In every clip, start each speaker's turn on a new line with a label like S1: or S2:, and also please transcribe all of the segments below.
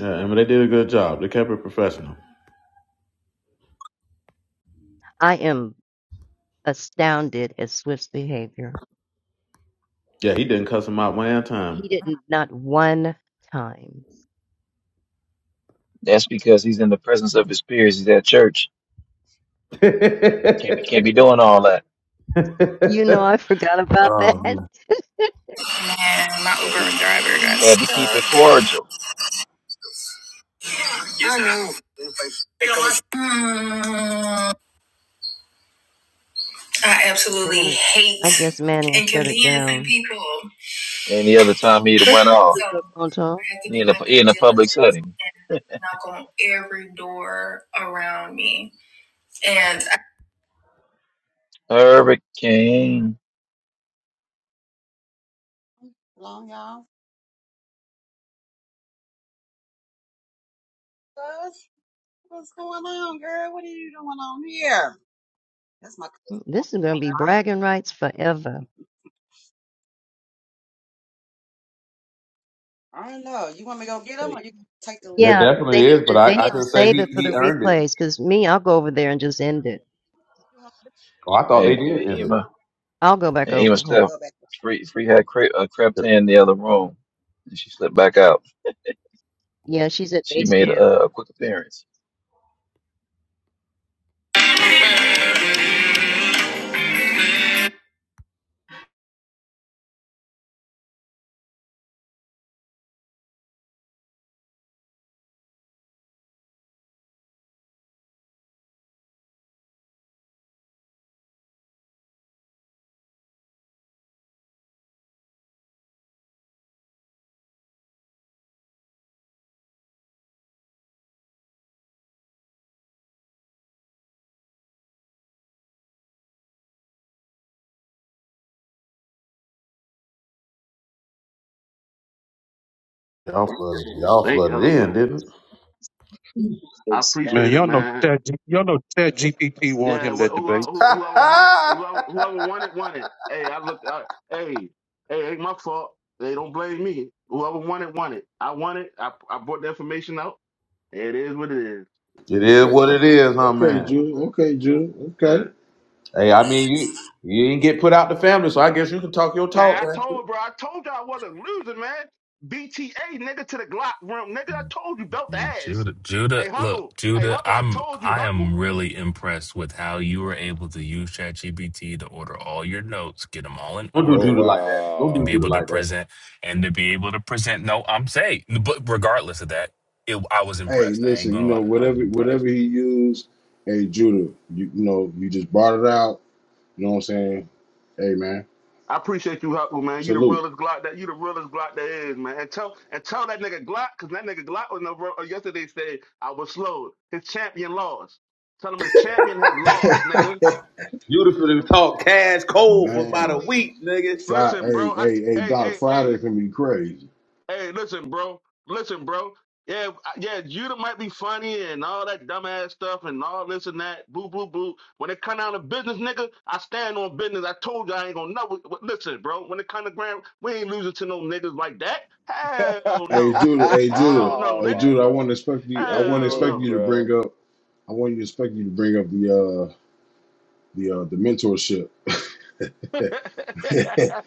S1: Yeah, and they did a good job. They kept it professional.
S2: I am astounded at Swift's behavior.
S1: Yeah, he didn't cuss him out one at time.
S2: He didn't not one time.
S3: That's because he's in the presence of his peers. He's at church.
S1: Man,
S3: Can't be can't be doing all that.
S2: You know, I forgot about that. They're
S1: my
S3: Yeah,
S1: Uber
S3: he,
S1: driver
S3: he
S1: guys.
S3: had to keep it cordial.
S1: Mm, I absolutely
S2: gonna. I
S1: hate
S2: guess Manny will shut it
S1: inconveniencing
S2: down.
S1: people.
S3: Any other time he'd have went
S2: Listen
S3: off.
S2: to
S1: So
S2: the
S1: I
S2: Ponto.
S1: have to
S3: He
S1: do
S3: in a
S1: my
S3: he
S1: due
S3: in a public
S1: diligence
S3: setting.
S1: and knock on every door around me. And I,
S3: Hurricane.
S4: Long y'all. Gosh, what's going on, girl? What are you doing on here? That's my cousin.
S2: This is gonna be bragging rights forever.
S4: I don't know. You want me to go get them or
S3: Hey,
S4: you can take the
S1: That
S4: link?
S2: Yeah, 'cause they
S1: definitely
S2: need
S1: is, but
S2: to.
S1: I,
S2: They
S1: I
S2: need to
S1: can say
S2: save
S1: he,
S2: it for the
S1: he earned it.
S2: replays. Cause me, I'll go over there and just end it.
S4: You want to-
S1: Oh, I thought they
S3: hey,
S1: did
S3: hey
S1: end
S3: Emma,
S2: I'll go back
S3: hey, Emma,
S2: over.
S4: We can
S2: Hold on.
S3: Steph.
S4: go back.
S3: Free, free had cre- uh, crept
S1: it.
S3: in the other room, and she slipped back out.
S2: Yeah, she's at
S3: She
S2: base
S3: made
S2: camp.
S3: a, a quick appearance.
S1: y'all flooded, y'all
S5: Thank you,
S1: flooded in,
S5: man.
S1: didn't?
S5: I
S6: It's Man,
S5: appreciate it,
S6: y'all know
S5: man.
S6: Chad, G- y'all know Chad GPT won
S5: Yeah,
S6: him
S5: wh-
S6: that
S5: who, uh,
S6: debate.
S5: who, whoever won it, whoever,
S1: it?
S5: whoever won it, won it. Hey, I looked. I, hey, hey, ain't my fault. They don't blame me. Whoever won it, won it. I won it. I, I brought the information out. It is what it is.
S1: It
S5: You-
S1: is
S7: Okay,
S1: what it is, huh,
S7: okay,
S1: man?
S7: Judah. Okay, Judah.
S5: uh,
S7: Okay.
S1: Hey, I mean, you you didn't get put out the family, so I guess you can talk your
S5: man,
S1: talk,
S5: I
S1: Pastor.
S5: told bro. I told you I wasn't losing, man. BTA nigga to the Glock room, nigga. I told you belt the
S8: Yeah,
S5: ass.
S8: Judah, Judah,
S5: Hey
S8: look,
S5: Huckle, hey
S8: Judah,
S5: Huckle, I
S8: I'm
S5: told you
S8: I
S5: Huckle.
S8: am really impressed with how you were able to use ChatGPT to order all your notes, get them all in
S1: Don't do
S9: Oh
S1: Judah
S8: order,
S1: like that. Don't
S8: and
S1: do
S8: be
S9: wow.
S1: Judah
S8: able to
S1: like that.
S8: present and to be able to present. No, I'm saying, but regardless of that, it, I was
S7: Hey,
S8: impressed. I ain't
S7: listen. You
S8: gonna
S7: know,
S8: lie, I was
S7: whatever,
S8: impressed.
S7: whatever he used. Hey, Judah. You, you know, you just brought it out. You know what I'm saying? Hey, man.
S5: I appreciate you, Huckle, man. You the
S7: Salute.
S5: realest Glock that you the realest Glock there is, man. And tell and tell that nigga Glock, cause that nigga Glock was no uh, yesterday said I was slowed. His champion lost. Tell him his champion has lost, nigga.
S1: Judah finna talk cash cold for about a
S7: man,
S1: week, nigga. You
S5: Listen,
S7: Friday.
S5: bro.
S7: Hey,
S5: I
S7: hey, hey,
S5: hey
S7: Doc.
S5: hey hey.
S7: Friday can be crazy.
S5: Hey, listen, bro. Listen, bro. Yeah, yeah, Judah might be funny and all that dumbass stuff and all this and that. Boo, boo, boo. When it come down to business, nigga, I stand on business. I told you I ain't gonna never. Listen, bro. When it come to grand, we ain't losing to no niggas like that. Hell
S7: Hey,
S5: no.
S7: Judah. Hey,
S5: Hell
S7: Judah.
S5: no,
S9: oh
S7: Hey,
S5: nigga.
S9: my
S7: Judah. I
S9: god.
S7: wasn't expecting you. I
S9: There you
S7: wasn't
S5: Hell
S9: go,
S7: expecting
S5: no.
S7: you to
S9: bro.
S7: bring up. I wasn't expecting you to bring up the uh the uh the mentorship.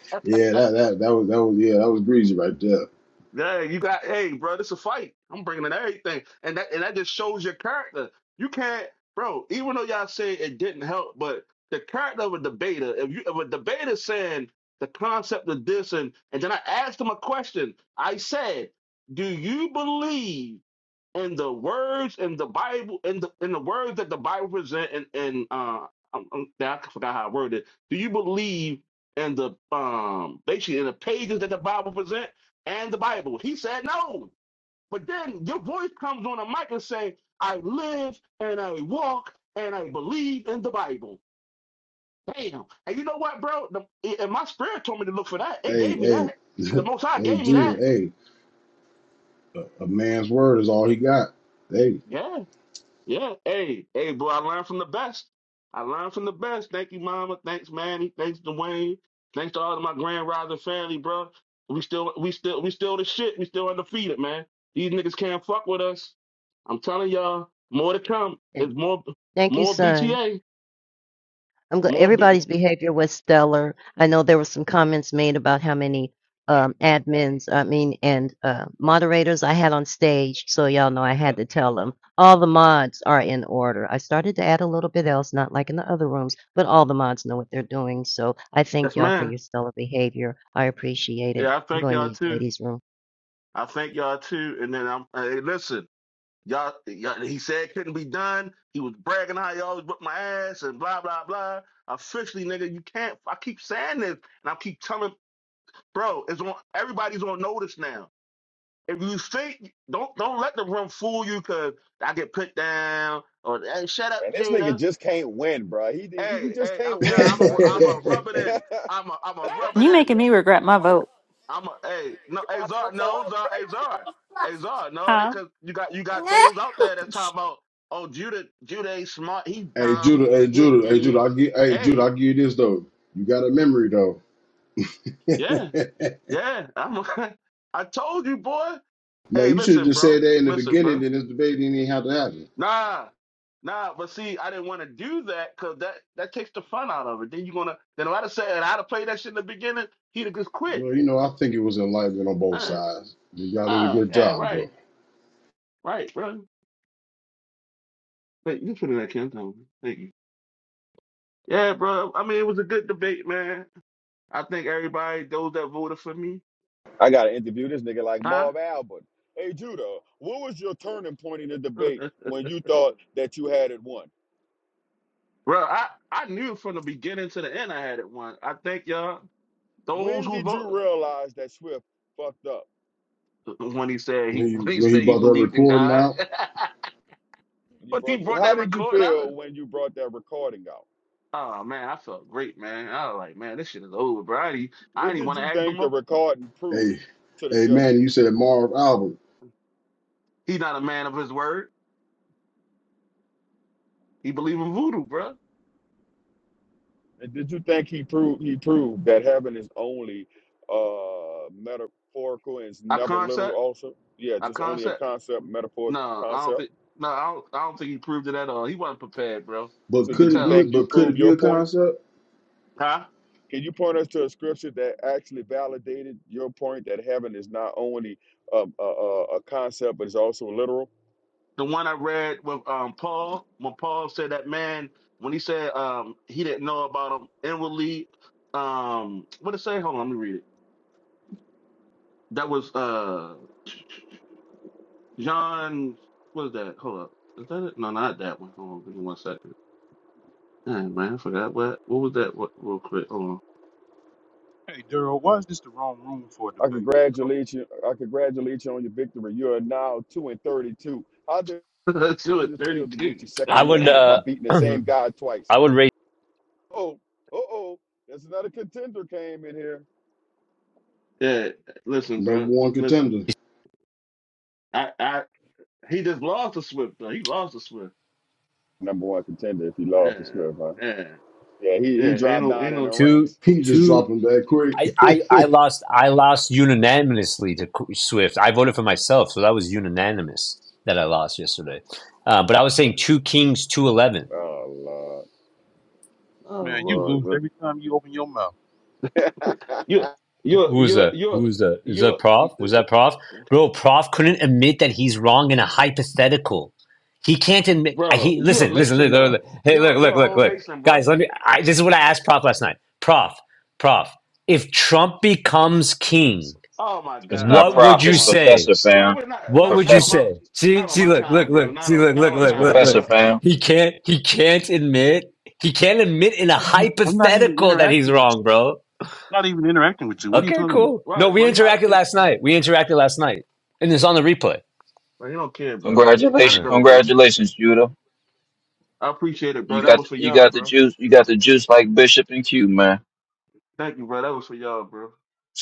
S7: that that that was that was yeah that was greasy right there.
S5: Yeah, you got, hey, bro, this a fight. I'm bringing in everything, and that and that just shows your character. You can't, bro. Even though y'all say it didn't help, but the character of a debater. If you if a debater saying the concept of this, and and then I asked him a question. I said, "Do you believe?" In the words in the Bible in the in the words that the Bible present and and uh I'm, I'm, I forgot how I worded it. Do you believe in the um basically in the pages that the Bible present and the Bible? He said no. But then your voice comes on a mic and say, I live and I walk and I believe in the Bible. Damn. And you know what, bro? The, and my spirit told me to look for that. It
S7: Hey,
S5: gave me
S7: hey,
S5: that. The most high
S7: hey,
S5: gave me that.
S7: Judah, hey, a man's word is all he got. Hey,
S5: Yeah. Yeah. Hey, hey, boy, I learned from the best. I learned from the best. Thank you, Mama. Thanks, Manny. Thanks, Dwayne. Thanks to all of my grand rising family, bro. We still, we still, we still the shit. We still undefeated, man. These niggas can't fuck with us. I'm telling y'all, more to come.
S2: Thank
S5: It's more,
S2: thank you,
S5: more
S2: son.
S5: BTA,
S2: I'm glad
S5: more B.
S2: everybody's behavior was stellar. I know there were some comments made about how many um, admins, I mean, and uh, moderators I had on stage. So y'all know I had to tell them all the mods are in order. I started to add a little bit else, not like in the other rooms, but all the mods know what they're doing. So I
S5: Yes,
S2: thank y'all for
S5: man.
S2: your stellar behavior. I appreciate it.
S5: Yeah, I
S2: I'm
S5: thank
S2: going to
S5: y'all
S2: these
S5: too.
S2: ladies' room.
S5: I thank y'all too. And then I'm, hey, listen. Y'all, y'all, he said it couldn't be done. He was bragging how he always whipped my ass and blah blah blah. Officially, nigga, you can't. I keep saying this, and I keep telling, bro, it's on. Everybody's on notice now. If you think, don't don't let the room fool you, cause I get put down or hey, shut up,
S9: Man, this nigga
S5: Judah.
S9: just can't win, bro. He he
S5: Hey,
S9: just
S5: hey, I'm
S9: can't
S5: yeah,
S7: hey,
S9: win,
S5: I'm a
S9: bro. He
S5: I'm
S9: just
S5: a rub it in. I'm a I'm a rub it
S10: You
S5: in.
S10: making me regret my vote.
S5: I'm a hey no hey Zar no Zar hey Zar hey Zar no they
S10: Huh?
S5: cause you got you got those out there that's talking about oh Judah Judah ain't smart he dumb
S7: Judah, hey,
S5: he an
S7: Judah, hey, Judah,
S5: idiot
S7: I'll give, hey, Judah,
S5: hey
S7: I'll give you this though. You got a memory though.
S5: yeah yeah I'm a, I told you boy
S7: Man,
S5: hey
S7: you should have
S5: listen
S7: just said
S5: bro
S7: that in the
S5: listen
S7: beginning,
S5: bro
S7: then this debate didn't even have to happen.
S5: nah nah but see I didn't want to do that cause that that takes the fun out of it then you gonna then if I'd have said I'd have played that shit in the beginning he'd have just quit
S7: Well, you know, I think it was enlightenment on both
S5: uh
S7: sides. You y'all did a
S5: uh
S7: good
S5: yeah
S7: job
S5: right
S7: though.
S5: right bro. Wait, you can put it back in. Thank you. Yeah, bro. I mean, it was a good debate, man. I think everybody, those that voted for me,
S9: I gotta interview this nigga like
S5: huh?
S9: Marv Albert. Hey Judah, what was your turning point in the debate
S5: bro,
S9: when you thought that you had it won?
S5: I, I knew from the beginning to the end I had it won. I think y'all, those
S9: When
S5: who
S9: did you
S5: voted
S9: realize that Swift fucked up?
S5: when he said
S7: When
S5: he when he
S7: he, when he
S5: said he
S7: brought that
S5: believed in
S7: recording
S5: God,
S7: out,
S9: When you
S5: when he
S9: brought the,
S5: brought
S9: how
S5: that
S9: did you
S5: record out.
S9: feel when you brought that recording out?
S5: Oh man, I felt great, man. I was like, man, this shit is over, bro. I didn't, I
S9: What
S5: didn't
S9: did
S5: want to
S9: you
S5: ask him.
S9: think the
S5: more.
S9: recording
S7: hey,
S9: proved to the
S7: hey, man,
S9: judges?
S7: you said Marv Albert,
S5: He's not a man of his word. He believe in voodoo, bro.
S9: And did you think he proved he proved that heaven is only uh metaphorical and it's
S5: I
S9: never literal
S5: concept,
S9: also? Yeah,
S5: I
S9: just only a
S5: concept.
S9: concept, metaphor
S5: No, I don't
S9: concept.
S5: think. No, I don't. I don't think he proved it at all. He wasn't prepared, bro.
S7: but
S9: So
S5: You could
S7: could
S9: did you
S7: it be,
S5: tell,
S9: think you
S7: but could
S9: proved
S7: it be
S9: your
S7: a
S9: point?
S7: concept?
S5: huh?
S9: Can you point us to a scripture that actually validated your point that heaven is not only um, a, a, a concept but it's also literal?
S5: The one I read with um Paul, when Paul said that man, when he said um he didn't know about him inwardly, um, what it say? Hold on, let me read it. That was uh John. What is that? Hold up, is that it? No, not that one. Hold on, give me one second. Dang, man, I forgot what. What was that? What, real quick, hold
S6: Hey, Daryl, why is this the wrong room for a
S9: I
S6: debate, Daryl?
S9: congratulate you. I congratulate you on your victory. You are now two and thirty-two. How did
S5: on. Two at
S9: it feel to
S5: thirty-two.
S9: get your
S11: I
S9: second
S5: God
S11: would
S9: win
S5: damn.
S9: by
S11: uh,
S9: beating the same
S11: I
S9: guy twice?
S11: would rate
S9: Oh, uh oh. There's another contender came in here.
S5: Yeah, listen,
S7: Number
S5: bro.
S7: one
S5: Listen.
S7: contender.
S5: I I. He just lost to Swift though. He lost to Swift.
S9: Number one contender if he lost
S5: Yeah,
S9: to Smith, huh?
S5: yeah,
S9: Yeah, he, he
S5: yeah. Ain't
S9: dropped
S5: no,
S9: down
S5: ain't
S9: in the
S5: no.
S11: two
S9: ranks.
S7: He just
S11: two.
S7: dropped them that
S11: I, I,
S7: quick.
S11: I lost I lost unanimously to Swift. I voted for myself, so that was unanimous that I lost yesterday. Uh, but I was saying two Kings two eleven.
S9: Oh Lord.
S5: Oh
S6: Man, you
S5: Lord,
S6: lose
S5: bro.
S6: every time you open your mouth.
S5: You, you,
S11: Who was
S5: you,
S11: that? Who was that? Is that
S5: you,
S11: Prof? Was
S5: you,
S11: that Prof? Bro, Prof couldn't admit that he's wrong in a hypothetical. He can't admit. I,
S5: bro.
S11: he
S5: You a
S11: listen, listen,
S5: Mason
S11: listen, listen.
S5: though.
S11: listen. Hey, look,
S5: You're you're
S11: look,
S5: a
S11: look,
S5: whole
S11: look,
S5: Mason, bro.
S11: guys. Let me. I, this is what I asked Prof last night. Prof, Prof. If Trump becomes king.
S5: Oh my
S3: It's
S5: God,
S3: not
S11: What
S5: bro.
S11: would
S3: prof.
S5: Come
S11: you
S3: It's
S5: on, bro.
S11: say?
S3: professor
S5: Bro,
S3: fam.
S5: we're not
S11: What
S5: not
S11: would
S5: not
S11: you
S5: on
S3: Professor.
S5: my
S11: say? See,
S5: not on
S11: see,
S5: my
S11: look,
S5: time,
S11: look,
S5: bro.
S11: look,
S5: Not
S11: see,
S5: on
S11: look,
S5: not on
S11: look,
S5: my
S3: It's
S11: look, look,
S5: time,
S3: professor
S11: look.
S5: bro.
S3: fam.
S11: He can't, he can't admit, he can't admit in a
S6: I'm not I'm not even
S11: hypothetical that he's
S6: interacting with
S11: wrong,
S6: you.
S11: bro.
S6: Not even interacting with you. What are you
S11: Okay,
S6: talking about?
S11: cool. No,
S5: Right,
S11: we
S5: bro. You not.
S11: interacted last night. We interacted last night, and it's on the replay.
S5: Bro, you don't care, bro. Let
S3: Congratulations,
S5: it
S11: Yeah.
S5: go, bro.
S3: congratulations, Judah.
S5: I appreciate it,
S3: You
S5: bro. That
S3: got
S5: was for
S3: you
S5: y'all,
S3: got the
S5: bro.
S3: juice. You got the juice like Bishop and Q, man.
S5: Thank you, bro. That was for y'all, bro.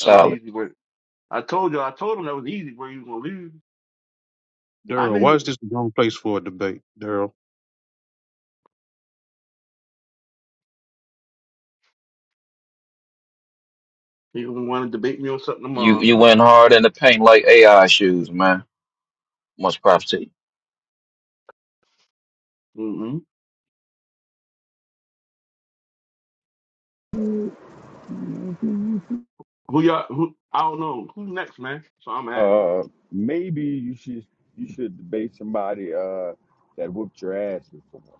S5: That was easy work. I told you, I told him that was easy where he was gonna lose. I
S6: Daryl, why
S5: knew
S6: is this the wrong place for a debate, Daryl?
S5: he was gonna want to debate me on something
S3: You
S5: tomorrow.
S3: you went hard in the paint like AI shoes, man. Much props to you.
S5: Mm-hmm. Who y'all? Who? I don't know. Who's next, man? So I'm asking,
S9: uh maybe you should you should debate somebody uh that whooped your ass before.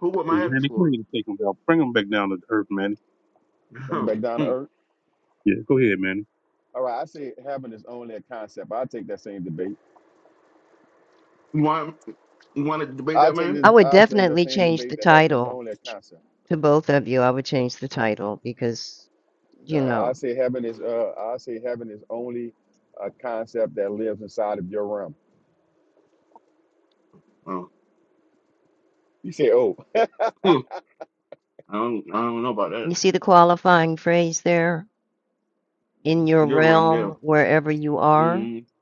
S5: who would
S6: Hey,
S5: Miami
S6: Manny, go
S5: for?
S6: ahead and take him down. Bring him back down to earth, Manny.
S9: Bring it back down to
S5: Hmm.
S9: earth.
S6: Yeah, go ahead, Manny.
S9: All right, I say heaven is only a concept. i take that same debate.
S5: you want you want to debate
S9: i
S5: that
S9: take
S5: man?
S9: this
S2: I would
S9: i take that
S2: definitely
S9: same
S2: change
S9: debate
S2: the
S9: that heaven is
S2: title
S9: only a concept.
S2: to both of you. I would change the title because you
S9: No, I
S2: know
S9: say heaven is uh I say heaven is only a concept that lives inside of your realm.
S5: Oh,
S9: You say, oh,
S5: hmm. I don't I don't know about that.
S2: you see the qualifying phrase there
S9: Mhm,
S2: in your
S5: Your room, yeah.
S2: realm, wherever you are,
S5: Mm-hmm.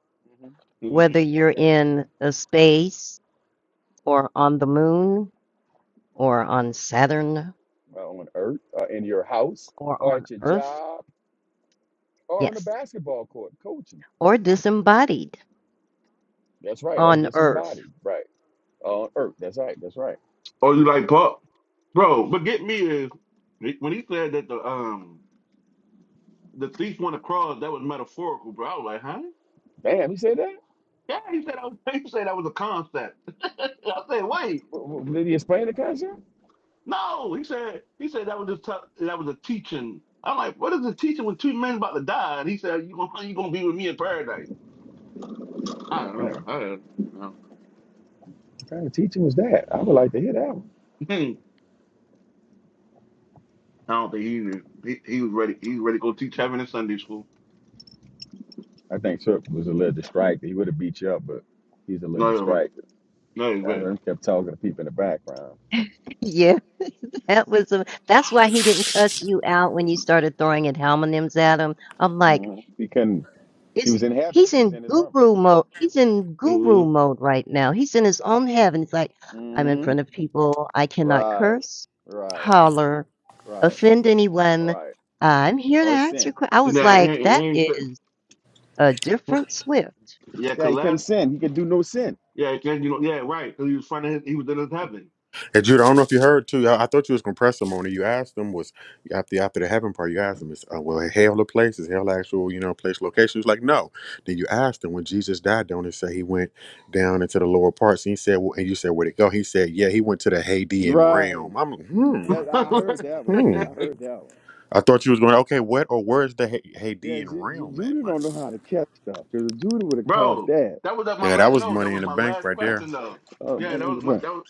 S9: mhm,
S2: whether you're
S9: yeah,
S2: in a space or on the moon or on Saturn
S9: well, on earth, or in your house,
S2: or
S9: or
S2: on
S9: at your
S2: Earth.
S9: job, or on a
S2: Yes.
S9: basketball court, coaching.
S2: Or disembodied
S9: That's right, or
S2: on Earth.
S9: disembodied, right? On earth, that's right, that's right.
S5: Oh, you like pop, bro? But get me is when he said that the um the thief went across. That was metaphorical, bro. I was like, huh?
S9: Damn, he said that.
S5: Yeah, he said that was, he said that was a concept. I said, wait,
S9: W- w- Did he explain the concept?
S5: no. He said he said that was just t- that was a teaching. I'm like, what is a teaching when two men about to die? And he said, you gonna you gonna be with me in paradise? I don't know.
S9: Yeah,
S5: I don't know.
S9: What kind of teaching was that? I would like to hear that one.
S5: I don't think he knew. He, he was ready. He was ready to go teach heaven in Sunday school.
S9: I think Shook was a little distracted. He would have beat you up, but he's a little
S5: No,
S9: distracted.
S5: no, he
S9: I
S5: was.
S9: heard him kept talking to people in the background.
S2: Yeah, that was a, that's why he didn't cuss you out when you started throwing at homonyms at him. I'm like,
S9: Mhm. He couldn't. He
S2: It's
S9: was in heaven.
S2: he's
S9: He was
S2: in
S9: in his room.
S2: guru mode. He's in guru
S5: Mhm.
S2: mode right now. He's in his own heaven. He's like, I'm in
S9: hmm
S2: front of people. I cannot
S9: Right,
S2: curse,
S9: right,
S2: holler,
S9: right,
S2: offend anyone.
S9: right.
S2: I'm here to
S9: Or
S2: answer.
S9: sin.
S2: que-" I was
S5: Yeah, he,
S2: like,
S5: he
S2: that
S5: ain't said-
S2: is a different Swift.
S5: yeah,
S9: Yeah,
S5: cause
S9: he couldn't
S5: last,
S9: sin. He could do no sin.
S5: yeah, 'cause, you know, yeah, right, cause he was finding his, he was in his heaven.
S12: And Judah, I don't know if you heard too. I, I thought you was gonna press him on it. You asked him was after after the heaven part. You asked him is uh, well hell a place is hell actual you know place location. He was like no. Then you asked him when Jesus died. Don't it say he went down into the lower parts? And he said well, and you said where'd it go? He said yeah he went to the Hadean
S9: Right.
S12: realm. I'm like, hmm
S9: That I heard that one.
S12: hmm.
S9: Judah. I heard that one.
S12: I thought you was going okay. What or where's the Ha-
S9: Yeah,
S12: Hadean
S9: Ju- Ju-
S12: realm at?
S9: Judah
S12: My
S9: don't know
S12: goodness.
S9: how to catch stuff because if Judah would have caught
S5: Bro,
S9: that.
S5: that was at my
S12: yeah, that
S5: last.
S12: was
S5: No, that
S12: money
S5: was
S12: in the
S5: my
S12: bank
S5: last
S12: right there.
S5: question though.
S9: Oh,
S5: Yeah,
S9: man,
S5: that
S9: in
S5: was
S9: the
S5: my
S9: front.
S5: that was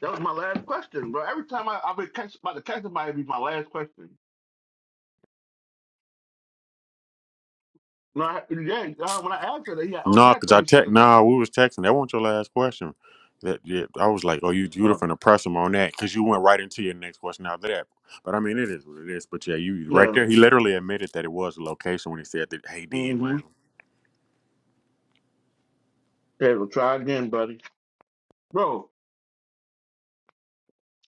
S5: that was my last question, bro. Every time I I've been catch, about to catch somebody, it'd be my last question. No, I, yeah. uh, When I asked her, that, he had- only
S12: No,
S5: had
S12: cause I
S5: thirty
S12: text.
S5: seconds left.
S12: Nah, we was texting. That wasn't your last question. That yeah, I was like, oh, you you would
S5: Uh,
S12: have press him on that because you went right into your next question after that. But I mean, it is what it is. But yeah, you right
S5: yeah.
S12: there. He literally admitted that it was the location when he said that. Hey, Dean
S5: Mm-hmm.
S12: Ram.
S5: Yeah. Well, try again, buddy. Bro,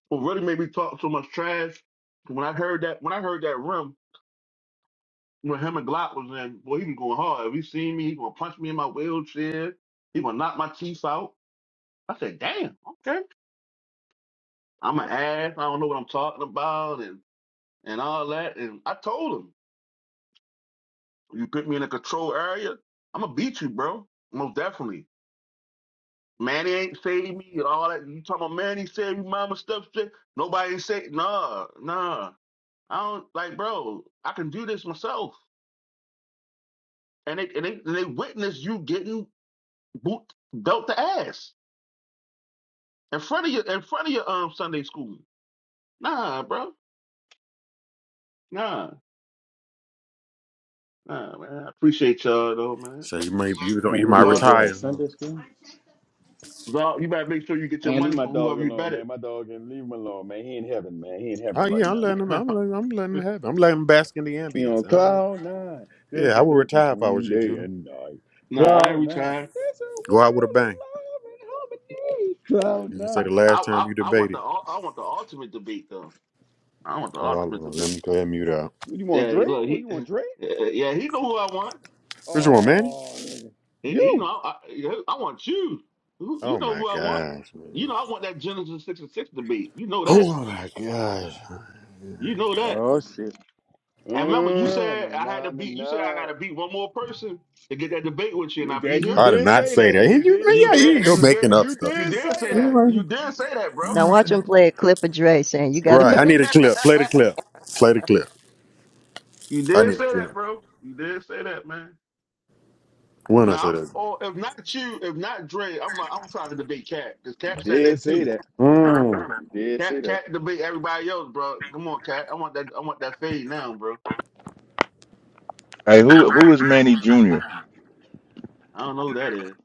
S5: what really made me talk so much trash when I heard that when I heard that room when him and Glock was in, boy, he was going hard. If he seen me, he gonna punch me in my wheelchair. He gonna knock my teeth out. I said, damn, okay. I'm an ass. I don't know what I'm talking about, and and all that. And I told him, you put me in a control area, I'm gonna beat you, bro. Most definitely. Manny ain't saved me and all that. You talking about Manny saved me, mama stuff? Shit. Nobody ain't say nah, nah. I don't like, bro. I can do this myself. And they and they and they witness you getting boot dealt the ass in front of your in front of your um Sunday school. Nah, bro. Nah, nah, man. I appreciate y'all though,
S12: So you may you don't
S9: Man,
S12: you
S9: you
S12: might
S9: beat that
S5: man.
S9: boy at
S12: retire. huh?
S9: Sunday school.
S5: So you better make sure you get your
S9: Man, leave
S5: money
S9: my
S5: from
S9: dog
S5: whoever you
S9: alone,
S5: bet
S9: man.
S5: it.
S9: My dog and leave him alone, man. He in heaven, man. He in
S12: Oh
S9: heaven right
S12: yeah, I'm
S9: now,
S12: letting
S9: man.
S12: him. I'm letting, I'm letting him have. It. I'm letting him bask in the
S9: You know,
S12: ambience. I ain't-
S9: cloud nine.
S12: yeah,
S9: There's a
S12: I would
S9: difference
S12: retire if I
S9: between
S12: was you,
S9: day
S12: Judah.
S9: and night.
S5: Nah, I ain't
S9: Cloud nine.
S5: retired.
S9: There's a
S12: Go out with a
S9: world
S12: bang.
S9: of love and harmony. Cloud
S12: You can
S5: I,
S12: say
S9: nine.
S12: the
S5: I
S12: last
S5: I
S12: time you
S5: I want the
S12: debated.
S5: ul- I want the ultimate debate though. I want the ultimate
S12: Oh,
S5: debate.
S12: let me go ahead and mute out.
S9: What you want,
S5: Yeah, he-
S9: Dre?
S5: look,
S9: What
S5: he
S9: you
S5: eh,
S9: want, Dre?
S5: eh, yeah he know who I want.
S12: Which one, Manny?
S9: Oh, look at-
S5: He, he know
S9: you.
S5: I, I yeah, I want you. Who- You
S12: Oh
S5: know
S12: my
S5: who I want.
S12: gosh, man.
S5: You know I want that Genesis six and six debate. You know that.
S12: Oh my gosh.
S5: You know that.
S9: Oh shit.
S5: And remember, you
S9: Uh, na
S5: said I had
S9: na
S5: to
S9: na
S5: beat. You said I got
S9: na.
S5: to beat one more person to get that debate with you, and
S9: Yeah,
S5: I
S9: That
S5: beat
S9: you
S5: him.
S12: I did
S9: did
S12: not
S9: say
S12: say
S9: that.
S12: that. He-
S9: You
S12: you- man,
S9: did
S5: You
S12: yeah,
S9: say
S12: here you
S5: did.
S9: that.
S12: go
S5: You
S12: making
S5: did.
S12: up
S9: You
S12: stuff.
S5: You
S9: did say
S5: did say
S9: that.
S5: that. You
S12: Anyway.
S5: did say
S9: You
S5: that, bro.
S2: Now watch him play a clip of Dre saying, "You got
S12: Right.
S2: to
S12: I need a clip. Play the clip. Play the clip.
S5: you
S12: I
S5: did
S12: need a
S5: say that,
S12: clip.
S5: bro. You did say that, man.
S12: When I
S5: Now,
S12: said that.
S5: or if not you, if not Dre, I'm I'm trying to debate Cat because Cat said
S9: did
S5: that
S9: say
S5: too.
S9: that.
S12: Mm.
S9: You did say
S5: Cat
S9: that.
S5: Cat debate everybody else, bro. Come on, Cat. I want that. I want that fade now, bro.
S13: Hey, who who is Manny Jr.?
S5: I don't know who that is.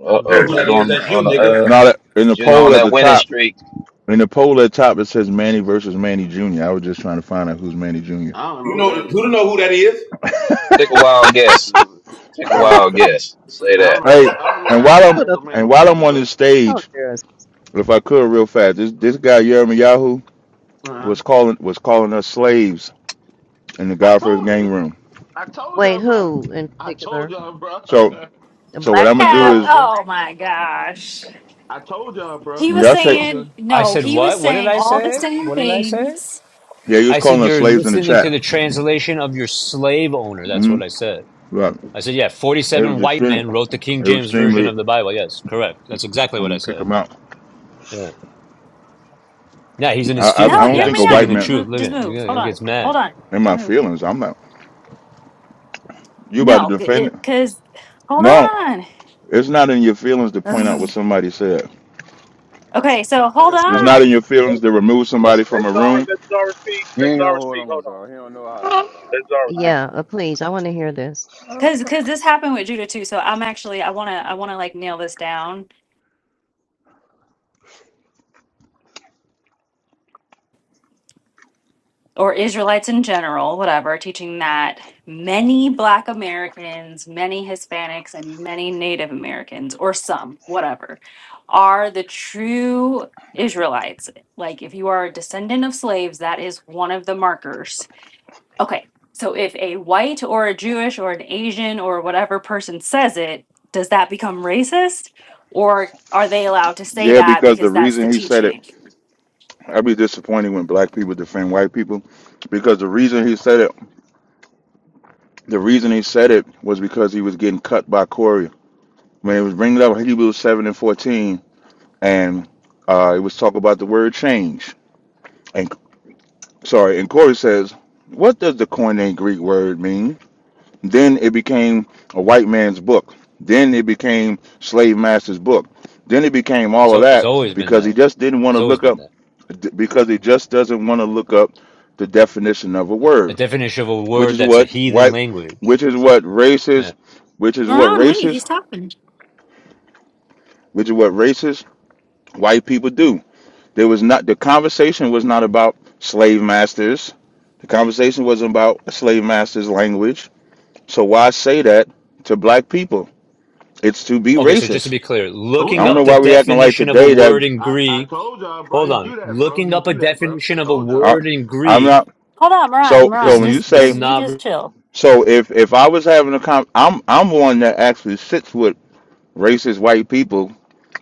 S3: Uh
S9: Dude, ain't
S3: oh,
S1: know who
S9: nobody
S1: that
S3: Judah
S9: gonna
S1: is?
S3: on
S9: waste
S1: That's
S9: time
S1: you,
S3: on the
S9: with you.
S1: nigga.
S3: uh
S13: Now that in the
S3: Judah
S13: poll
S3: on
S13: at
S3: that
S13: the
S3: winning
S13: top,
S3: streak.
S13: in the poll at the top, it says Manny versus Manny Jr. I was just trying to find out who's Manny Jr.
S5: I don't know
S1: You
S5: who that
S1: know
S5: is.
S1: Judah know who that is?
S3: Take a wild guess. Take a
S12: Mm.
S3: wild guess. Say
S5: I don't
S3: that.
S5: know why.
S13: Hey,
S5: Y'all, I don't know
S13: and
S5: why I
S13: while
S5: keep
S13: I'm
S2: put
S5: saying so
S2: up a
S5: many
S13: and while
S5: Junior,
S13: I'm on this
S2: false
S13: stage,
S2: protest."
S13: if I could real fast, this this guy Yahoo
S5: bro. Uh-huh.
S13: was calling was calling us slaves in the
S5: I
S13: Godfrey's gang
S5: told
S13: room.
S5: I told y'all,
S2: Wait,
S5: bro.
S2: who in
S5: I told
S2: particular?
S5: y'all, bro.
S13: So
S2: The
S13: so what
S5: I
S2: black
S13: I'm gonna
S5: told
S13: do
S10: Cap.
S5: y'all,
S2: people?
S13: is
S5: bro.
S10: Oh my gosh.
S5: I told y'all, bro.
S10: He was
S5: I
S13: y'all say
S5: told
S10: saying
S5: y'all.
S11: I
S10: no.
S11: said
S10: He was
S11: what? What did
S10: saying
S11: I
S10: all the
S11: say?
S10: same
S11: What did I say?
S10: things.
S13: yeah, he was
S11: I
S13: calling
S11: said
S13: us
S11: you're
S13: slaves in the
S11: listening to
S13: chat.
S11: the translation of your slave owner. That's
S13: Mm-hmm.
S11: what I said.
S13: Right.
S11: I said, yeah,
S13: It
S11: 47
S13: was
S11: white
S13: extreme.
S11: men wrote the King
S13: It was
S11: James version
S13: extremely.
S11: of the Bible. Yes, correct. That's exactly
S13: I'm
S11: what I
S13: gonna kick
S11: said.
S13: him out.
S11: Yeah. Yeah, he's in his
S13: I, I
S11: feelings
S10: No,
S13: I
S11: because
S13: don't
S10: you're
S11: I'm
S13: think
S10: me.
S13: a
S10: I
S11: speaking
S13: white
S11: the
S13: man
S11: truth.
S10: mo-
S11: Look
S10: just
S11: at it.
S10: move.
S11: He
S10: Hold
S11: really
S10: on.
S11: gets mad.
S10: Hold on.
S13: in my
S10: Move.
S13: feelings. I'm not. You about to
S10: No,
S13: defend it?
S10: because hold
S13: No,
S10: on.
S13: it's not in your feelings to point out what
S10: Ugh.
S13: somebody said.
S10: Okay, so
S6: Let
S10: hold
S6: us.
S13: It's
S6: Oh,
S13: not in
S10: on,
S13: your
S6: Let
S13: feelings to remove somebody
S6: let
S13: from a
S6: Zara,
S13: room.
S6: let Zara speak.
S9: He
S6: Let
S9: ain't gonna
S6: Zara
S9: hold
S6: speak.
S9: on,
S6: Hold on.
S9: Zara. He don't know how to hold on.
S6: Let Zara speak.
S2: Yeah, uh, please. I want to hear this.
S10: because because this happened with Judah too. So I'm actually I wanna I wanna like nail this down or Israelites in general, whatever, teaching that many Black Americans, many Hispanics, and many Native Americans, or some, whatever, are the true Israelites. Like, if you are a descendant of slaves, that is one of the markers. Okay, so if a white or a Jewish or an Asian or whatever person says it, does that become racist? Or are they allowed to say
S13: Yeah,
S10: that
S13: because the
S10: because that's the
S13: reason he said it,
S10: teaching?
S13: I'd be disappointed when black people defend white people, because the reason he said it, the reason he said it was because he was getting cut by Corey. When it was bringing up Hebrews seven and fourteen, and uh, it was talk about the word change. And sorry, and Corey says, what does the Koine Greek word mean? Then it became a white man's book. Then it became slave master's book. Then it became
S11: It's,
S13: all of
S11: it's
S13: that
S11: always been
S13: because he
S11: that.
S13: just didn't want
S11: It's
S13: to
S11: always
S13: look
S11: been
S13: up
S11: that.
S13: because he just doesn't want to look up the definition of a
S11: A a
S13: word,
S11: definition of a
S13: which
S11: word
S13: is
S11: that's a
S13: what
S11: heathen
S13: white,
S11: language.
S13: which is what
S11: Yeah.
S13: racist, which is what
S10: Moran, wait, he's
S13: racist,
S10: talking.
S13: which is what racist white people do. There was not the conversation was not about slave masters. The conversation wasn't about slave masters language. So why say that to black people? It's to be
S11: Okay, so just to
S13: racist
S11: be clear,
S5: Told
S13: I
S11: looking
S13: don't
S11: up
S5: y'all,
S13: know
S11: the
S5: bro.
S13: why we acting like
S11: definition of a
S13: today that
S11: word in
S5: I, I
S11: Greek,
S5: told y'all, bro.
S11: hold
S5: He
S11: on.
S5: do that, bro.
S11: Looking
S5: He
S11: up a
S5: do that, bro. I
S11: definition of a
S5: told y'all.
S13: I,
S11: word in
S13: I'm
S11: Greek
S13: not.
S10: Hold on, Moran,
S13: So so
S10: Moran,
S11: is
S13: when you
S11: n-
S10: just
S11: that's
S13: say
S10: just you just
S11: not.
S10: chill.
S13: so, if if I was having a con, I'm I'm one that actually sits with racist white people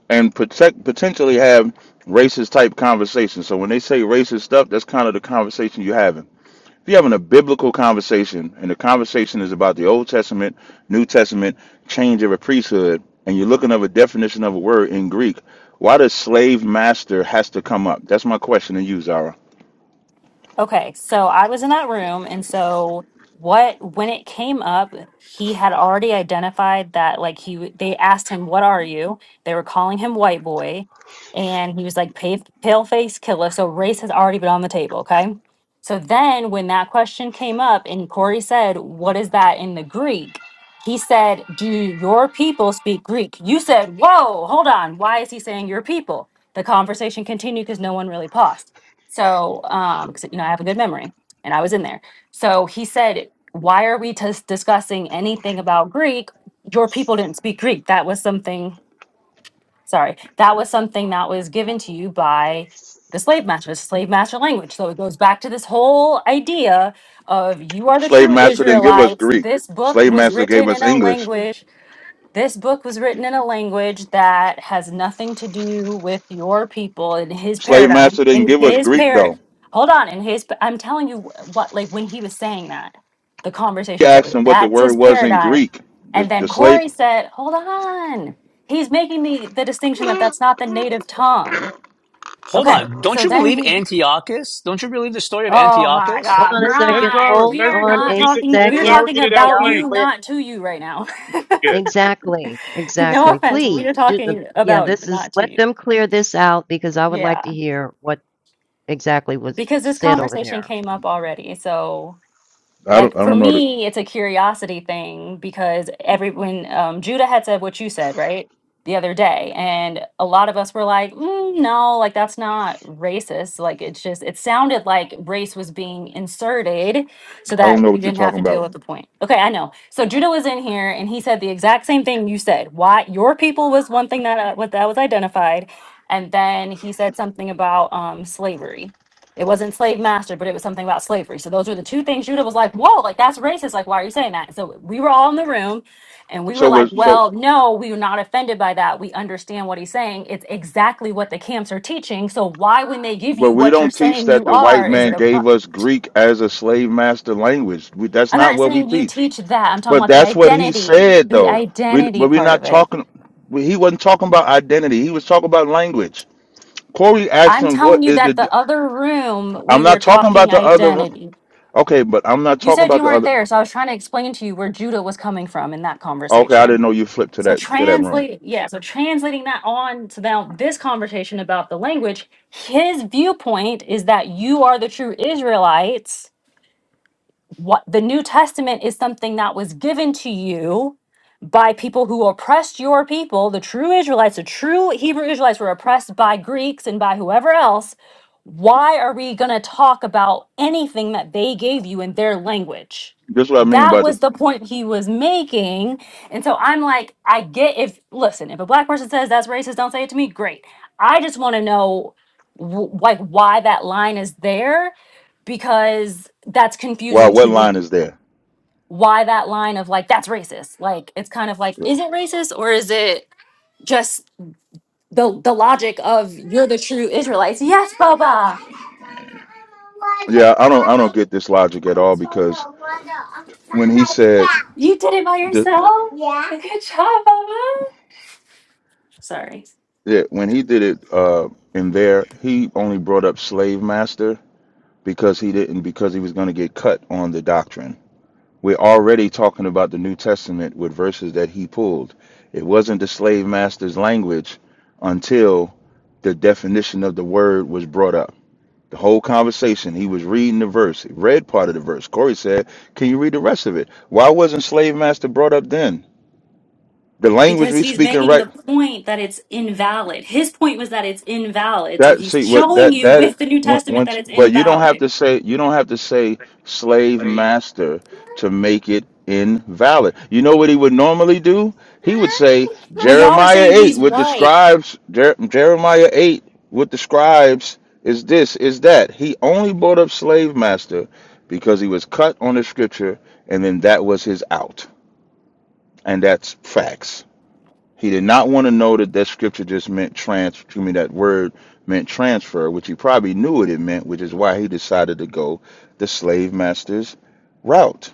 S13: and protect potentially have racist type conversations. So when they say racist stuff, that's kind of the conversation you're having. If you're having a biblical conversation and the conversation is about the Old Testament, New Testament, change of a priesthood, and you're looking up a definition of a word in Greek, why does slave master has to come up? That's my question to you, Zara.
S10: Okay, so I was in that room, and so what when it came up, he had already identified that like he w- they asked him, "What are you?" They were calling him white boy, and he was like pale, pale face killer. So race has already been on the table. Okay, so then when that question came up, and Corey said, "What is that in the Greek?" He said, "Do your people speak Greek?" You said, "Whoa, hold on. Why is he saying your people?" The conversation continued because no one really paused. So, um, 'cause, you know, I have a good memory and I was in there. So he said, Why are we tis- discussing anything about Greek? Your people didn't speak Greek. That was something, sorry, that was something that was given to you by the slave master, the slave master language. So it goes back to this whole idea of you are the
S13: Slave
S10: true
S13: master didn't give us
S10: Israelites.
S13: Greek.
S10: This book
S13: Slave
S10: was
S13: master gave
S10: written
S13: us
S10: in a
S13: English.
S10: language this book was written in a language that has nothing to do with your people in his
S13: Slave
S10: paradigm.
S13: master didn't
S10: In
S13: give us
S10: his
S13: Greek
S10: par
S13: though.
S10: hold on, in his I'm telling you what like when he was saying that, the
S13: He
S10: conversations that
S13: asked
S10: was
S13: him what the
S10: that's
S13: word
S10: his
S13: was in
S10: paradigm.
S13: Greek. The,
S10: And then
S13: the slave,
S10: Corey said, "Hold on. He's making the the distinction that that's not the native tongue."
S11: Hold
S10: Okay.
S11: on. Don't
S10: So
S11: you
S10: then
S11: believe
S10: he
S11: Antiochus? Don't you believe the story of
S10: Oh my
S2: Hold
S11: Antiochus?
S2: on
S10: god,
S2: a
S6: Let, let
S2: second.
S10: Brian,
S6: Zara,
S2: Hold
S10: we
S6: let
S10: are
S2: on
S6: Zara
S10: not
S2: a
S6: get it,
S10: talking
S6: let
S10: we are
S6: Zara
S2: second.
S10: talking
S6: get it out
S10: about
S2: Y'all,
S6: clean.
S10: you,
S2: let.
S10: not to you right now.
S2: Exactly,
S10: No
S2: exactly.
S10: offense, we are
S2: Please, ju uh,
S10: talking
S2: yeah,
S10: about
S2: this
S10: you,
S2: is
S10: not
S2: let
S10: to you.
S2: them clear this out because I would like
S10: Yeah,
S2: to hear what exactly was
S10: because this
S2: said over
S10: conversation
S2: there.
S10: came up already. So
S13: I don't,
S10: like
S13: I
S10: for
S13: don't know. The,
S10: me it's a curiosity thing because every when um, judah had said what you said right the other day and a lot of us were like "Mm, no like that's not racist like it's just it sounded like race was being inserted so
S13: I don't
S10: that
S13: know
S10: you
S13: what you're
S10: didn't have
S13: talking
S10: to deal
S13: about.
S10: with the point okay i know so judah was in here and he said the exact same thing you said why your people was one thing that uh, what that was identified and then he said something about um, slavery it wasn't slave master, but it was something about slavery. So those were the two things Judah was like, whoa, like that's racist. Like, why are you saying that? So we were all in the room and we were
S13: So
S10: like,
S13: was so,
S10: well, no, we are not offended by that. We understand what he's saying. It's exactly what the camps are teaching. So why, when they give
S13: but
S10: you
S13: we
S10: what you're
S13: don't teach
S10: saying
S13: that
S10: you
S13: the white
S10: are, is
S13: man
S10: it a
S13: gave us Greek as a slave master language. We, that's
S10: I'm
S13: not
S10: not
S13: what we
S10: saying you
S13: teach.
S10: teach that. I'm talking
S13: But
S10: about the
S13: that's what he
S10: identity,
S13: said
S10: the
S13: though. We,
S10: identity
S13: but we're
S10: part
S13: not
S10: of it.
S13: talking. we- He wasn't talking about identity. He was talking about language. Corey asked
S10: I'm
S13: him, "What
S10: telling you
S13: is
S10: that
S13: the?"
S10: the other room,
S13: I'm
S10: we were
S13: not talking about
S10: talking
S13: the other.
S10: identity.
S13: Okay, but I'm not
S10: You
S13: talking
S10: said
S13: about
S10: you
S13: the
S10: weren't
S13: other.
S10: there, so I was trying to explain to you where Judah was coming from in that
S13: Okay, I didn't
S10: conversation.
S13: know you flipped to
S10: So
S13: that to that room.
S10: translate, yeah, so translating that on to now this conversation about the language, his viewpoint is that you are the true Israelites what the New Testament is something that was given to you by people who oppressed your people, the true Israelites, the true Hebrew Israelites were oppressed by Greeks and by whoever else. Why are we going to talk about anything that they gave you in their language?
S13: This is what I mean
S10: That
S13: by the.
S10: was the point he was making. And so I'm like, I get if, listen, if a black person says that's racist, don't say it to me, great. I just want to know, wh- like, why that line is there because that's
S13: Wow,
S10: confusing
S13: what
S10: to
S13: line
S10: me.
S13: is there?
S10: Why that line of like that's racist? Like it's kind of like is it racist or is it just the the logic of you're the true Israelites? Yes, Baba.
S13: Yeah, I don't I don't get this logic at all because when he said
S10: You did it by
S13: the
S10: yourself. Yeah. Good job, Baba. Sorry.
S13: yeah, when he did it uh in there, he only brought up slave master because he didn't because he was going to get cut on the doctrine. We're already talking about the New Testament with verses that he pulled. It wasn't the slave master's language until the definition of the word was brought up. The whole conversation, he was reading the verse, he read part of the verse. Corey said, Can you read the rest of it? Why wasn't slave master brought up then? The language
S10: Because
S13: we
S10: he's
S13: speaking
S10: making
S13: right
S10: the point that it's invalid. His point was that it's invalid. So
S13: That
S10: he's
S13: see what
S10: showing
S13: that
S10: you
S13: that
S10: with the New
S13: on-
S10: Testament that
S13: once,
S10: it's
S13: but you don't have
S10: invalid.
S13: to say you don't have to say slave master to make it invalid. You know what he would normally do? He would say
S10: Well, y'all were
S13: Jeremiah
S10: saying
S13: eight
S10: he's
S13: with the
S10: white.
S13: scribes. Jer- Jeremiah eight with the scribes is this is that. He only brought up slave master because he was cut on the scripture, and then that was his out, and that's facts. He did not want to know that that scripture just meant trans. To me, that word meant transfer, which he probably knew what it meant, which is why he decided to go the slave master's route.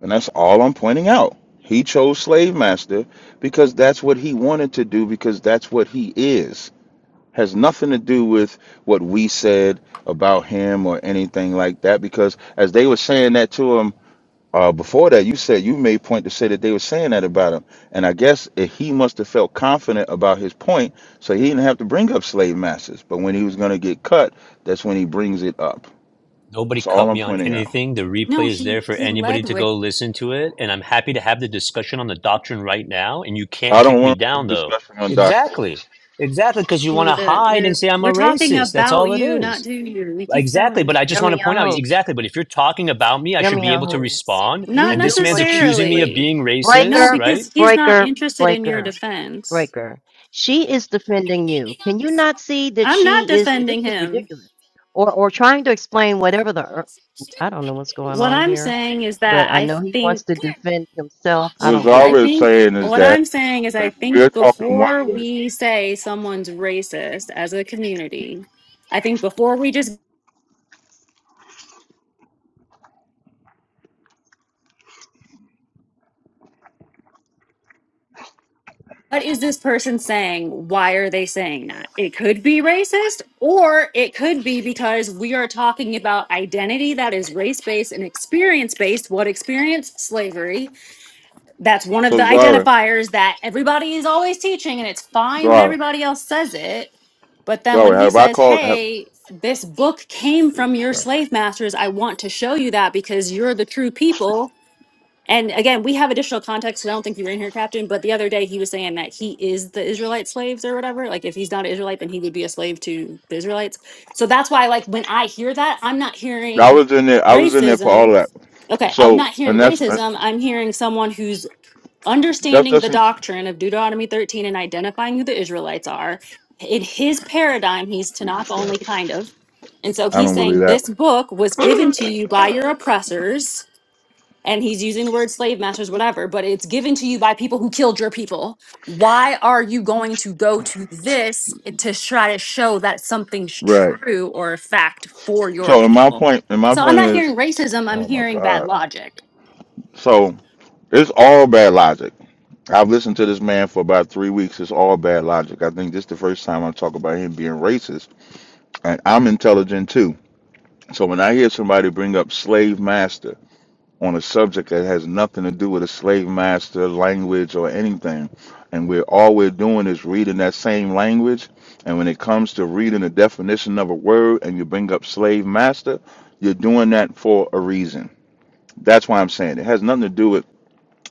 S13: And that's all I'm pointing out. He chose slave master because that's what he wanted to do because that's what he is. Has nothing to do with what we said about him or anything like that. Because as they were saying that to him uh, before that, you said you made point to say that they were saying that about him, and I guess eh, he must have felt confident about his point, so he didn't have to bring up slave masters. But when he was going to get cut, that's when he brings it up.
S11: Nobody
S13: That's
S11: cut
S13: all I'm
S11: me on
S13: pointing out.
S11: anything. The
S10: No,
S11: replay is there
S10: he
S11: for
S10: he
S11: anybody
S10: led
S11: to
S10: with.
S11: go listen to it. And I'm happy to have the discussion on the doctrine right now. And you can't
S13: I don't
S11: kick me
S13: want to
S11: down, though.
S13: discussion on doctrine.
S11: Exactly. Exactly. Because you want
S10: you
S11: to
S10: to-
S11: hide and
S10: We're
S11: say I'm a
S10: we're talking
S11: racist. That's
S10: about
S11: all it
S10: you, not
S11: is.
S10: to you. We keep
S11: Exactly.
S10: telling
S11: But
S10: you.
S11: I just want to point out
S2: Yirmiyahu,
S11: exactly. But if you're talking about me, I should be able to
S2: Yirmiyahu,
S11: respond.
S2: we
S10: Not
S11: And
S2: do
S11: this man's
S2: want you to
S11: accusing me
S2: re
S11: of
S10: necessarily.
S11: being
S10: No,
S11: racist,
S2: breaker,
S11: right?
S10: because he's not
S2: breaker,
S10: interested in your
S2: breaker,
S10: defense.
S2: breaker. She is defending you. Can you not see that
S10: I'm not
S2: she is, this
S10: defending
S2: is
S10: him.
S2: ridiculous. Or, or trying to explain whatever the, ear- I don't know what's going
S10: What
S2: on
S10: I'm
S2: here,
S10: saying is
S2: but
S10: that
S2: I
S10: I
S2: know he wants
S10: think
S2: to defend himself. I
S13: What
S2: don't get it.
S10: I
S13: Zara is
S10: think
S13: saying is
S10: what
S13: that
S10: I'm saying is I
S13: if we're
S10: think
S13: talking one
S10: before
S13: way,
S10: we say someone's racist as a community, I think before we just what is this person saying? Why are they saying that? It could be racist, or it could be because we are talking about identity that is race based and experience based. What experience? Slavery. That's one of the
S13: so Zara,
S10: identifiers that everybody is always teaching, and it's fine when
S13: Zara,
S10: everybody else says it. But then when
S13: Zara,
S10: he
S13: have I
S10: says,
S13: called? Have,
S10: Hey, this book came from your slave masters, I want to show you that because you're the true people and again, we have additional context. I don't think you were in here, Captain, but the other day he was saying that he is the Israelite slaves or whatever. Like if he's not an Israelite, then he would be a slave to the Israelites. So that's why, like, when I hear that, I'm not
S13: I
S10: hearing
S13: was in there. I was in there for all
S10: racism.
S13: that.
S10: Okay, I'm
S13: So,
S10: not
S13: and
S10: hearing
S13: that's uh,
S10: racism. I'm hearing someone who's
S13: that's
S10: understanding the
S13: just. I
S10: doctrine of Deuteronomy 13 and identifying who the Israelites are. In his paradigm, he's Tanakh only, kind of. And so he's
S13: don't believe
S10: saying
S13: that.
S10: this book was given to you by your oppressors and he's using the word slave masters, whatever, but it's given to you by people who killed your people. Why are you going to go to this to try to show that something's
S13: Right.
S10: true or a fact for your
S13: So, and my
S10: people?
S13: point, and my
S10: So I'm
S13: point
S10: not
S13: is.
S10: hearing racism, I'm
S13: Oh my
S10: hearing bad
S13: God.
S10: logic.
S13: So it's all bad logic. I've listened to this man for about three weeks. It's all bad logic. I think this is the first time I talk about him being racist. And I'm intelligent too. So when I hear somebody bring up slave master on a subject that has nothing to do with a slave master language or anything, and we're all we're doing is reading that same language, and when it comes to reading the definition of a word and you bring up slave master, you're doing that for a reason. That's why I'm saying it has nothing to do with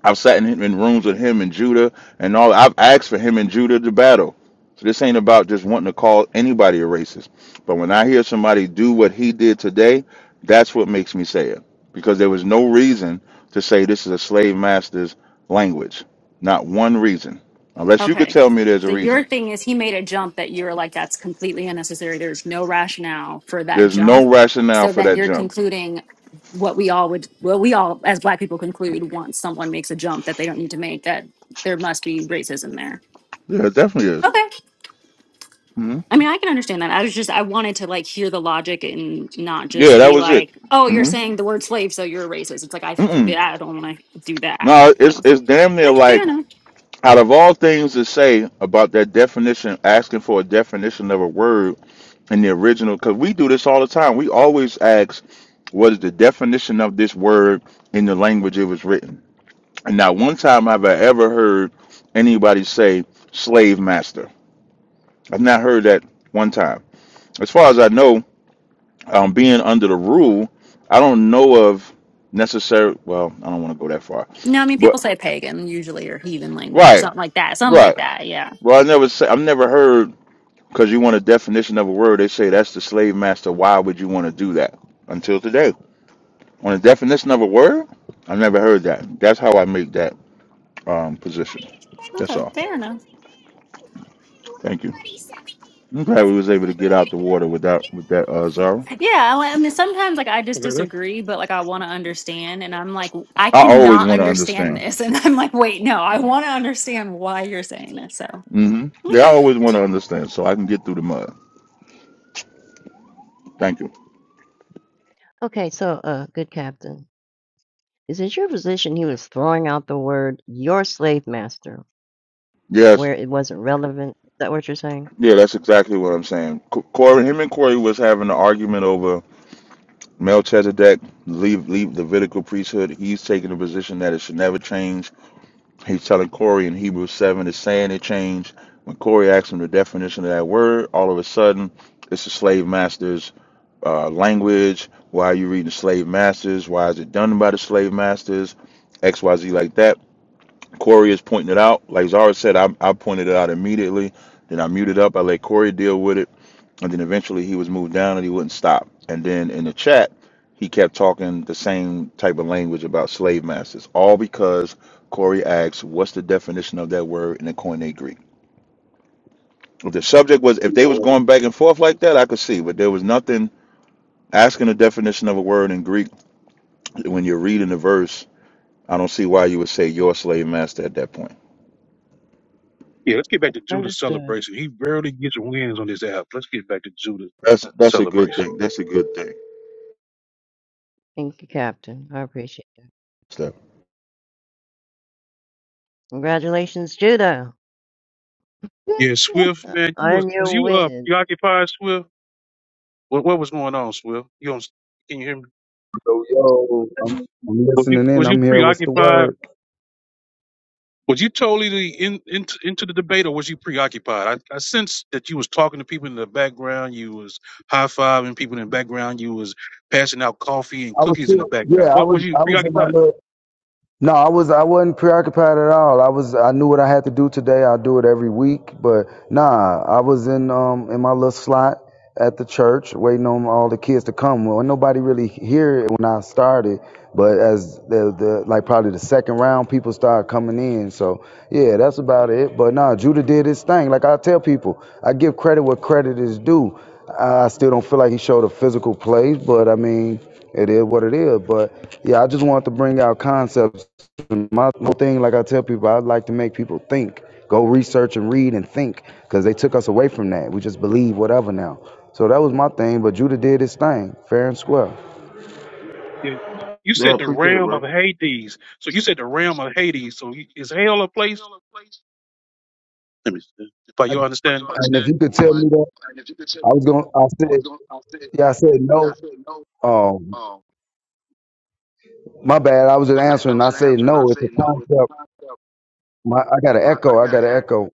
S13: I've sat in, in rooms with him and Judah and all. I've asked for him and Judah to battle. So this ain't about just wanting to call anybody a racist. But when I hear somebody do what he did today, that's what makes me say it. Because there was no reason to say this is a slave master's language. Not one reason. Unless you could
S10: Okay.
S13: tell me there's a
S10: So your
S13: reason.
S10: thing is he made a jump that you're like, that's completely unnecessary. There's no rationale for that
S13: There's
S10: jump.
S13: no rationale
S10: So
S13: for
S10: then
S13: that
S10: you're
S13: jump.
S10: concluding what we all would, well, we all as black people conclude once someone makes a jump that they don't need to make, that there must be racism there.
S13: Yeah, it definitely is.
S10: Okay.
S13: hmm
S10: I mean, I can understand that. I was just, I wanted to like hear the logic and not
S13: Yeah,
S10: just
S13: that
S10: be
S13: was it.
S10: like, oh, you're
S13: hmm
S10: saying the word slave, so you're a racist. It's like, I,
S13: Mm-mm.
S10: I don't want to do that.
S13: No, it's
S10: So,
S13: it's damn near
S10: yeah,
S13: like
S10: fair enough.
S13: out of all things to say about that definition, asking for a definition of a word in the original, because we do this all the time. We always ask, what is the definition of this word in the language it was written? And not one time have I ever heard anybody say slave master. I've not heard that one time. As far as I know, um, being under the rule, I don't know of necessary. Well, I don't want to go that far,
S10: No, I mean
S13: but
S10: people say pagan usually or heathen language or
S13: right,
S10: something like that. Something
S13: right.
S10: like that. Yeah.
S13: Well, I never say I've never heard Because you want a definition of a word, they say that's the slave master. Why would you want to do that? Until today. On a definition of a word, I never heard that. That's how I make that um, position. That's
S10: Okay.
S13: all.
S10: Fair enough.
S13: Thank you. I'm glad we was able to get out the water with that with that uh, Zara.
S10: Yeah. I I mean, sometimes like I just
S6: Okay, let's,
S10: disagree, but like I want to understand, and I'm like, I
S13: I always
S10: cannot
S13: want to
S10: understand
S13: understand.
S10: this, and I'm like, wait, no, I want to understand why you're saying this. So
S13: hmm Yeah, I
S10: okay.
S13: always want to understand so I can get through the mud. Thank you.
S2: Okay, so, uh, good captain, is it your position he was throwing out the word "your slave master"
S13: Yes.
S2: where it wasn't relevant? Is that what you're saying?
S13: Yeah, that's exactly what I'm saying. Co- Corey, him and Corey was having an argument over Melchizedek leave leave Levitical priesthood. He's taking the position that it should never change He's telling Corey in Hebrews 7 is saying it changed. When Corey asked him the definition of that word, all of a sudden it's the slave master's uh, language. Why are you reading slave masters? Why is it done by the slave masters? XYZ like that. Corey is pointing it out. Like Zara said, I, I pointed it out immediately. Then I muted up. I let Corey deal with it and then eventually he was moved down and he wouldn't stop. And then in the chat, he kept talking the same type of language about slave masters, all because Corey asked, "What's the definition of that word in the Koine Greek?" If the subject was, if
S6: yeah,
S13: they was
S6: well,
S13: going back and forth like that, I could see, but there was nothing asking the definition of a word in Greek when you're reading the verse. I don't see why you would say your slave master at that point.
S6: yeah, let's get back to Judah's
S2: Understood.
S6: celebration. He barely gets wins on this app. Let's get back to Judah's
S13: That's that's a good
S6: celebration.
S13: thing. That's a good thing.
S2: Thank you, captain. I appreciate that.
S13: Steph.
S2: Congratulations, Judah,
S6: Yeah, Swift, man, you was,
S2: on
S6: was
S2: your
S6: you uh
S2: win.
S6: preoccupied, Swift? What what was going on, Swift? You on? Can you hear
S14: So yo, I'm
S6: me?
S14: I'm
S6: Was you
S14: listening in.
S6: was you
S14: I'm here. What's the
S6: preoccupied?
S14: word?
S6: Was you totally in, in into the debate, or was you preoccupied? I, I sense that you was talking to people in the background. You was high fiving people in the background. You was passing out coffee and
S14: I was
S6: cookies in the
S14: still, yeah,
S6: background.
S14: I
S6: What
S14: was,
S6: was you
S14: I was in my
S6: preoccupied?
S14: little No, I was I wasn't preoccupied at all. I was I knew what I had to do today. I do it every week, but nah, I was in um in my little slot at the church waiting on all the kids to come. Well, nobody really here when I started, but as the, the like probably the second round people started coming in. So, yeah, that's about it. But nah, Judah did his thing. Like I tell people, I give credit where credit is due. I still don't feel like he showed a physical play, but I mean, it is what it is. But yeah, I just wanted to bring out concepts my whole thing, like I tell people, I'd like to make people think. Go research and read and think, because they took us away from that. We just believe whatever now. So that was my thing. But Judah did his thing, fair and square.
S6: Yeah, you
S5: Yeah,
S6: said the
S5: appreciate it,
S6: realm of
S5: bro.
S6: Hades. So you said the realm of Hades. So you- is hell a place? Let me see. By
S14: I,
S6: your understanding,
S14: and if you could tell me that, I was going. to I said, yeah, I said no. Um, my bad. I was just answering. I said no. It's a concept. My, I got an echo. I got an echo.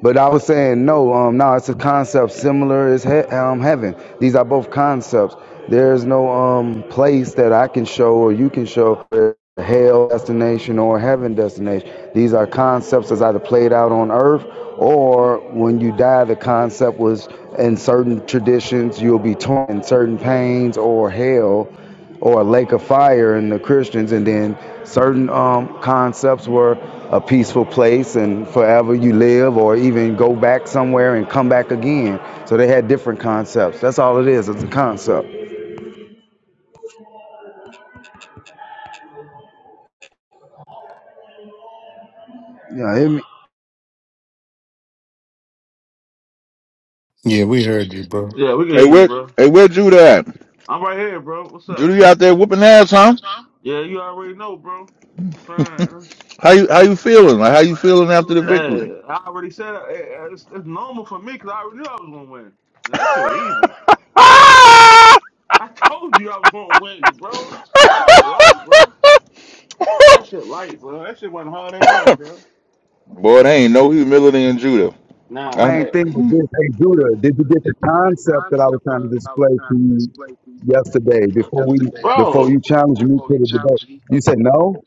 S14: But I was saying no. Um, no, it's a concept similar as he- um, heaven. These are both concepts. There's no um place that I can show or you can show for hell destination or heaven destination. These are concepts that's either played out on earth or when you die, the concept was in certain traditions you'll be torn in certain pains or hell or a lake of fire in the Christians, and then certain um, concepts were a peaceful place and forever you live, or even go back somewhere and come back again. So they had different concepts. That's all it is. It's a concept. Yeah, it, my
S15: Yeah, we heard you, bro.
S5: Yeah, we can
S13: Hey,
S5: hear you,
S13: where
S5: bro.
S13: hey where Judah at?
S5: I'm right here, bro. What's up?
S13: Judah you out there whooping ass, huh?
S5: Yeah, you already know, bro. I'm trying.
S13: How you how you feeling? Like how you
S5: Like, how you
S13: feeling after
S5: feeling
S13: the
S5: after?
S13: victory?
S5: Hey, I already said it. Hey, It's, it's normal for me because I already knew I was gonna win. That shit was easy. I told you I was gonna win, bro. That shit light, bro. That shit light, bro. That shit wasn't hard at all, bro.
S13: Boy, there ain't no humility in Judah.
S5: Nah,
S13: I,
S14: main
S5: hey.
S14: thing was this: Hey, Judah, did you get the concept that I was trying to display to you yesterday before we
S5: yesterday,
S14: before
S5: bro.
S14: you challenged me to the debate? You said no.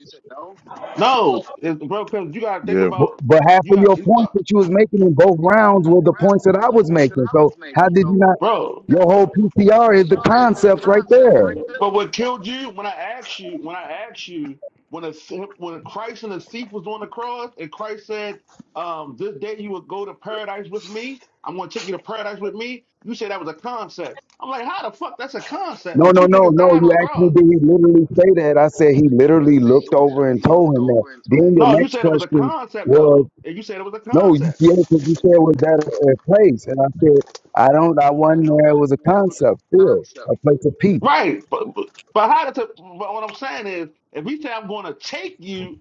S5: No, it's, bro, because you gotta think
S13: yeah.
S14: But,
S5: about
S14: but half
S5: you
S14: of your
S5: got.
S14: points
S5: uh,
S14: that you was making in both rounds were the points that I was making. So how did you not?
S5: bro.
S14: Your whole PTR is the
S5: Y'all is the
S14: concept right
S5: concept
S14: there.
S5: right there. But what killed you when I asked you, when I asked you, when a sim- when Christ and the thief was on the cross, and Christ said, um, "This day you will go to paradise with me. I'm going to take you to paradise with me." You said that was a concept. I'm like, how the fuck that's a concept
S14: No,
S5: when
S14: no,
S5: two
S14: no,
S5: niggas
S14: no.
S5: died
S14: You
S5: on the
S14: asked me,
S5: cross?
S14: did he literally say that? I said he
S5: And I
S14: literally
S5: said
S14: looked
S5: he
S14: over and
S5: literally
S14: told
S5: looked
S14: him that.
S5: over and told me.
S14: Then your
S5: No, you
S14: next
S5: said it was a
S14: question
S5: concept
S14: was,
S5: though, and you said it was a
S14: no, you
S5: concept.
S14: yeah, because you said was that a a place? And I said, I don't. I wasn't there. It was a concept still, a place of peace.
S5: Right. But, but but how that's a but what I'm saying is, if we say I'm going to take you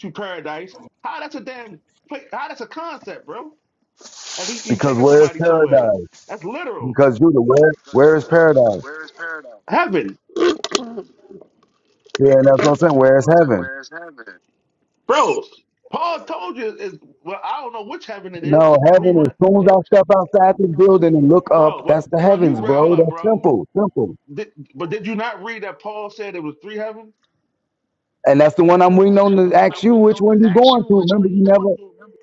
S5: to paradise, how that's a damn, pla- how that's a concept, bro. If we, you
S14: Because
S5: taking
S14: where is
S5: somebody somewhere,
S14: paradise?
S5: that's literal.
S14: Because Judah, where where is paradise?
S5: Heaven,
S14: Yeah, and that's what I'm saying. Where is heaven?
S5: bro. Paul told you is well, I don't know which heaven it is.
S14: No,
S5: It's three,
S14: heaven, as
S5: ra-
S14: soon as I
S5: uh,
S14: step outside this building and look
S5: bro.
S14: up,
S5: What,
S14: that's the
S5: bro? You
S14: heavens,
S5: read? Hold
S14: bro.
S5: up,
S14: That's
S5: bro.
S14: simple, simple.
S5: Did, but did you not read that Paul said it was three heavens?
S14: And that's the one I'm waiting on to ask you which one you going to. Remember, you never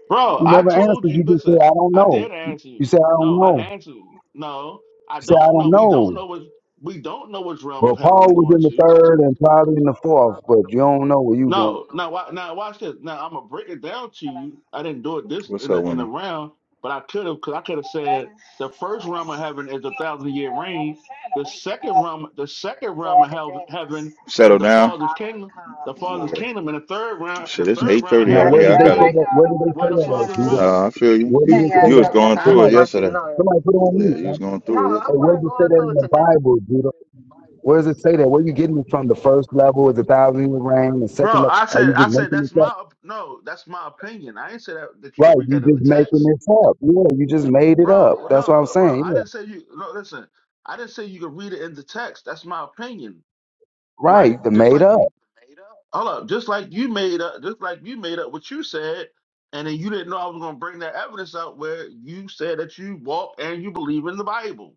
S5: Bro,
S14: you
S5: I
S14: never
S5: told
S14: answered.
S5: you.
S14: You just said,
S5: Listen,
S14: I don't
S5: I
S14: know.
S5: did answer you.
S14: You said, I don't
S5: No, I
S14: know.
S5: answered you. No, I
S14: You said, I
S5: don't
S14: don't
S5: know. We don't
S14: know.
S5: know what we don't know which realm of
S14: But
S5: heaven we
S14: Paul was
S5: going
S14: in the
S5: to.
S14: third and probably in the fourth, but you don't know where you going.
S5: No, now wa- now watch this. Now I'm gonna break it down to you. I didn't do it this
S13: What's
S5: in
S13: up,
S5: the in the
S13: women?
S5: round, but I could have because I could have said the first realm of heaven is the thousand year reign. The second realm, the second realm of hell, heaven is
S13: Settle
S5: the
S13: down.
S5: Father's kingdom. The Father's kingdom, and the third
S13: Yeah.
S5: realm, the
S13: Shit, it's
S5: third
S13: eight
S5: realm of
S14: Now,
S13: thirty out
S5: heaven
S14: where
S13: here. I
S5: is
S14: did they
S13: gotta.
S5: where
S14: say that? Where did they
S5: where
S14: say
S5: the
S14: that at,
S5: Father
S14: Judah?
S13: um?
S5: dwells.
S13: Nah, I feel you.
S14: Where
S13: You
S14: did
S13: was
S14: it say
S13: you was
S14: that?
S13: going through
S5: Huh?
S13: it
S14: Somebody,
S13: yesterday.
S14: somebody put it on
S13: Yeah,
S14: me,
S13: you
S14: man.
S13: was going No, through it.
S14: Hey, where did it say that in the Bible, Judah? Where does it say that? Where are you getting it from? The first level is a thousand year reign. The second
S5: Bro,
S14: level,
S5: I
S14: are
S5: said,
S14: you
S5: I
S14: just
S5: said
S14: making
S5: that's
S14: this
S5: my
S14: up?
S5: op- no, that's my opinion. I ain't say that, that you can
S14: Right,
S5: read
S14: you
S5: that in the
S14: just making
S5: text,
S14: this up. Yeah, you just made it
S5: bro.
S14: up.
S5: well,
S14: That's what I'm
S5: No, bro,
S14: saying.
S5: I
S14: Yeah,
S5: didn't say you. No, listen, I didn't say you could read it in the text. That's my opinion, right?
S14: right, the
S5: Just
S14: made
S5: like
S14: up.
S5: you, hold up, just like you made up, just like you made up what you said, and then you didn't know I was gonna bring that evidence out where you said that you walk and you believe in the Bible.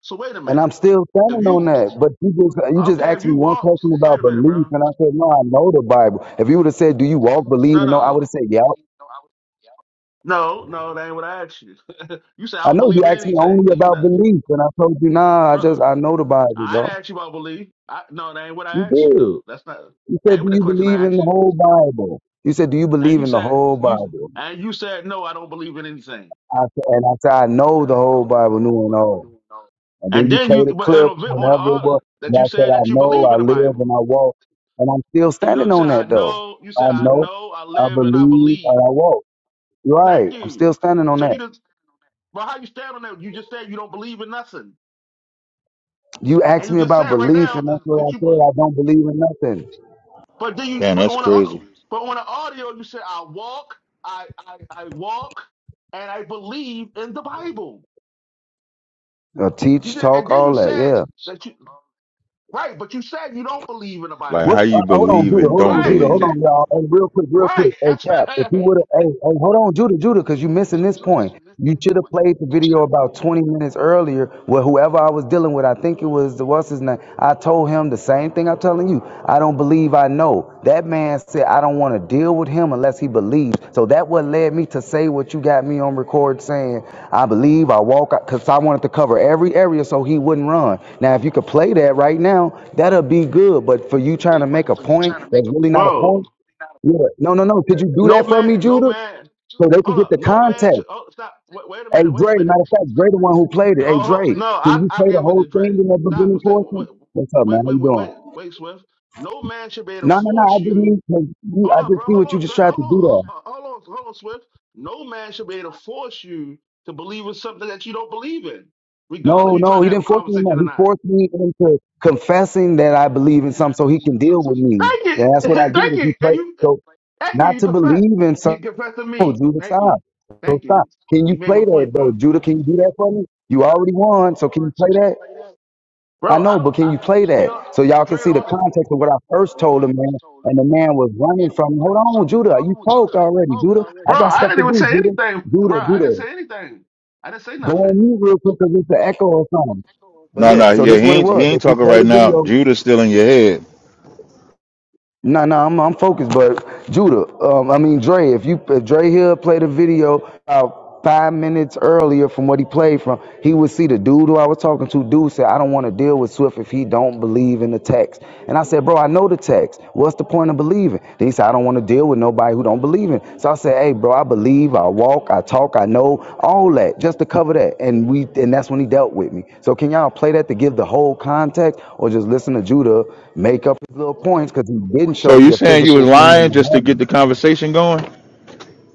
S5: So wait a
S14: And
S5: minute.
S14: I'm still
S5: If
S14: standing on
S5: you
S14: that. But you just you just
S5: okay, if
S14: asked me
S5: you
S14: one
S5: walk,
S14: question
S5: wait
S14: about
S5: a minute,
S14: belief,
S5: bro.
S14: and I said no, I know the Bible. If you would have said, do you walk, believe,
S5: No,
S14: and know, I would
S5: no,
S14: have said yeah.
S5: no, no. That ain't what I asked you. You say I
S14: I
S5: don't
S14: know
S5: believe
S14: you
S5: in
S14: asked me
S5: anything.
S14: only
S5: Then you
S14: about
S5: not,
S14: belief, and I told you nah, I
S5: bro?
S14: just I know the Bible,
S5: I
S14: bro.
S5: didn't ask you about belief. I, no, that ain't what
S14: You
S5: I asked you
S14: did.
S5: though. That's not
S14: You
S5: that
S14: said,
S5: ain't
S14: do
S5: what the
S14: you
S5: question
S14: believe
S5: I
S14: in
S5: asked
S14: the
S5: you.
S14: whole Bible? You said, do you
S5: And
S14: believe
S5: you
S14: in the
S5: said
S14: whole
S5: you
S14: Bible?
S5: and you said no, I don't believe in anything.
S14: I, said, and I said, I know the whole Bible, new and old. And then
S5: And
S14: you
S5: then
S14: play
S5: you
S14: the
S5: but in
S14: clip,
S5: a bit on the
S14: whatever it
S5: order
S14: was. And
S5: that
S14: I
S5: you
S14: said,
S5: said
S14: I
S5: that you
S14: know,
S5: believe in
S14: I
S5: the
S14: live, and
S5: Bible.
S14: I walk. And I'm still
S5: And you know you
S14: standing
S5: said
S14: on
S5: I
S14: that, though.
S5: know. You said
S14: I
S5: I
S14: know,
S5: know. I
S14: I
S5: live and I
S14: believe,
S5: believe.
S14: and I walk.
S5: Thank
S14: Right. I'm
S5: you.
S14: still standing on
S5: So you
S14: that.
S5: did. But how you stand on that? You just said you don't believe in nothing,
S14: You
S5: and
S14: asked
S5: you
S14: me
S5: just
S14: about
S5: said right
S14: belief,
S5: now
S14: and that's
S5: that,
S14: what I
S5: that
S14: said.
S5: you.
S14: I don't believe in nothing.
S5: But then you,
S13: Damn,
S5: but
S13: that's
S5: on
S13: crazy.
S5: the, but on the audio, you said I walk, I, I, I walk, and I believe in the Bible.
S14: Uh,
S5: You
S14: teach,
S5: just, and
S14: talk,
S5: then you
S14: all that,
S5: said
S14: yeah.
S5: that you, right? But you said you don't believe in the
S13: Like
S14: What?
S13: how
S5: Bible,
S14: Uh,
S13: you
S14: hold on,
S13: believe
S14: Judah.
S13: and
S14: Hold
S13: don't
S14: on,
S5: right?
S14: Judah. Hold
S13: believe.
S14: on, y'all. Hey, real quick, real quick.
S5: Right.
S14: Hey,
S5: That's right.
S14: Cap, if you would
S5: But
S14: have, hey, hey, hold on, Judah, Judah, because you missing this point. You should have played the video about 20 minutes earlier where whoever I was dealing with, I think it was the what's his name, I told him the same thing I'm telling you. I don't believe I know. That man said I don't want to deal with him unless he believes. So that what led me to say what you got me on record saying. I believe I walk because I wanted to cover every area so he wouldn't run. Now if you could play that right now, that'll be good. But for you trying to make a
S5: for you
S14: point
S5: trying to make
S14: that's
S5: a
S14: really
S5: point,
S14: not a
S5: bro.
S14: point, yeah. No, no, no. Could you do
S5: No
S14: that for me,
S5: man, no
S14: Judah?
S5: man.
S14: So they could
S5: Hold
S14: get
S5: up,
S14: the
S5: no man.
S14: context.
S5: Should, oh, stop. Wait, wait a
S14: Hey
S5: minute. Wait a
S14: Dre,
S5: minute.
S14: matter of fact, Dre the one who played it. Hey
S5: Oh, oh,
S14: Dre,
S5: no,
S14: can
S5: I,
S14: you
S5: I
S14: play the
S5: gave it
S14: whole
S5: to Dre.
S14: thing in that
S5: Stop.
S14: beginning
S5: Stay, wait,
S14: portion? What's up, man?
S5: wait,
S14: How
S5: wait,
S14: you
S5: wait,
S14: doing?
S5: wait, wait, Swift. No man should be able to
S14: No, no, no. I
S5: force
S14: just
S5: you.
S14: need to, you-
S5: Hold
S14: I
S5: up, bro.
S14: just see
S5: Hold
S14: what you
S5: on,
S14: just
S5: Dre.
S14: tried
S5: Hold
S14: to
S5: on,
S14: do
S5: hold
S14: there.
S5: on, hold on, hold on, Swift. No man should be able to force you to believe in something that you don't believe in, regardless
S14: No,
S5: you trying
S14: no,
S5: to
S14: he
S5: have a
S14: didn't force me. No,
S5: conversation or
S14: he
S5: not.
S14: forced me into confessing that I believe in something so he can deal with me.
S5: Thank
S14: And
S5: you,
S14: that's what I did.
S5: thank
S14: If
S5: you,
S14: you
S5: and
S14: play,
S5: you,
S14: so
S5: thank you.
S14: not
S5: You
S14: to
S5: confess.
S14: believe in
S5: You
S14: something,
S5: confess to
S14: no,
S5: me.
S14: Judah,
S5: Thank you,
S14: stop. So
S5: thank you.
S14: stop. Can you
S5: You made my
S14: play that
S5: point,
S14: though,
S5: bro.
S14: Judah? Can you do that for me? You already won, so can you play that? I
S5: Bro, I
S14: know, but
S5: don't.
S14: can you
S5: I,
S14: play
S5: he
S14: that
S5: on
S14: so y'all can
S5: Dre
S14: see the
S5: on.
S14: context of what I first told the man, and the man was running from. Hold on, Judah, you poked already, Judah. I
S5: Bro,
S14: got
S5: I
S14: stuff
S5: didn't
S14: to
S5: even
S14: do,
S5: say
S14: Judah,
S5: anything. Bro,
S14: Judah,
S5: I didn't
S14: Judah.
S5: say anything. I didn't say
S14: Go
S5: nothing.
S14: on mute real quick because it's an echo or something. But
S13: No, no,
S14: look, so
S13: yeah,
S14: this is
S13: he
S14: what it
S13: ain't he
S14: was.
S13: ain't
S14: If you
S13: talking
S14: play
S13: right
S14: the
S13: now.
S14: video,
S13: Judah's still in your head.
S14: No, no, I'm I'm focused, but Judah, um, I mean Dre, if you if Dre here played a video about five minutes earlier from what he played from, he would see the dude who I was talking to. Dude said, I don't want to deal with Swift if he don't believe in the text. And I said, Bro, I know the text. What's the point of believing? They said, I don't want to deal with nobody who don't believe in. So I said, Hey, bro, I believe, I walk, I talk, I know, all that, just to cover that. And we and that's when he dealt with me. So can y'all play that to give the whole context or just listen to Judah make up his little points because he didn't show
S13: So
S14: me
S13: you
S14: a
S13: saying you was
S14: physical kingdom
S13: lying
S14: of
S13: just to get
S14: heaven.
S13: the conversation going?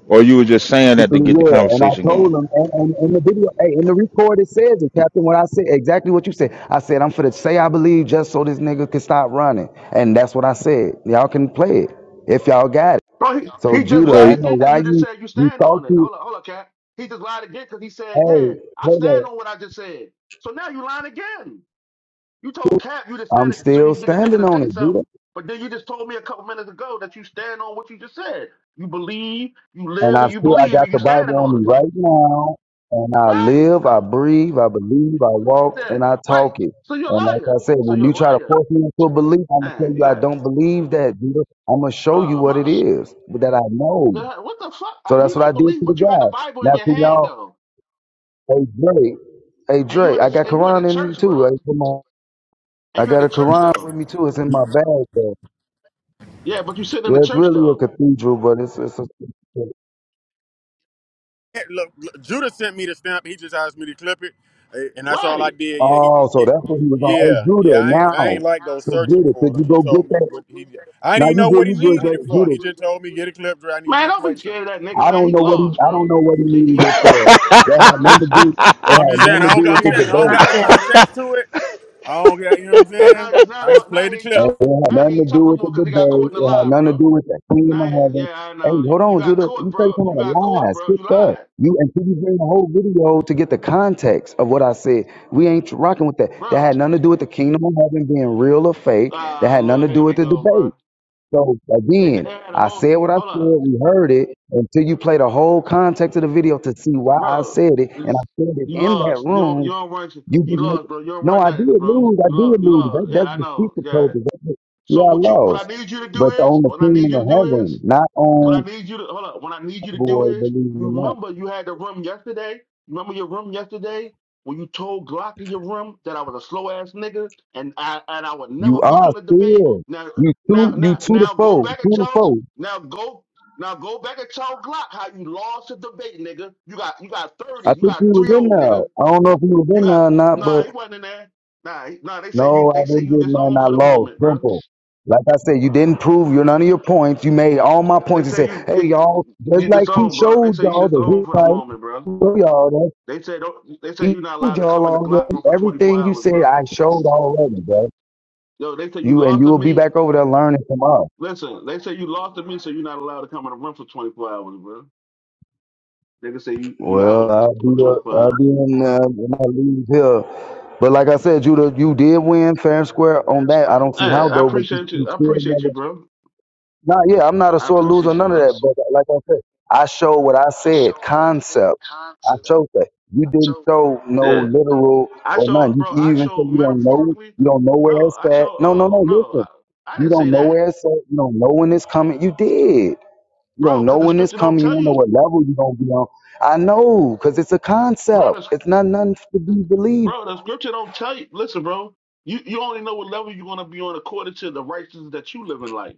S13: Or you were just saying that to get the
S14: Physically, yeah. And
S13: conversation
S14: I told
S13: going.
S14: him and, and, and the video hey, in the record it says it, Captain, what I said, exactly what you said. I said, I'm for to say I believe just so this nigga can stop running. And that's what I said. Y'all can play it if y'all got it.
S5: Bro, he,
S14: So
S5: he just
S14: Judah, I
S13: So,
S5: lied
S13: he-
S14: don't know
S5: again because
S14: why
S5: you just
S14: you
S5: said you
S14: you
S5: stand
S14: thought
S5: on it.
S14: you
S5: Hold up, hold up, cat. He just lied again because he said, yeah,
S14: hey
S5: I
S14: hey there.
S5: stand on what I just said. So now you lying again. You told Cap you just said
S14: I'm
S5: it so you
S14: still
S5: can get the nigga
S14: standing
S5: to
S14: on
S5: say
S14: it,
S5: something,
S14: Judah,
S5: but then you just told me a couple minutes ago that you stand on what you just said. You believe, you
S14: and
S5: live,
S14: I
S5: and you
S14: still I
S5: believe,
S14: got
S5: and you
S14: the
S5: standing
S14: Bible on
S5: on
S14: me
S5: it.
S14: right now, and I
S5: Right.
S14: live, I
S5: So
S14: breathe, I believe, I walk, and
S5: then,
S14: I
S5: right.
S14: talk it.
S5: So you're a
S14: And like
S5: liar.
S14: I said,
S5: So
S14: when
S5: you're a
S14: you try to
S5: liar.
S14: force me into a belief, I'm gonna tell
S5: Man, you
S14: you I
S5: got
S14: don't believe that, Judah. I'm gonna show you
S5: oh
S14: what it
S5: my.
S14: is that I know.
S5: What the fuck?
S14: So
S5: I- You
S14: that's what I
S5: don't
S14: did
S5: believe,
S14: to the
S5: but you got the
S14: guy.
S5: Bible in
S14: Now
S5: your
S14: for
S5: hand
S14: y'all,
S5: though,
S14: hey Dre, hey
S5: and you
S14: Dre,
S5: in
S14: I
S5: a
S14: got
S5: and you in a
S14: Quran in me
S5: church,
S14: too.
S5: bro,
S14: Hey, come on.
S5: and
S14: I
S5: you in
S14: got
S5: a
S14: a
S5: church
S14: Quran
S5: though.
S14: with me too. It's in my bag.
S5: Yeah, but you sitting in the
S14: Well, it's
S5: church
S14: really a
S5: though,
S14: cathedral, but it's, it's a.
S12: Hey, Look, look, Judah sent me the stamp. He just asked me to clip it, eh, and that's all I
S5: right?
S12: did. Yeah, he
S14: Oh,
S12: just yeah,
S14: so that's what he was on. Hey,
S12: yeah, yeah.
S14: Judah,
S12: I ain't, I ain't
S14: now.
S12: like go
S14: So,
S12: searching
S14: Judah,
S12: for
S14: could you
S12: it. He
S14: go get
S12: told me
S14: that?
S12: what he. I didn't
S14: Now,
S12: even
S14: you
S12: know
S14: good,
S12: what he
S14: you good,
S12: needed it
S14: Ju-
S12: for.
S14: Judah.
S12: He just told me get a clip, Dre. I need you
S5: Man,
S12: to
S5: don't be
S12: play something.
S5: scared of that nigga,
S14: I
S5: man.
S14: don't
S5: He
S14: know what he,
S5: lost,
S14: I don't
S5: bro.
S14: know what he
S5: He, he
S14: needed it
S5: lost. And
S14: for.
S5: He a liar,
S14: That had nothing to do,
S12: So
S14: it
S12: I'm
S14: had
S12: just saying
S14: nothing to
S12: I don't.
S14: do
S5: nigga.
S12: got-
S2: But
S14: with
S12: I'm
S5: You
S14: the
S2: now
S12: saying
S5: you
S12: I
S5: got
S12: don't
S14: debate.
S12: got the
S5: caught,
S2: contact.
S5: nigga.
S12: context to it. I don't got, you know what I'm
S5: Now
S12: saying?
S5: now he
S12: I just
S5: now
S12: played
S5: he
S12: the
S5: ain't
S12: clip.
S14: And
S5: tough.
S14: It had
S5: Now he
S14: nothing to
S5: ain't tough
S14: do
S5: no
S14: with the
S5: more because he got
S14: debate.
S5: caught in a
S14: It had
S5: lie,
S14: nothing to do
S5: bro.
S14: with the kingdom
S5: Now
S14: of
S5: he-
S14: heaven.
S5: yeah, I
S14: Hey,
S5: know. You,
S14: hold
S5: you
S14: on,
S5: got
S14: Judah.
S5: caught,
S14: You say
S5: bro.
S14: some of
S5: You
S14: the
S5: got caught,
S14: lies.
S5: bro.
S14: Get
S5: You
S14: that.
S5: lied,
S14: You until you bring the whole video to get the context of what I said. We ain't rocking with that. That
S5: bro.
S14: had nothing to do with the kingdom of heaven being real or fake. That
S5: Ah,
S14: had nothing to
S5: Lord, here
S14: do
S5: we
S14: with the
S5: go, bro.
S14: debate. So
S5: They, they
S14: again,
S5: had a
S14: I
S5: whole
S14: said what I said.
S5: hold up,
S14: We heard it until you play the whole context of the video to see why I
S5: bro.
S14: said it.
S5: You
S14: And I said it
S5: you
S14: in that
S5: lost. You don't,
S14: room
S5: you don't run.
S14: you
S5: You
S14: just make
S5: lost, bro. You don't
S14: no.
S5: run
S14: I did
S5: nothing, bro. You
S14: lose. I
S5: you lost.
S14: did
S5: You
S14: lose.
S5: lost.
S14: That,
S5: Yeah,
S14: that's
S5: I
S14: the
S5: know.
S14: speaker
S5: Yeah.
S14: told me. That's it. yeah,
S5: So
S14: I
S5: what you what I
S14: lost,
S5: need you to do
S14: but
S5: is
S14: on the
S5: what I need
S14: kingdom
S5: you to
S14: of
S5: do is
S14: heaven, not
S5: What I
S14: on
S5: need you to hold up. What I need you to do
S14: boy.
S5: is
S14: Believe
S5: you
S14: it or not,
S5: remember you had the room yesterday. Remember your room yesterday when you told Glock in your room that I was a slow ass nigga and I and I would
S14: you
S5: never beat
S14: are
S5: you in a debate.
S14: still
S5: Now
S14: you
S5: now
S14: two. You
S5: now
S14: two to
S5: now go
S14: four.
S5: back and
S14: Two to
S5: tell
S14: four.
S5: now go now go back and tell Glock how you lost the debate, nigga. You got you got thirty.
S14: I
S5: You
S14: think
S5: got
S14: he was
S5: three
S14: in
S5: old
S14: there.
S5: nigga.
S14: I don't know if he was
S5: You
S14: in there
S5: got
S14: or not,
S5: nah.
S14: but
S5: He wasn't in there. Nah he- nah. They say you
S14: no,
S5: they
S14: I
S5: say
S14: didn't
S5: you
S14: get none.
S5: disowned
S14: I
S5: for the
S14: lost.
S5: moment, bro.
S14: Simple. Like I said, you didn't prove your none of your points. You made all my
S5: They
S14: points and
S5: say
S14: said,
S5: you
S14: "Hey,
S5: you,
S14: y'all," just
S5: you
S14: like he
S5: disowned, bro. They
S14: showed
S5: say you
S14: y'all the
S5: disowned
S14: who
S5: for the
S14: fight.
S5: moment, bro.
S14: Show Y'all,
S5: They say don't, they say
S14: He
S5: you're not allowed
S14: told
S5: to
S14: y'all
S5: come in the Glock
S14: already.
S5: room for 24
S14: Everything you
S5: hours,
S14: said,
S5: bro.
S14: I showed already, bro.
S5: Yo, they say you
S14: You and
S5: lost
S14: you
S5: to
S14: will be
S5: me.
S14: back over there learning from us.
S5: Listen, they say you lost to me, so you're not allowed to come in the room for 24 hours, bro. They can say you you
S14: Well,
S5: out
S14: I'll
S5: for
S14: be
S5: Well,
S14: uh,
S5: 24
S14: I'll
S5: hours.
S14: be in uh, when I leave here. But like I said, Judah, you did win
S5: Yeah,
S14: fair and
S5: win
S14: square
S5: fair
S14: on
S5: and
S14: that.
S5: square.
S14: I don't
S5: Hey,
S14: see
S5: Okay.
S14: how
S5: I
S14: though, but you,
S5: appreciate
S14: you
S5: you. I
S14: still
S5: appreciate
S14: never.
S5: you, bro.
S14: Nah, yeah, I'm not a
S5: I
S14: sore loser,
S5: appreciate you,
S14: none of
S5: bro.
S14: that. But like I said, I showed what I said, concept. I showed that. You didn't show no
S5: Yeah. So,
S14: literal
S5: I
S14: or
S5: showed,
S14: none.
S5: bro.
S14: You
S5: I
S14: even said
S5: showed
S14: you don't know,
S5: metaphorically.
S14: you don't know where
S5: No,
S14: it's
S5: I
S14: at.
S5: showed.
S14: No, no,
S5: Oh
S14: no.
S5: no,
S14: Listen.
S5: I, I
S14: You
S5: didn't
S14: don't
S5: say
S14: know
S5: that,
S14: where it's at. You don't know when it's coming. You did. You
S5: bro.
S14: don't know
S5: Because the
S14: when it's
S5: scripture don't
S14: coming. You
S5: tell
S14: don't know
S5: you,
S14: what level you're going to be on. I know, because it's a concept.
S5: bro.
S14: It's not nothing to be believed.
S5: Bro, the scripture don't tell you. Listen, bro, you, you only know what level you're going to be on according to the righteousness that you live in life.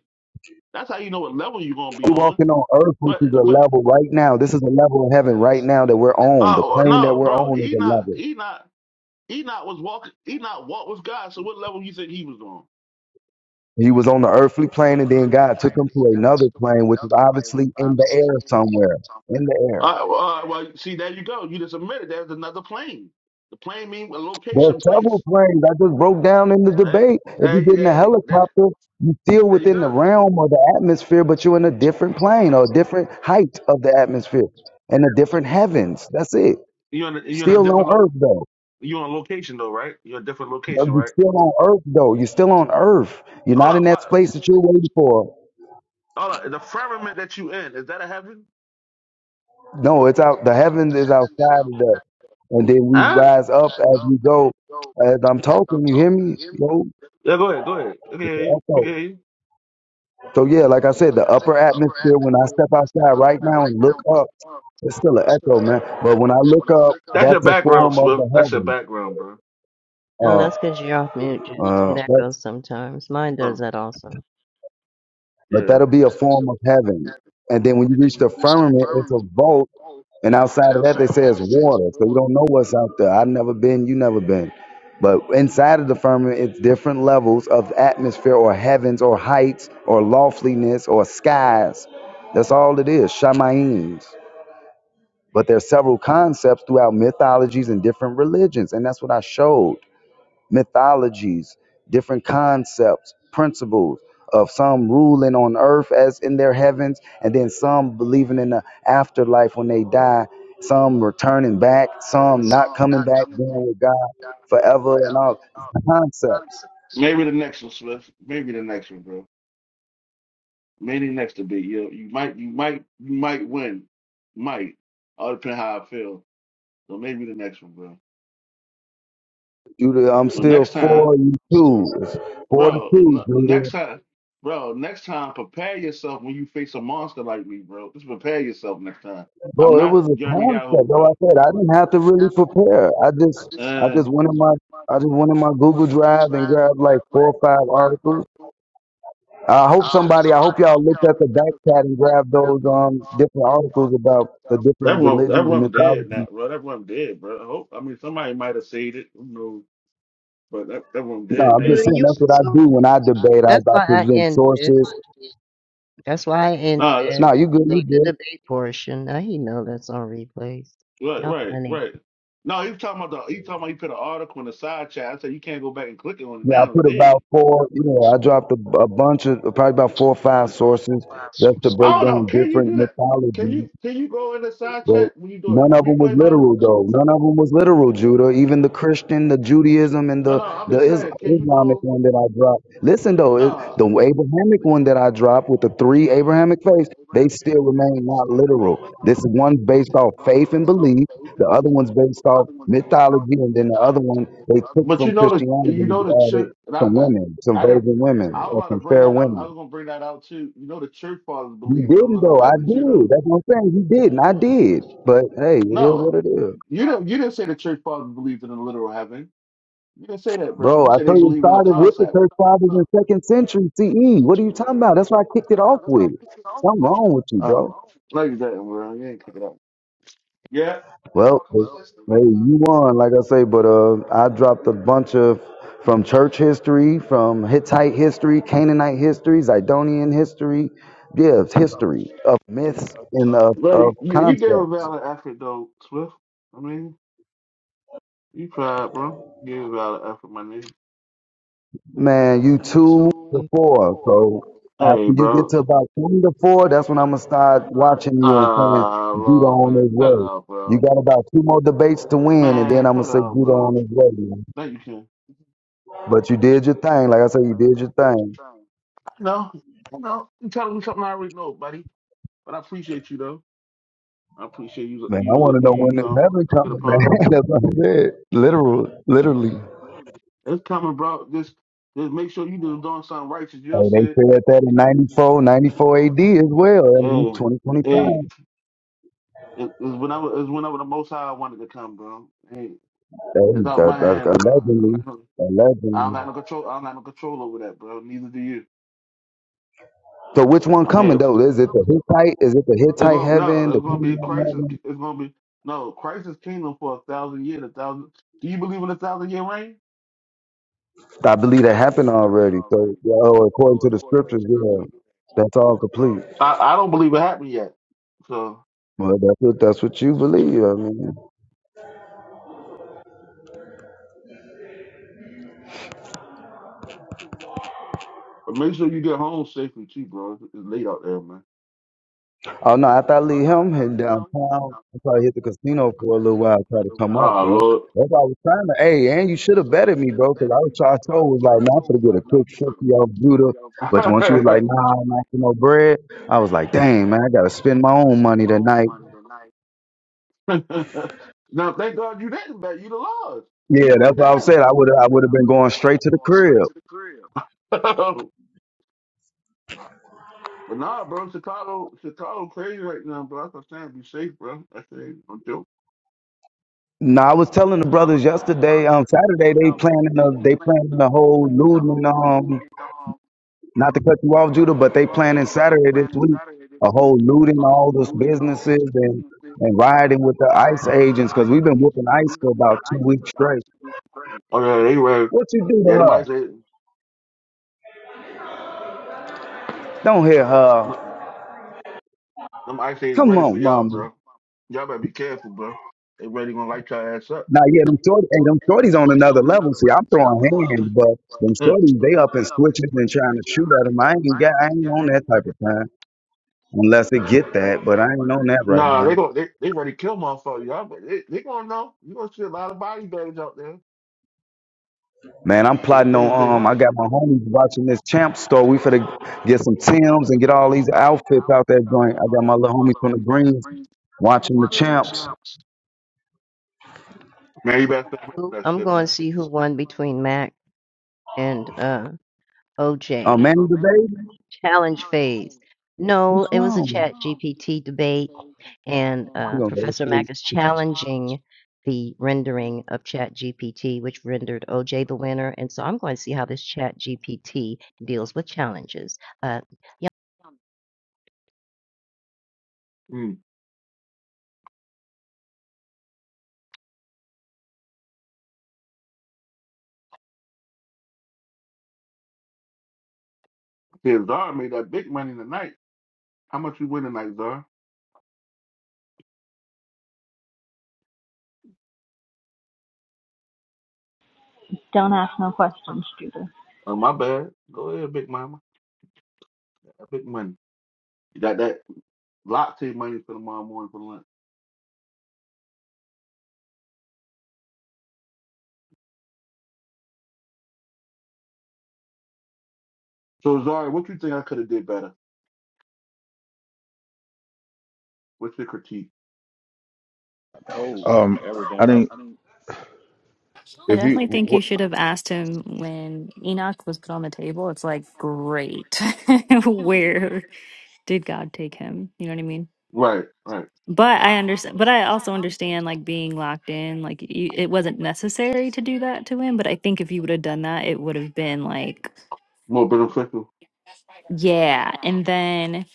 S5: That's how you know what level you're going to be
S14: We're
S5: on.
S14: walking on earth, which
S5: But,
S14: is a
S5: but,
S14: level right now. This is a level of heaven right now that we're on. The
S5: oh, oh,
S14: plane that
S5: no,
S14: we're
S5: bro,
S14: on is a
S5: Enoch,
S14: level.
S5: Enoch, Enoch was walking, Enoch walked with God. So what level you think he was on?
S14: He was on the earthly plane, and then God took him to another plane, which is obviously in the air somewhere. In the air.
S5: Uh, well, uh, well, see, there you go. You just admitted there's another plane. The plane means a
S14: There are
S5: location,
S14: several
S5: place.
S14: planes I just broke down in the
S5: Eh,
S14: debate. If you
S5: There,
S14: get in a
S5: there, there,
S14: helicopter, you're still
S5: there you
S14: within the
S5: go.
S14: realm or the atmosphere, but you're in a different plane or a different height of the atmosphere and a different heavens. That's it.
S5: You're in, a, you're in a
S14: Still on
S5: different lo-
S14: Earth though.
S5: you're on location though, right? You're in a different location,
S14: You're
S5: right?
S14: still on Earth though. You're still on Earth. You're
S5: Hold
S14: not
S5: on.
S14: in that
S5: What?
S14: space that you're waiting for.
S5: Hold on. The firmament that you in is that a heaven?
S14: No, it's out. The heavens is outside of that, and then we
S5: Huh?
S14: rise up as we go. As I'm talking, you hear me? Yo,
S5: Yeah, go ahead, go ahead. We can
S14: it's an
S5: hear you. We
S14: echo.
S5: can hear you.
S14: So yeah, like I said, the upper atmosphere. When I step outside right now and look up, it's still an echo, man. But when I look up,
S5: That's your
S14: that's a
S5: background,
S14: form of
S5: Swift.
S14: the
S5: That's your
S14: heaven.
S5: background, bro.
S2: No,
S14: Uh,
S2: that's because you're off mute, Judah. See,
S14: uh,
S2: That
S14: that's,
S2: goes sometimes. Mine does
S5: Oh,
S2: that also.
S14: but
S5: yeah.
S14: that'll be a form of heaven. And then when you reach the firmament, it's a vault. And outside of that, they say it's water. So you don't know what's out there. I've never been. You never been. But inside of the firmament, it's different levels of atmosphere or heavens or heights or loftiness or skies. That's all it is. Shamaim. But there are several concepts throughout mythologies and different religions. And that's what I showed. Mythologies, different concepts, principles of some ruling on earth as in their heavens, and then some believing in the afterlife when they die, some returning back, some not coming back, being with God forever and all concepts.
S5: Maybe the next one, Swift. Maybe the next one, bro. Maybe the next to be you. You might. You might. You might win. Might. All depend how I feel. So maybe the next one, bro.
S14: Judah, I'm
S5: So
S14: still
S5: next
S14: for
S5: time.
S14: you too. It's four to
S5: Bro,
S14: two,
S5: n-
S14: Judah.
S5: next time, bro, next time, prepare yourself when you face a monster like me, bro. Just prepare yourself next time. I'm
S14: Bro, it
S5: not
S14: was a
S5: Jeremy Yahoo,
S14: concept. Though
S5: bro.
S14: I said I didn't have to really prepare. I just I
S5: Uh,
S14: just went in my I just went in my Google Drive and grabbed like four or five articles. I hope somebody I hope y'all looked at the back chat and grabbed those um different articles about the
S5: that
S14: different
S5: one, that
S14: religions and
S5: one dead
S14: mythologies.
S5: now, bro. That one dead, bro. I hope. I mean, somebody might have saved it. Who knows? But that that one
S14: No,
S2: But
S5: dead
S14: I'm just
S5: now.
S2: Judah,
S14: saying
S2: you
S14: that's
S2: are
S14: what I
S2: so
S14: do when
S2: pretty.
S14: I debate. I,
S2: That's
S14: I
S2: why I
S14: present
S2: ended it.
S14: sources.
S2: That's why I ended
S5: Nah,
S2: it.
S14: No,
S5: that-
S14: you good, you
S2: Leave the
S14: good.
S2: debate portion. Now he know that's on replays.
S5: right,
S2: Y'all
S5: right,
S2: funny.
S5: right. No, he was talking about the. He talking about he put an article in the side chat. I said you can't go back and click it on it
S14: Yeah, I
S5: now. It's
S14: put
S5: dead.
S14: about four, you know, I dropped a, a bunch of probably about four or five sources just to
S5: I
S14: break
S5: don't know.
S14: down
S5: Can you
S14: different
S5: do that? Can
S14: mythologies
S5: you can you go in the side
S14: But
S5: chat when you do it?
S14: none of them was
S5: Replay mama?
S14: literal, though. None of them was literal, Judah. Even the Christian, the Judaism, and
S5: No,
S14: the
S5: no, I'm
S14: the
S5: just
S14: Is-
S5: saying, can you
S14: Islamic
S5: go
S14: one that I dropped. Listen, though, it,
S5: nah.
S14: the Abrahamic one that I dropped with the three Abrahamic faiths, they still remain not literal. This one's based off faith and belief. The other one's based off mythology, and then the other one they took
S5: But you
S14: from
S5: know the
S14: Christianity
S5: you
S14: and
S5: know the
S14: added
S5: church and I,
S14: from
S5: I
S14: women, some
S5: I didn't
S14: virgin women,
S5: I was
S14: or
S5: about to
S14: some
S5: bring
S14: fair
S5: that out. I
S14: women.
S5: was gonna bring that out too. You know the church fathers
S14: You
S5: believe in the
S14: didn't
S5: literal
S14: though. I
S5: heaven too though.
S14: did. That's what I'm saying. You didn't. I did. But hey, it is what
S5: No,
S14: it is.
S5: you didn't you didn't say the church fathers believed in the literal heaven. You didn't say that, bro.
S14: Bro,
S5: You
S14: I
S5: said they
S14: told you it
S5: believed in the
S14: started with the
S5: concept.
S14: church fathers in the second century CE. What are you talking about? That's what I kicked it off with. Something wrong with you, bro.
S5: Um, no you didn't, bro. You ain't kick it up. Yeah.
S14: Well, hey, you won, like I say, but uh, I dropped a bunch of from church history, from Hittite history, Canaanite history, Zidonian history, yeah, it's history of
S5: And,
S14: myths
S5: uh,
S14: and of,
S5: but
S14: of
S5: you, you gave a
S14: concepts.
S5: valid effort though, Swift. I mean, you tried, bro. You gave a valid effort, my nigga.
S14: Man, you two to
S2: Mm,
S14: four. So
S5: Hey,
S14: after you get to
S5: bro.
S14: about twenty to four, that's when I'm gonna start watching you and saying
S5: Ah,
S14: Vito
S5: Lord,
S14: on
S5: man,
S14: his
S5: cut it
S14: way.
S5: out,
S14: You
S5: bro.
S14: got about two more debates to win, and
S5: Man,
S14: then I'm
S5: cut
S14: gonna
S5: it
S14: say
S5: out,
S14: Vito on
S5: bro.
S14: his way. Man.
S5: Thank you, Ken.
S14: But you did your thing, like I said, you did your thing.
S5: I know, I know. You telling me something I already know, buddy. But I appreciate you though. I appreciate you.
S14: Man,
S5: You
S14: I
S5: was
S14: want to
S5: a, you,
S14: know when
S5: you
S14: this
S5: know,
S14: heaven
S5: good
S14: coming, man.
S5: upon.
S14: That's what I said. Literal, literally.
S5: It's coming, bro. Just, just make sure you do doing something righteous. You know,
S14: Hey, they
S5: said.
S14: said that in 94, 94 AD as well. I mean,
S5: Hey,
S14: 2025.
S5: hey. It, it was when I was, it was when I was the most high I wanted to come, bro. Hey,
S14: Hey,
S5: it's out
S14: that,
S5: my hands,
S14: that's
S5: bro. I don't
S14: allegedly,
S5: got no, I
S14: allegedly.
S5: don't got no control. I don't got no control over that, bro. Neither do you.
S14: So which one
S5: I'm here.
S14: coming
S5: What's
S14: though? Is it the
S5: coming, though?
S14: Hittite? Is it the
S5: It's
S14: Hittite
S5: gonna no.
S14: heaven? The
S5: It's gonna be a
S14: Canaanite
S5: crisis.
S14: heaven?
S5: It's gonna be no crisis kingdom for a thousand years. A thousand. Do you believe in a thousand year reign?
S14: I believe that happened already. So yeah, oh, according to the scriptures, yeah, that's all complete.
S5: I, I don't believe it happened yet. So,
S14: Well, that's what that's what you believe. I mean,
S5: but make sure you get home safely too, bro. It's, it's late out there, man.
S14: oh no, after I leave him heading downtown, I probably hit the
S5: Right,
S14: casino for a little
S5: you know,
S14: while, try to
S5: brother,
S14: come up, bro.
S5: wow. Oh
S14: That's why I was trying to. Hey, and you should have betted me, bro, because I was trying to told was like, nah, I'm gonna get a quick fifty off Buddha. But once you was like,
S5: Lord.
S14: nah, I'm not for no bread, I was like, dang, man, I gotta spend my own money tonight.
S5: now, thank God you didn't bet. You'd have lost. You'd
S14: Yeah,
S5: have been
S14: that's what I was
S5: down.
S14: saying. I would I would have been going straight to the crib.
S5: but nah, bro, Chicago, Chicago crazy right now, bro. That's what I'm saying. Be safe, bro. I say, don't do.
S14: No, I was telling the brothers yesterday, um, Saturday they planning a they planning the whole looting. Um, not to cut you off, Judah, but they planning Saturday this week a whole looting all those businesses and and riding with the ICE agents because we've been whooping ICE for about two weeks straight.
S5: Okay, anyway,
S14: What you do to
S5: yeah, them ice
S14: her?
S5: say,
S14: Don't hit
S5: them
S14: her.
S5: them ice say is
S14: Come
S5: ready for
S14: on,
S5: y'all,
S14: mama.
S5: bro. Y'all better be careful, bro. They ready gonna light your ass up.
S14: Now, yeah, them short, hey, them shorties on another level. See, I'm throwing hands, but them shorties, they up in switches and trying to shoot at them. I ain't got, I ain't on that type of time unless it get that, but I ain't on that right
S5: Nah,
S14: now.
S5: they gonna they, they ready to kill motherfuckers. Y'all, but they, they gonna know. You gonna see a lot of body bags out there.
S14: Man, I'm
S5: They can
S14: plotting
S5: play if they
S14: on. Um, I
S5: want.
S14: got my homies watching this champ store. We finna get some Tims and get all these outfits out that joint. I got my little homies from the Greens watching the champs.
S5: Man, you better stay away from
S2: who-
S5: that
S2: I'm
S5: shit,
S2: going to
S5: man.
S2: see who won between Mac and uh,
S14: Oh,
S2: OJ.
S14: man, the baby,
S2: Challenge phase. No,
S14: what's
S2: it was a
S14: wrong?
S2: chat GPT debate, and
S14: We
S2: uh,
S14: gonna go to
S2: Professor
S14: sleep.
S2: Mac is challenging the rendering of chat GPT, which rendered OJ the winner. And so I'm going to see how this chat GPT deals with challenges. Uh,
S5: Mm. Yeah, Zara made that big money tonight. How much you win tonight, Zara?
S10: Don't ask no questions, Judah.
S5: Oh, my bad. Go ahead, big mama. That big money. You got that latte money for tomorrow morning for lunch. So, Zara, what you think I could have did better? What's your critique?
S9: Oh,
S13: um, I
S9: everything.
S13: didn't.
S10: I
S13: If you,
S10: definitely think you
S13: wh-
S10: should have asked him when Enoch was put on the table. It's like, great. Where did God take him? You know what I mean?
S5: Right, right.
S10: But I understand, but I also understand like being locked in, like you, it wasn't necessary to do that to him. But I think if you would have done that, it would have been like,
S5: More beneficial.
S10: yeah. And then,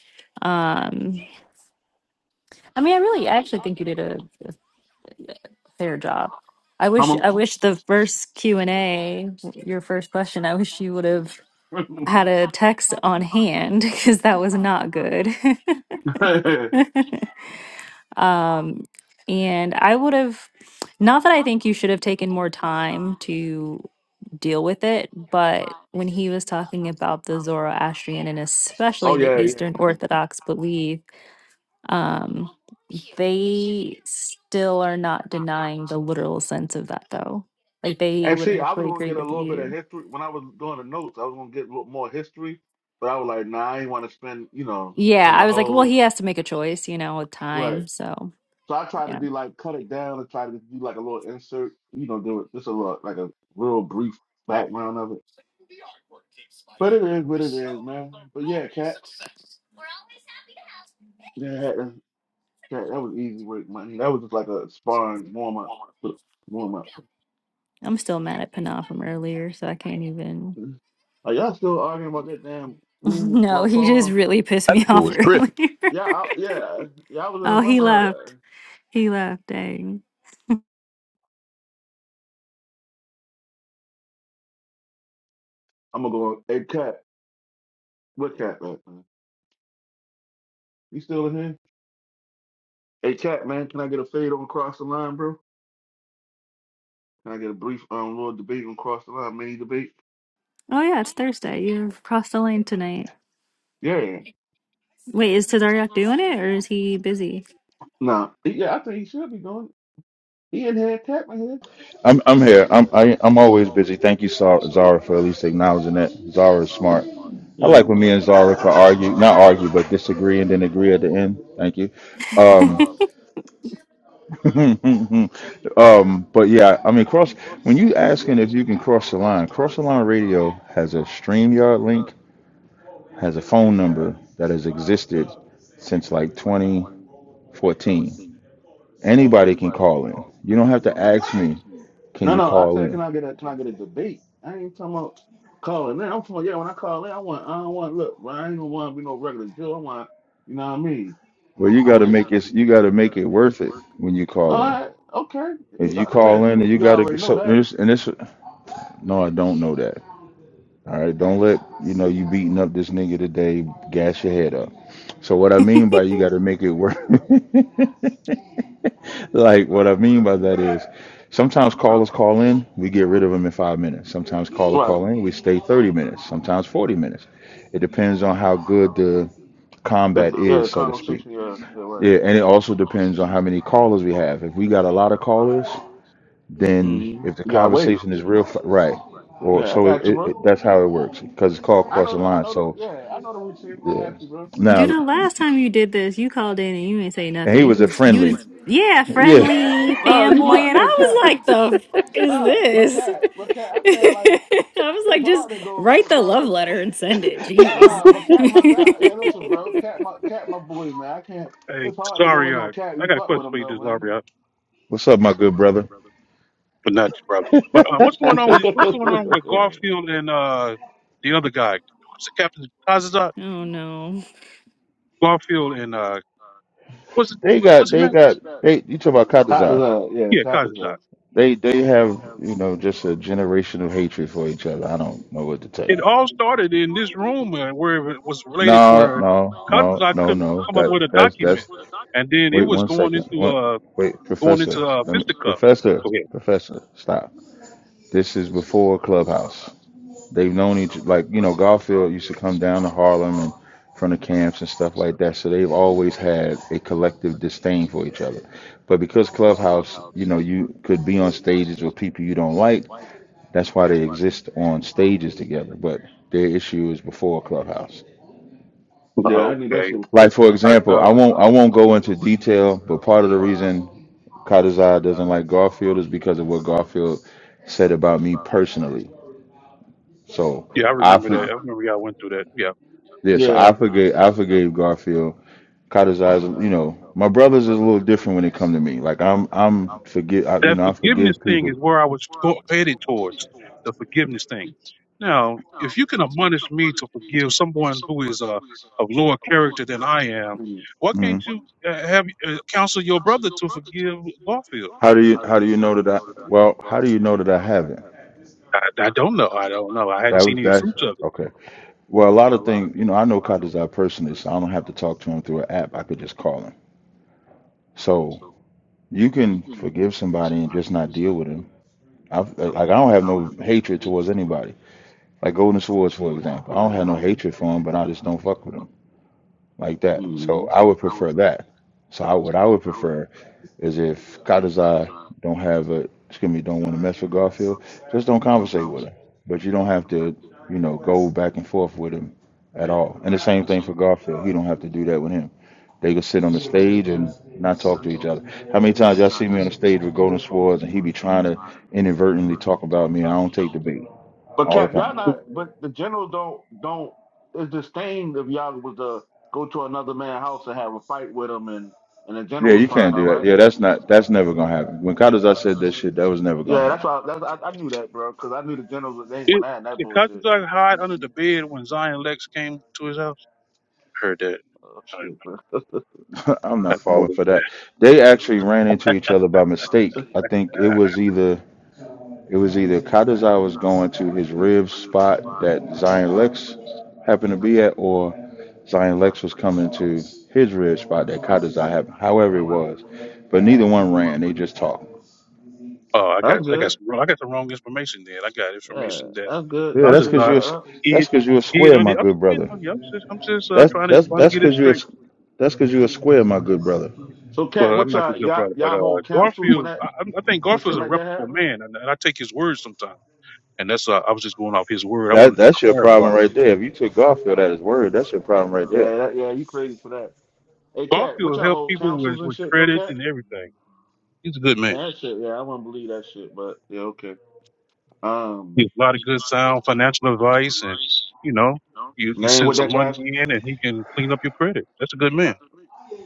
S10: um, I mean, I really, I actually think you did a, a fair job. I
S5: How
S10: wish, I
S5: much?
S10: wish the first Q and A, your first question, I wish you would have had a text on hand because that was not good. Um, and I would have, not that I think you should have taken more time to deal with it, but when he was talking about the Zoroastrian and especially
S5: oh
S10: the
S5: yeah, yeah,
S10: Eastern
S5: yeah.
S10: Orthodox belief, um, they still are not denying the literal sense of that, though. Like they
S5: And
S10: would
S5: see, I was
S10: actually
S5: gonna
S10: agree
S5: get a
S10: with
S5: little bit of
S10: you.
S5: history when I was doing the notes. I was gonna get a little more history, but I was like, nah, I ain't want to spend, you know,
S10: Yeah,
S5: spend a
S10: I was like, well,
S5: whole
S10: he has to make a choice, you know, with
S5: right.
S10: time. So
S5: So I try to
S10: yeah,
S5: do like cut it down and try to do like a little insert, you know, do it just a little like a real brief background of it. But it is what it is, man. But yeah, cat, yeah, that, that Cat, that was easy work, money. That was just like a sparring warm up, warm up.
S10: I'm still mad at Panah from earlier, so I can't even.
S5: Are y'all still arguing about that damn food,
S10: No,
S5: about
S10: he
S5: Paul?
S10: just really pissed
S1: That
S10: me
S1: nigga
S10: off
S1: was
S10: earlier.
S1: tripping.
S5: Yeah, I, yeah, yeah. I was in a
S10: oh,
S5: room
S10: he left.
S5: earlier.
S10: He left. Dang.
S5: I'm gonna go. Hey, cat, what cat, man? You still in here? Hey, cat, man, can I get a fade on cross the line, bro? Can I get a brief um little debate on cross the line, mini debate?
S10: Oh yeah, it's Thursday. You've crossed the lane tonight.
S5: Yeah,
S10: Wait, is Tazariak doing it or is he busy?
S5: no, yeah. I think he should be doing. it. He in here, cat, man. Here.
S13: I'm, I'm here. I'm, I, I'm always busy. Thank you, Sa- Zara, for at least acknowledging that. Zara is smart. I
S5: Yeah.
S13: like when me and Zara could argue, not argue, but disagree and then agree at the end. Thank you. Um, um, but yeah, I mean, cross. When you asking if you can cross the line, cross the line radio has a Streamyard link has a phone number that has existed since like 2014. Anybody can call in. You don't have to ask me, can
S5: No,
S13: you
S5: no. I
S13: call
S5: said, can
S13: in?
S5: I get a can I get a debate? I ain't talking about calling in. I'm talking. About, yeah, when I call in, I want. I don't want. Look, bro, I ain't gonna want to be no regular Joe. I want. You know what I mean?
S13: Well, you
S5: I'm
S13: got to
S5: ready.
S13: make it. You got to make it worth it when you
S5: All
S13: call in.
S5: right. Okay. You,
S13: If you call in, and you
S5: you
S13: got to
S5: already know
S13: so
S5: that.
S13: there's and this. No, I don't know that. All right, don't let you know you beating up this nigga today. Gas your head up. So what I mean by you got to make it worth. Like what I mean by that is sometimes callers call in, we get rid of them in five minutes. Sometimes callers
S5: Right.
S13: call in, we stay 30 minutes, sometimes 40 minutes. It depends on how good the
S5: The
S13: combat
S5: yeah,
S13: is,
S5: the
S13: so to speak.
S5: conversation. Yeah, yeah, right.
S13: Yeah, and it also depends on how many callers we have. If we got a lot of callers, then
S5: Mm-hmm.
S13: if the
S5: You gotta wait.
S13: conversation is real, f- right? Or
S5: Yeah, I
S13: so it,
S5: got you,
S13: it,
S5: bro.
S13: it, that's how it works because it's called
S5: I
S13: cross
S5: know
S13: the
S5: the. I
S13: line.
S5: know the.
S13: So
S5: Yeah, I know the routine. I
S13: yeah.
S5: got you, bro.
S10: Dude,
S13: Now
S10: the last time you did this, you called in and you didn't say
S13: and
S10: nothing.
S13: he
S10: You
S13: was a
S10: just, you
S13: friendly.
S10: just, yeah,
S13: Yeah.
S10: friendly
S5: No, you
S10: fanboy,
S5: might.
S10: and I
S5: Hey, cat.
S10: was like, the fuck is
S5: Nah, but
S10: this?
S5: cat, but cat. I can't like.
S10: I was
S5: It's
S10: like, just
S5: hard to go,
S10: write
S5: eh,
S10: the love
S5: bro. It's
S10: letter and send it. Jeez.
S5: nah, but cat, my guy. Yeah, listen, bro. Cat, my cat, my boy, man. I can't.
S6: hey,
S5: It's hard to go in on
S6: Zarya,
S5: cat.
S6: I
S5: You
S6: got a
S5: fuck
S6: question
S5: with him
S6: for you,
S5: though, man.
S6: Zarya,
S13: What's up, my good brother?
S6: but not you, brother. But uh, what's going on with what's going on with Garfield and uh, the other guy? What's the Captain Kazazot?
S10: oh no.
S6: Garfield and uh, what's
S13: They got
S6: what's his
S13: they
S6: name?
S13: got they. You talk about
S5: Cat
S13: Katazai.
S5: is a yeah,
S6: Yeah,
S5: cat is
S6: Kazazot.
S5: a
S13: They they have, you know, just a generation of hatred for each other. I don't know what to tell
S6: It
S13: you.
S6: all started in this room uh, where it was related to
S13: No,
S6: where
S13: no, no,
S6: Kazazot
S13: no,
S6: couldn't
S13: no.
S6: come up
S13: That
S6: with a
S13: that's
S6: document,
S13: that's
S6: and then it
S13: wait
S6: was
S13: one
S6: going
S13: second.
S6: into
S13: One,
S6: uh,
S13: wait,
S6: going
S13: professor.
S6: into uh,
S13: Let me,
S6: fisticuffs.
S13: professor,
S6: Go ahead.
S13: professor, stop. This is before Clubhouse. They've known each like, you know, Garfield used to come down to Harlem and from the camps and stuff like that. So they've always had a collective disdain for each other. But because Clubhouse, you know, you could be on stages with people you don't like That's why they exist on stages together. But their issue is before Clubhouse.
S5: yeah. I knew that
S6: Okay.
S5: shit was
S13: Like
S5: perfect.
S13: for
S6: I
S13: example,
S6: uh,
S13: I won't I won't go into detail, but part of the reason Kadazai doesn't like Garfield is because of what Garfield said about me personally. So
S6: yeah, I
S13: I
S6: remember
S13: for,
S6: that. I remember y'all went through that. Yeah,
S13: yeah, so
S5: Yeah.
S13: I forgave I forgave Garfield. Kadazai, is, you know, my brothers is a little different when it come to me. Like I'm I'm forgive I, you
S6: that
S13: know I
S6: forgiveness
S13: forgive
S6: thing
S13: people.
S6: is where I was go- headed towards the forgiveness thing. Now, if you can admonish me to forgive someone who is uh, of lower character than I am, why can't
S13: Mhm.
S6: you uh, have uh, counsel your brother to forgive Garfield?
S13: How do you how do you know that I well how do you know that I haven't?
S6: I, I don't know. I don't know. I hadn't
S13: That
S6: seen
S13: was
S6: any
S13: that's
S6: fruits of it.
S13: okay. Well, a lot of things, you know, I know Kadazai personally, so I don't have to talk to him through an app. I could just call him. So you can forgive somebody and just not deal with him. I've, like, I don't have no hatred towards anybody. Like Golden Swords, for example. I don't have no hatred for him, but I just don't fuck with him. like that. So I would prefer that. So I, what I would prefer is if Kadazai don't have a excuse me don't want to mess with Garfield, just don't conversate with him. But you don't have to you know go back and forth with him at all. And the same thing for Garfield, he don't have to do that with him. They can sit on the stage and not talk to each other. How many times y'all see me on the stage with Golden Swords and he be trying to inadvertently talk about me? I don't take the bait
S5: But
S13: all the
S5: Cap, y'all not.
S13: time.
S5: But the generals don't don't. It's disdained if y'all was to go to another man's house and have a fight with him, and and the
S13: Yeah,
S5: generals
S13: you
S5: find
S13: can't
S5: out,
S13: do that.
S5: right?
S13: Yeah, that's not that's never gonna happen. When Kadazar said that shit, that was never
S5: Yeah,
S13: gonna
S5: that's
S13: happen.
S5: why. That's, I, I knew that, bro, because I knew the generals they ain't want
S6: It
S5: went at that
S6: did Cousin
S5: bullshit.
S6: Doug hide under the bed when Zion Lex came to his house? Heard that.
S5: Oh
S6: I,
S5: shit, bro.
S13: I'm
S6: I
S13: not falling
S6: noticed
S13: for
S6: that.
S13: that. They actually ran into each other by mistake. I think it was either it was either Kadazar was going to his rib spot that Zion Lex happened to be at, or Zion Lex was coming to his rib spot that Kadazar happened. However it was, but neither one ran. They just talked.
S6: Oh, I
S5: That's
S6: got I got
S5: good.
S6: some, I got the wrong information then. I got
S5: Yeah,
S6: information that
S5: that's good.
S13: Yeah,
S6: I
S5: And
S13: that's
S6: just
S5: they
S13: cause you're
S6: thought
S13: a
S5: start
S13: s-
S5: up.
S6: he
S13: that's cause you're a
S6: he had
S13: square,
S6: on
S13: my
S6: the I'm just,
S13: good
S6: you know,
S13: brother.
S6: I'm just I'm just uh,
S13: That's
S6: trying to
S13: that's
S6: trying to
S13: that's
S6: get it
S13: cause you're a
S6: straight.
S13: s- that's cause you're a square, my good brother.
S5: So, Cap,
S6: Well, I'm
S5: what
S6: not the
S5: y'all
S6: good
S5: y'all
S6: brother, but
S5: y'all
S6: uh,
S5: hold councils when
S6: Garfield,
S5: that
S6: I, I'm- I think
S5: when shit
S6: Garfield's a
S5: like that
S6: reputable
S5: happen?
S6: man, and, and I take his word sometimes. And that's uh, I was just going off his word. I
S13: That
S6: wanted to
S13: that's your
S6: clarify.
S13: problem right there. If you took Garfield at his word, that's your problem right there.
S5: Yeah, that, yeah, you crazy for that. Hey, Cap, what
S6: Garfield
S5: y'all
S6: helped
S5: hold
S6: people with,
S5: councils and
S6: with
S5: shit, though,
S6: credit
S5: Cap?
S6: and everything. He's a good
S5: Man,
S6: man.
S5: that shit, yeah, I wouldn't believe that shit, but yeah, okay.
S6: He
S5: Um,
S6: has a lot of good sound financial advice, and you know, you you
S5: man,
S6: send
S5: what that
S6: some
S5: guy
S6: money in, and he can clean up your credit. That's a good man.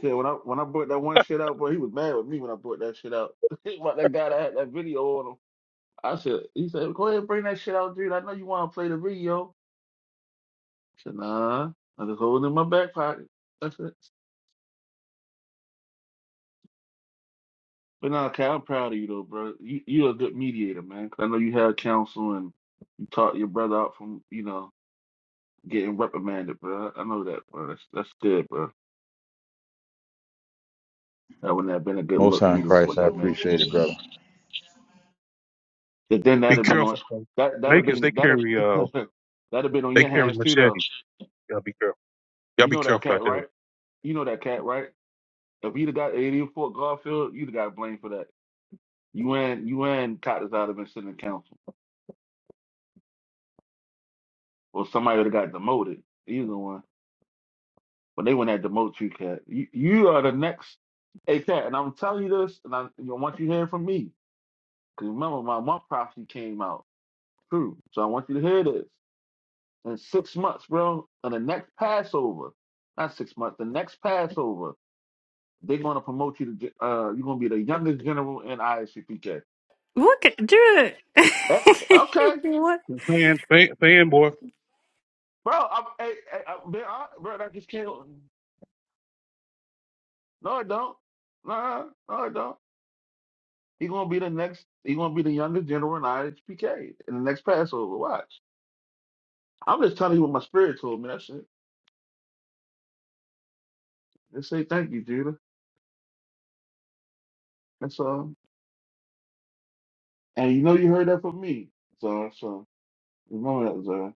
S5: said when I when I brought that one shit out, boy, he was mad with me when I brought that shit out. About that guy that had that video on him. I said, he said, go ahead and bring that shit out, dude. I know you want to play the video. I said, nah, I just hold it in my back pocket. That's it. But nah, Cal, I'm proud of you though, bro. You you're a good mediator, man. 'Cause I know you had counsel and you taught your brother out from you know getting reprimanded, bro. I know that, bro. That's that's good, bro. That wouldn't have been a good
S13: Most
S5: look if
S13: High in
S5: he'd have fought
S13: Christ, I
S5: that
S13: appreciate it, brother.
S5: But then
S6: Be
S5: that'd have been on
S6: careful, cause
S5: that that'd have
S6: Lakers they
S5: been that'd
S6: carry uh
S5: that'd have been on
S6: they
S5: your
S6: carry
S5: hands too though.
S6: machetes. Y'all be careful. Y'all
S5: You
S6: be
S5: know that
S6: careful
S5: cat,
S6: out there.
S5: right? You know that cat, right? If you'd have got 84 Garfield, you'd have got blamed for that. You and you and Cotters out have been sitting in council. Or somebody would have got demoted. Either one. But they wouldn't have demoted you, cat. You you are the next hey cat, and I'm telling you this, and I you know, want you to hear it from me. Because remember my my prophecy came out true. So I want you to hear this. in six months, bro, on the next Passover, not six months, the next Passover, they're going to promote you to, ge- uh, you're going to be the youngest general in ISCPK.
S10: Look at do
S5: Eh,
S10: it.
S5: Okay,
S10: What.
S6: Fan, fan, fanboy.
S5: bro, I'm, hey, hey, I'm being bro, I just can't, no, I don't. Nah, no, I don't. He's going to be the next, he's going to be the youngest general in ISPK in the next Passover. Watch. I'm just telling you what my spirit told me. That's it. Just say thank you, Judah. That's all. And you know you heard that from me. So, so remember that, Zara.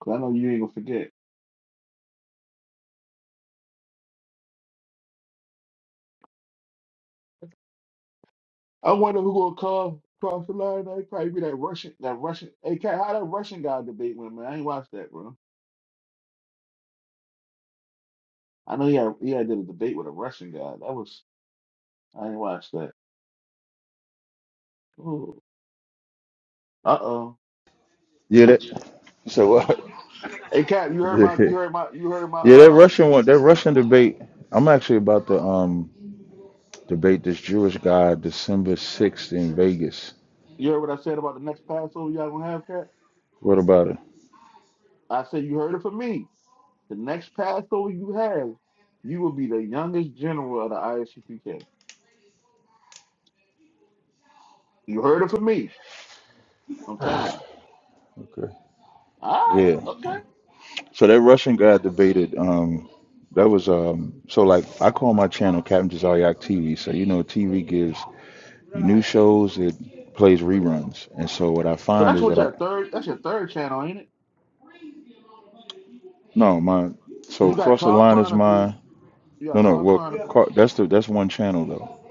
S5: Cause I know you ain't gonna forget. I wonder who gonna call cross the line. That probably be that Russian, that Russian. Hey, Kat, how that Russian guy debate went, man? I ain't watched that, bro. I know he had, he had did a debate with a Russian guy. That was I ain't watched that. Ooh. Uh oh.
S13: Yeah, that so what?
S5: Hey, Kat, you heard my,
S13: yeah,
S5: you heard my, you heard my,
S13: that
S5: um,
S13: Russian one, that Russian debate. I'm actually about to um debate this Jewish guy December sixth in Vegas.
S5: you heard what I said about the next Passover y'all gonna have, Kat?
S13: What about it?
S5: I said you heard it from me. The next Passover you have, you will be the youngest general of the ISUPK. You heard it from me. I'm telling you.
S13: Okay.
S5: All right.
S13: Yeah.
S5: Okay.
S13: So that Russian guy debated. Um, that was um. So like, I call my channel Captain Jazayak TV. So you know, TV gives new shows. It plays reruns. And so what I
S5: So
S13: find
S5: that's
S13: is
S5: what
S13: that I
S5: your third. That's your third channel, ain't it?
S13: No, my
S5: Cause
S13: so
S5: you got
S13: cross the
S5: Car
S13: line is
S5: Chronicles.
S13: mine.
S5: You
S13: No,
S5: got
S13: no.
S5: Car
S13: Well,
S5: Chronicles.
S13: cro- that's the that's one channel though.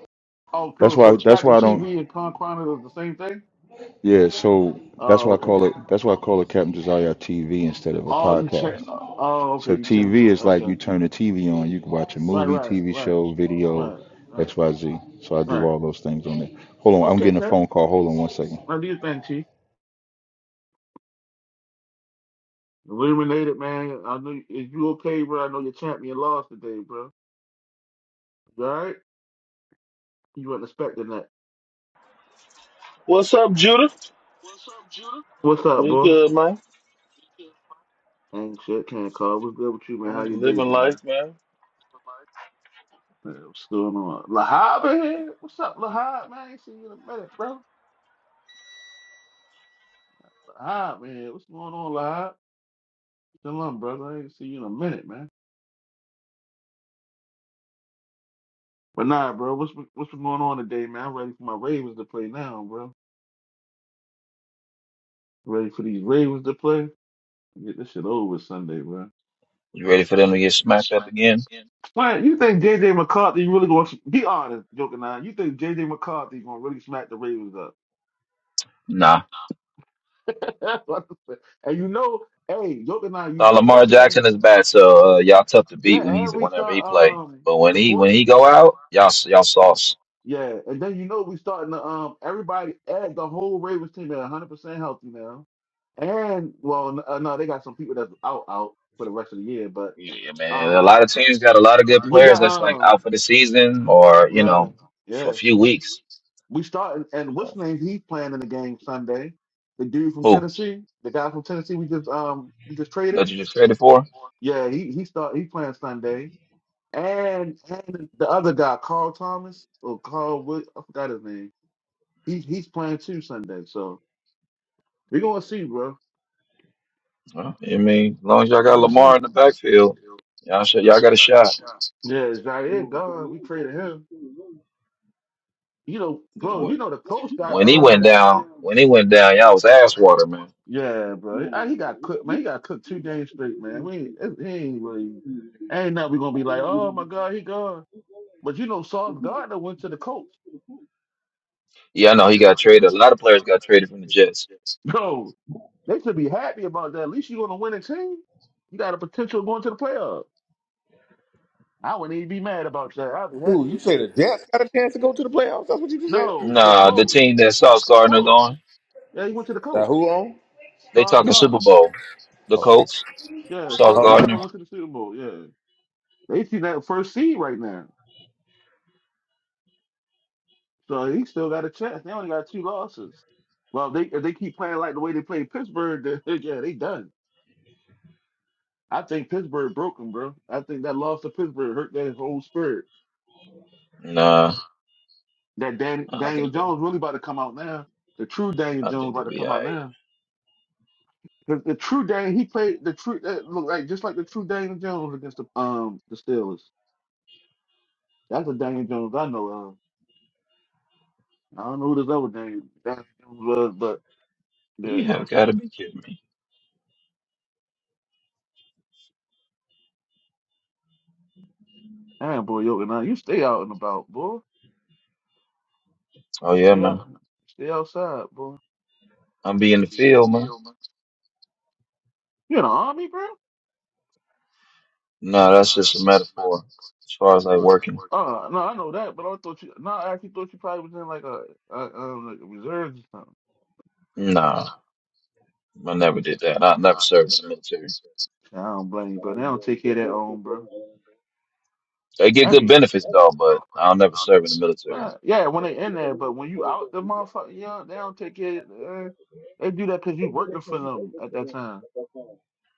S5: Oh,
S13: That's
S5: cool. So
S13: why that's
S5: Captain
S13: why I don't.
S5: TV and Car Chronicles the same thing?
S13: Yeah. So that's
S5: Oh,
S13: why I
S5: okay.
S13: call it that's why I call it Captain Josiah TV instead of a
S5: Oh, you cha-
S13: podcast.
S5: uh, Oh, okay.
S13: So
S5: You changing
S13: TV
S5: it.
S13: is like
S5: Okay.
S13: you turn the TV on. You can watch a
S5: Right,
S13: movie,
S5: right,
S13: TV
S5: right,
S13: show, video,
S5: right, right,
S13: X Y Z. So I do
S5: right.
S13: all those things on there. Hold on, I'm
S5: Okay,
S13: getting a phone
S5: Captain.
S13: call. Hold on one second.
S5: Now do your thing, Chief. Illuminated, man. I know. Is you okay, bro? I know your champion lost today, bro. You all right? You weren't expecting that.
S16: What's up, Judith?
S5: What's up,
S16: We
S5: boy?
S16: good, man.
S5: Ain't shit. Can't call. What's good with you, man?
S16: Yeah,
S5: How your day
S16: living
S5: been, man?
S16: life, man.
S5: Man, What's going on? Lahab in here? What's up, Lahab, man? I ain't seen you in a minute, bro. Ah man, what's going on, live? Still on, brother. I ain't see you in a minute, man. But nah, bro, what's what's been going on today, man? I'm ready for my Ravens to play now, bro. Ready for these Ravens to play? Get this shit over with Sunday, bro.
S3: You ready for them to get smacked up again?
S5: Man, you think J J McCarthy really gonna be honest, joking now? You think J J McCarthy gonna really smack the Ravens up?
S3: Nah.
S5: That's what I said. and you know, hey, joking now, you
S3: Now
S5: know,
S3: Lamar
S5: listen,
S3: Jackson is bad, so uh, y'all tough to beat when
S5: yeah,
S3: he's
S5: every
S3: whenever
S5: time
S3: he play.
S5: um
S3: But when
S5: the
S3: he when
S5: boy
S3: he go out, y'all y'all sauce.
S5: Yeah, and then you know we starting to um everybody add the whole Ravens team at 100 percent healthy now, and well n- uh, no they got some people that's out out for the rest of the year, but
S3: Yeah, man. A
S5: um
S3: lot of teams got a lot of good
S5: we
S3: players
S5: got
S3: that's like
S5: um
S3: out for the season or, you
S5: yeah
S3: know, for a
S5: yeah
S3: few weeks.
S5: we starting and what's
S3: So,
S5: his name he's playing in the game Sunday, the dude from
S3: who?
S5: Tennessee, the guy from Tennessee we just um we just traded
S3: That you just traded for?
S5: yeah he he start he playing Sunday and and the other guy Carl Thomas or Carl Wood I forgot his name he he's playing too Sunday so. We gonna see, bro.
S3: Well, I mean, as long as y'all
S5: We
S3: got
S5: gonna see.
S3: Lamar in the backfield, y'all should, y'all got a shot.
S5: Yeah, it's Zaire gone. We traded him. You know,
S3: 'Cause
S5: bro. You
S3: When
S5: know the coach got
S3: when he went
S5: um.
S3: down, when he went down, y'all was ass water, man.
S5: Yeah, bro. Ah, He got cooked, man. He got cooked two games straight, man. We ain't, it- he ain't really. Ain't nothing we gonna be like, oh my god, he gone. But you know, Sauce Gardner went to the coach.
S3: Yeah, I know he got traded. A lot of players got traded from the Jets.
S5: Bro, they should be happy about that. At least you gonna win a team. You got a potential of going to the playoffs. I wouldn't even be mad about that. I'd be
S1: Who
S5: happy
S1: you
S5: as
S1: say the
S5: shit.
S1: Jets got a chance to go to the playoffs? That's what you just said.
S5: No, the
S3: Nah, the
S5: coach,
S3: team that Sauce Gardner's
S5: coach.
S3: on,
S5: Yeah, he went to the
S1: That
S5: coach.
S1: who on?
S3: they
S5: Sauce
S3: talking Super
S5: Gardner.
S3: Bowl. The Colts,
S5: Yeah,
S3: Sauce
S1: Oh,
S5: Sauce
S1: you
S5: Gardner
S3: Gardner.
S5: went to the Super Bowl. Yeah, they see that first seed right now, so he still got a chance. They only got two losses. Well, they if they keep playing like the way they played Pittsburgh, then, yeah, they done. I think Pittsburgh broke them, bro. I think that loss to Pittsburgh hurt their whole spirit.
S3: Nah,
S5: That Dan,
S3: I don't
S5: Daniel
S3: think they,
S5: Jones really about to come out now. The true Daniel
S3: I
S5: Jones
S3: think
S5: about
S3: they'll
S5: to
S3: be
S5: come
S3: all
S5: out
S3: right.
S5: now. Because the true Dan, he played the true that looked like just like the true Daniel Jones against the um the Steelers. That's the Daniel Jones I know of. I don't know who this other Daniel, Daniel Jones was, but
S3: You
S5: Yeah.
S3: have got to be kidding me.
S5: Damn, boy, yo, now you stay out and about, boy.
S3: Oh
S5: You
S3: yeah,
S5: stay
S3: man.
S5: out, stay outside, boy.
S3: I'm be in the field, man.
S5: You in the army, bro?
S3: Nah, that's just a metaphor as far as like working.
S5: Uh, no, I know that, but I thought you. No, I actually thought you probably was in like a, a um, like a reserves or something.
S3: Nah, I never did that. I never served in the military.
S5: I don't blame you, but they don't take care of their own, bro.
S3: They get
S5: I
S3: good
S5: be,
S3: benefits though, but I'll never serve in the military.
S5: uh, yeah, when they in there, but when you out the motherfucker, yeah, they don't take care. Of, uh, they do that because you working for them at that time,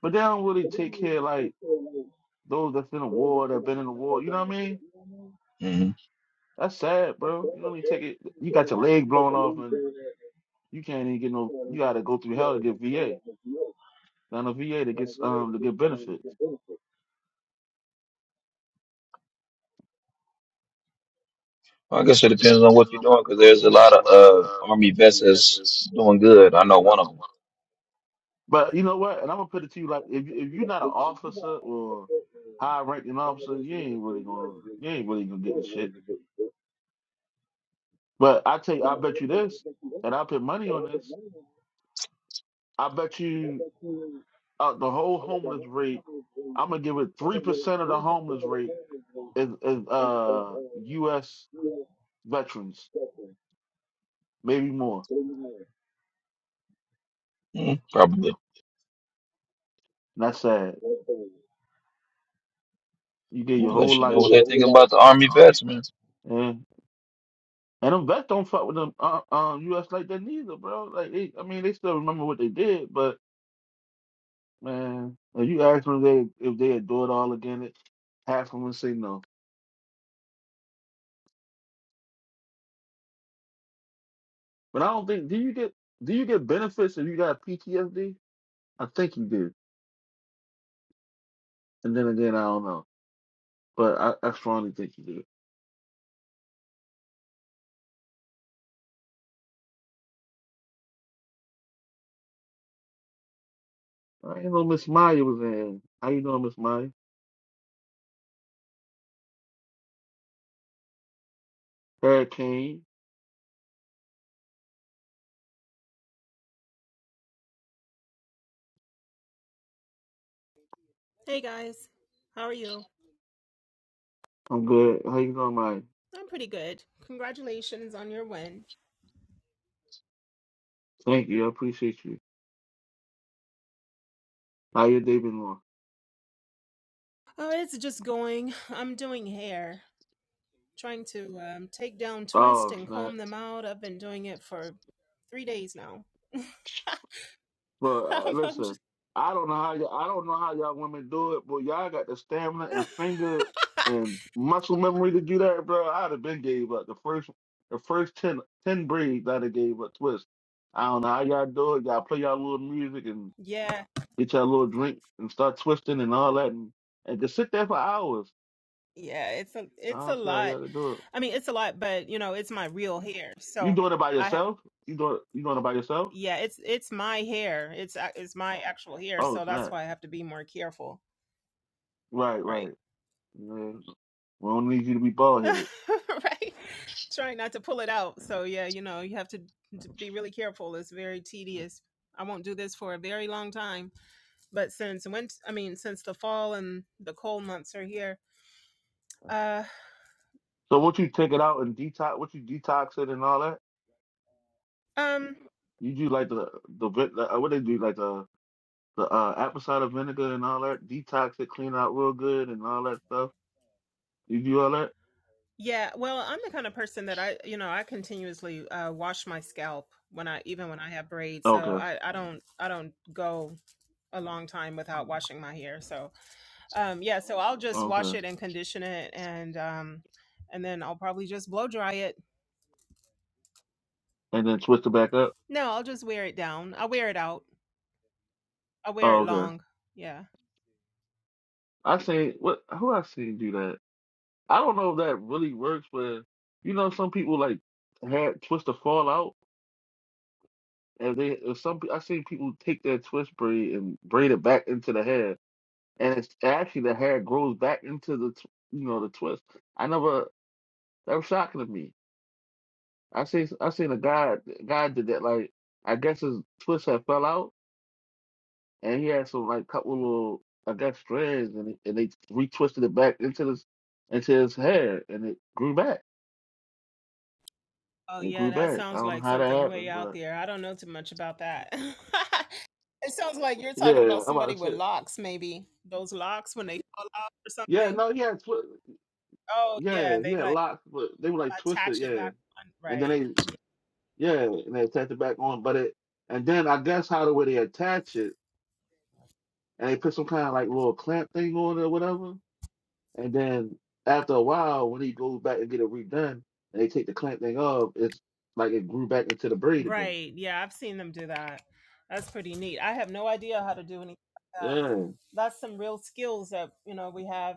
S5: but they don't really take care like those that's in the war that been in the war. You know what I mean?
S3: hmm
S5: That's sad, bro. You know what I mean? Take it. You got your leg blown off, and you can't even get no. You got to go through hell to get VA. Not a VA to get um to get benefits.
S3: I guess it depends on what you're doing, doing. Cause there's a lot of uh, army vets that's doing good. I know one of
S5: But you know what? And I'm gonna put it to you like if if you're not an officer or high ranking officer, you ain't really gonna you ain't really gonna get the shit. But I tell you, I bet you this, and I put money on this. I bet you uh, the whole homeless rate. I'm gonna give it three percent of the homeless rate is is uh U.S. veterans, maybe more.
S3: them, probably.
S5: And that's sad. You gave
S3: Yeah,
S5: your whole
S3: let you know
S5: life,
S3: what Yeah, they think like, about the army vets, man.
S5: and and them vets don't fuck with them uh, um U.S. like that neither, bro. Like they, I mean, they still remember what they did, but man, if you ask them if they if they do it all again, it- half of them would say no. But I don't think do you get do you get benefits if you got PTSD? I think you do, and then again, I don't know, but I, I strongly think you do. I know Miss Maya was in. How you doing, Miss Maya? Hurricane,
S17: Hey guys, how are you?
S5: I'm good. How you doing, Maya?
S17: I'm pretty good. Congratulations on your win.
S5: Thank you, I appreciate you. How your day been going?
S17: Oh, it's just going. I'm doing hair, trying to um, take down twist
S5: Oh
S17: and
S5: snap!
S17: comb them out. I've been doing it for three days now.
S5: But uh,
S17: I'm, I'm
S5: listen,
S17: just,
S5: I don't know how y'all, I don't know how y'all women do it, but y'all got the stamina and finger and muscle memory to do that, bro. I'd have been gave up the first the first ten, ten 10 breeds. I'd have gave up twist. I don't know how y'all do it. Y'all play y'all little music and
S17: yeah,
S5: get y'all little drink and start twisting and all that, and, and just sit there for hours.
S17: yeah. It's a,
S5: I
S17: it's a
S5: don't see how
S17: lot.
S5: y'all can do it.
S17: I mean, it's a lot, but you know, it's my real hair.
S5: You
S17: So
S5: doing it by
S17: I, ha-
S5: yourself? You doing you doing it by yourself?
S17: yeah, it's it's my hair. It's a- it's my actual hair.
S5: Oh
S17: So that's
S5: snap!
S17: why I have to be more careful,
S5: Right,
S17: Right.
S5: right. Yeah. We don't need you to be bald headed.
S17: right? Trying not to pull it out. So yeah, you know, you have to d- be really careful. It's very tedious. I won't do this for a very long time. But since when I mean since the fall and the cold months are here, uh
S5: So what you take it out and detox, what you detox it and all that?
S17: um
S5: You do like the the, vi- the uh, what they do like the the uh, apple cider vinegar and all that. Detox it, clean it out real good and all that stuff. You do all that?
S17: yeah, well, I'm the kind of person that I, you know, I continuously uh wash my scalp when I even when I have braids. So
S5: Okay,
S17: I I don't I don't go a long time without washing my hair. So Um, yeah, so I'll just wash
S5: okay.
S17: it and condition it, and um, and then I'll probably just blow dry it.
S5: And then twist it back up.
S17: No, I'll just wear it down. I'll wear it out. I'll wear it
S5: Oh, okay.
S17: long. Yeah.
S5: I seen what who I seen do that. I don't know if that really works, but you know some people like had twist the fall out, and they or some pe- I seen people take their twist braid and braid it back into the hair and it's actually the hair grows back into the tw- you know the twist. I never that was shocking to me. I see I seen a guy guy did that like I guess his twist had fell out and he had some like couple little I guess strands and and they retwisted it back into this into his hair and it grew back.
S17: Oh
S5: It
S17: yeah,
S5: grew
S17: that
S5: back. I
S17: sounds
S5: don't know
S17: like
S5: how that
S17: something way
S5: happened,
S17: out
S5: but
S17: there. I don't know too much about that. it sounds like you're
S5: yeah,
S17: talking
S5: yeah,
S17: about
S5: I'm
S17: somebody
S5: about to
S17: with
S5: say
S17: locks, maybe those locks when they fall out or
S5: yeah
S17: something.
S5: no he had twi-
S17: Oh yeah,
S5: yeah he
S17: they
S5: had
S17: like
S5: lots but they were like twisted
S17: attach it
S5: yeah
S17: back on.
S5: and then
S17: Right.
S5: they Yeah, and they attach it back on, but it and then I guess how the way they attach it and they put some kind of like little clamp thing on it or whatever, and then after a while when he goes back and get it redone and they take the clamp thing off, it's like it grew back into the braid again.
S17: Right. Yeah, I've seen them do that. That's pretty neat. I have no idea how to do anything
S5: Yeah,
S17: that's some real skills that you know we have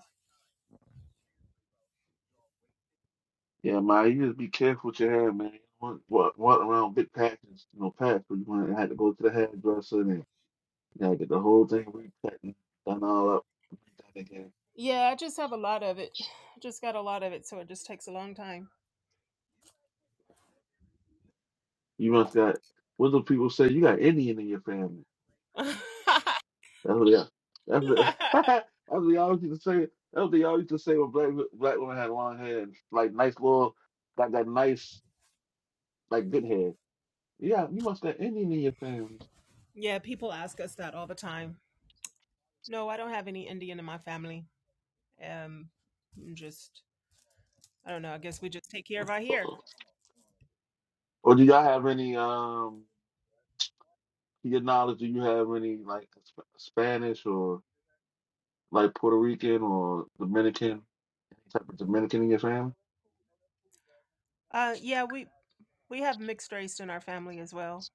S5: yeah, man, you just be careful with your hair, man. You don't want walk, walk around big patches, you know, patch, but you want to have to go to the hairdresser and you gotta get the whole thing recut and done all up done again.
S17: yeah i just have a lot of it I just got a lot of it so it just takes a long time
S5: You must got what do people say? You got Indian in your family. That's what y'all. That's what, that's what y'all used to say. That's what y'all used to say when black black women had long hair, and, like nice little, like that nice, like good hair. Yeah, you must have Indian in your family.
S17: yeah people ask us that all the time no i don't have any indian in my family um just i don't know i guess we just take care of our hair.
S5: Uh-uh. Or do y'all have any um? To your knowledge, do you have any like Sp- Spanish or like Puerto Rican or Dominican type of Dominican in your family?
S17: uh yeah we we have mixed race in our family as well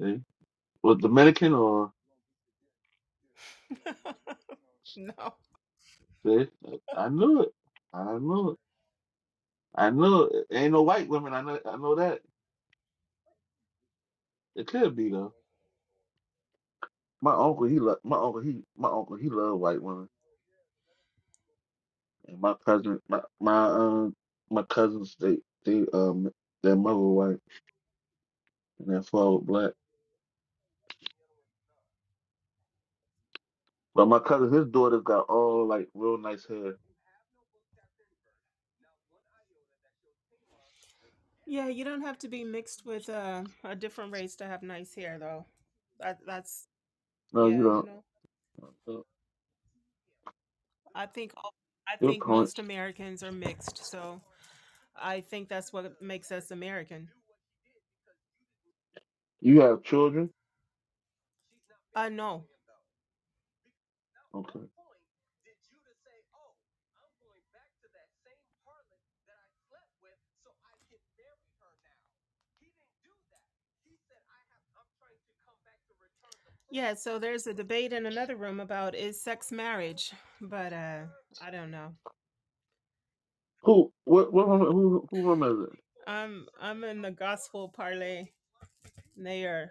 S5: See? Well, Dominican or
S17: no
S5: see? I knew it. I knew it. I knew it. Ain't no white women. I know. I know that. It could be though. My uncle, he lo- my uncle, he my uncle, he loved white women, and my cousin, my my um my cousins, they they um their mother was white and their father was black. But my cousin, his daughter got all like real nice hair.
S17: yeah you don't have to be mixed with uh, a different race to have nice hair though that that's
S5: No, you
S17: yeah you
S5: don't.
S17: know
S5: Uh,
S17: I think all, I
S5: Good
S17: think
S5: point.
S17: most Americans are mixed, so I think that's what makes us American.
S5: You have children?
S17: I no.
S5: Okay.
S17: Yeah, so there's a debate in another room about is sex marriage, but uh I don't know.
S5: Who? What? What? Woman, who? Who woman is it?
S17: I'm I'm in the gospel parlay. They are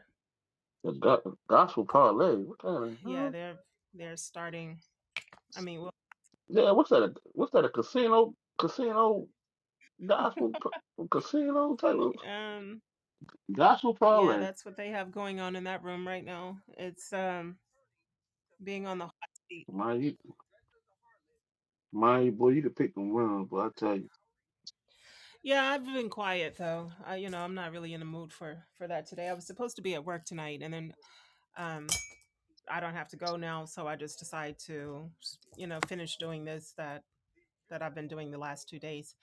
S5: The go- gospel parlay. What kind of?
S17: yeah,
S5: Huh?
S17: they're they're starting. I mean,
S5: Yeah. What's that? A, what's that? A casino? Casino? Gospel? p- Casino type
S17: well,
S5: of
S17: um
S5: gospel
S17: yeah,
S5: parlay.
S17: that's what they have going on in that room right now. It's um being on the hot seat.
S5: My boy, you could pick them wrong, but I tell you,
S17: Yeah, I've been quiet though. I, you know, I'm not really in the mood for for that today. I was supposed to be at work tonight, and then um, I don't have to go now, so I just decide to, you know, finish doing this that that I've been doing the last two days.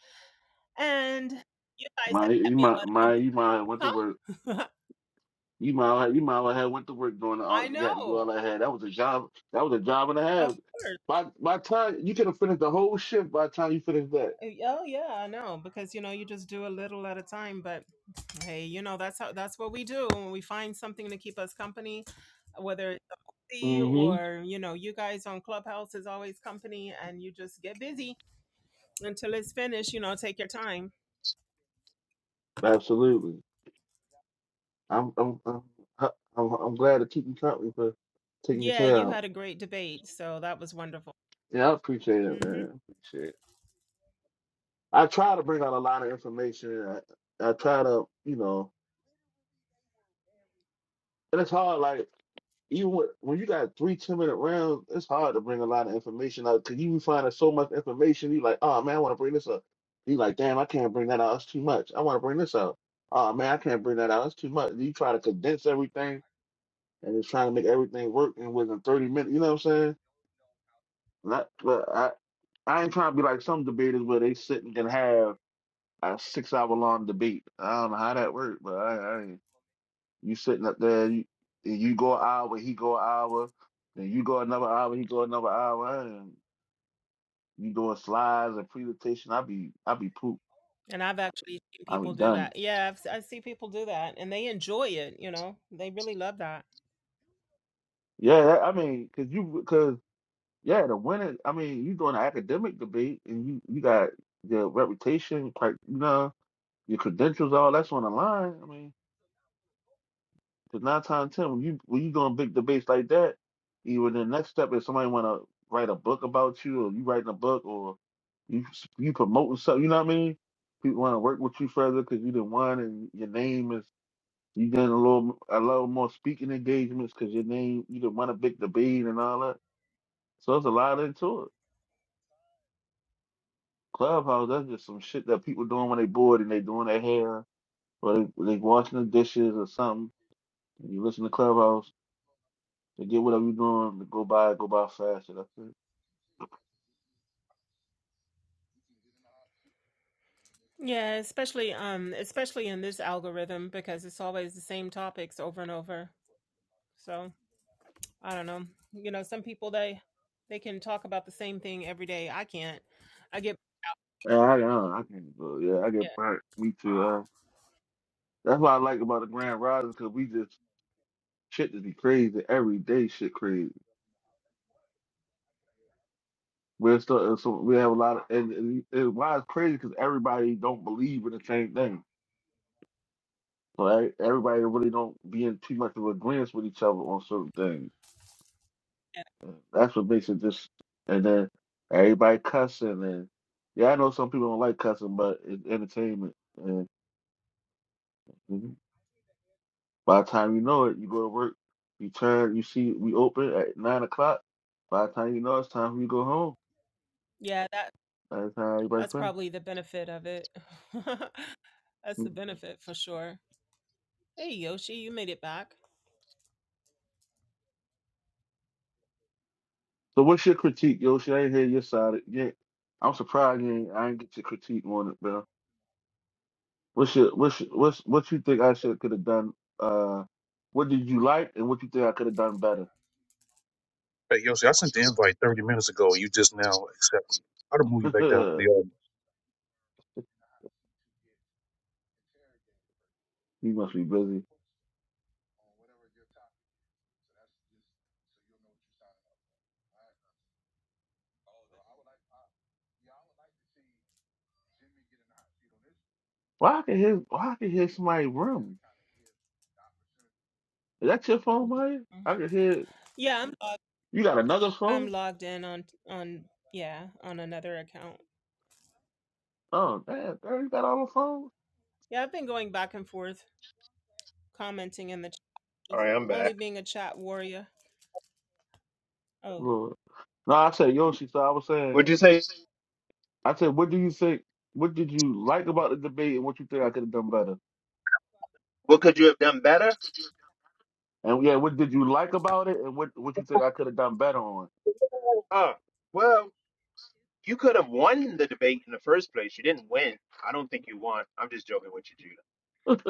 S17: And you guys have
S5: my you
S17: kept me a
S5: might
S17: lot of
S5: my
S17: company,
S5: you might have went to work.
S17: huh?
S5: You might you might have went to work doing all
S17: I
S5: got to do
S17: know,
S5: all I had. That was a job. That was a job and a half.
S17: of course.
S5: By by time you could have finished the whole shift. By the time you finished that,
S17: Uh, Oh yeah, I know because you know you just do a little at a time. But hey, you know that's how that's what we do when we find something to keep us company, whether it's a movie
S5: hmm
S17: or you know you guys on Clubhouse is always company, and you just get busy until it's finished. You know, take your time.
S5: absolutely. I'm I'm I'm I'm, I'm glad to keep you company for taking your
S17: Yeah,
S5: tail
S17: you
S5: out.
S17: had a great debate, so that was wonderful.
S5: Yeah, I appreciate it,
S17: hmm
S5: man. I appreciate it. I try to bring out a lot of information. I, I try to, you know, and it's hard. Like even with, when you got three ten minute rounds, it's hard to bring a lot of information out because you be finding so much information. You like, oh man, I want to bring this up. You like, damn, I can't bring that out. It's too much. I want to bring this out. Oh man, I can't bring that out. It's too much. You try to condense everything and it's trying to make everything work in within 30 minutes. You know what I'm saying? Not, but I, I ain't trying to be like some debaters where they sit and can have a six hour long debate. I don't know how that works, but I, I ain't. You sitting up there, you, you go an hour, he go an hour, then you go another hour, he go another hour, and you doing slides and presentation. I be, I be pooped.
S17: And I've actually seen
S5: I be
S17: people do
S5: done.
S17: that. Yeah, I've, s- I see people do that, and they enjoy it. You know, they really love that.
S5: Yeah, that- I mean, cause you, cause yeah, the winner. I mean, you doing an academic debate, and you, you got your reputation, quite, you know, your credentials, all that's on the line. I mean. Because nine times ten, when you when you go on big debates like that, either the next step is somebody want to write a book about you, or you writing a book, or you you promoting something. You know what I mean? People want to work with you further because you the one, and your name is you getting a little a little more speaking engagements because your name you the one a big debate and all that. So there's a lot into it. Clubhouse, that's just some shit that people doing when they bored and they doing their hair or they, they washing the dishes or something. And you listen to Clubhouse to get whatever you're doing, to go by, go by fast. And I think,
S17: Yeah, especially um especially in this algorithm because it's always the same topics over and over. So, I don't know. You know, some people they they can talk about the same thing every day. I can't. I get
S5: yeah, I, I, I can go. Yeah, I get
S17: yeah.
S5: burnt. Me too. Uh, that's what I like about the Grand Rising because we just shit just be crazy every day. Shit crazy. We're still, uh, so we have a lot of and, and and why it's crazy because everybody don't believe in the same thing. So e- everybody really don't be in too much of agreement with each other on certain things.
S17: Yeah,
S5: That's what makes it just. And then everybody cussing and yeah, I know some people don't like cussing, but it's entertainment. By the time you know it, you go to work, you turn, you see, we open at nine o'clock. By the time you know it's time for you to go home,
S17: yeah, that
S5: by the time everybody
S17: that's
S5: finished.
S17: probably the benefit of it. that's the
S5: Mhm.
S17: benefit for sure. Hey Yoshi, you made it back.
S5: So what's your critique, Yoshi? I ain't hear your side. Yeah, I'm surprised you ain't, I ain't get your critique on it, bro. What's your what's your- what's what you think I should could have done? Uh, what did you like, and what you think I could have done better?
S6: Hey, yo, see, I sent the invite 30 minutes ago, and you just now accepted. it. I'll move you back down to the audience.
S5: you must be busy. Why I can hear why I can hear somebody room? Is that your phone, Maya? I can hear
S17: Yeah, I'm log-
S5: you got another
S17: I'm
S5: phone.
S17: logged in on on yeah, on another account.
S5: Oh, damn, Barry got all the phones?
S17: Yeah, I've been going back and forth commenting in the chat,
S18: All right, I'm
S17: only
S18: back.
S17: being a chat warrior. Oh,
S5: Lord. No, I said Yoshi, so I was saying,
S18: Would you say
S5: I said, what do you think, what did you like about the debate and what you think I could have done better?
S18: what could you have done better?
S5: And yeah, what did you like about it and what, what you think I could have done better on?
S18: Oh, well, you could have won the debate in the first place. You didn't win. I don't think you won. I'm just joking with you, Judah.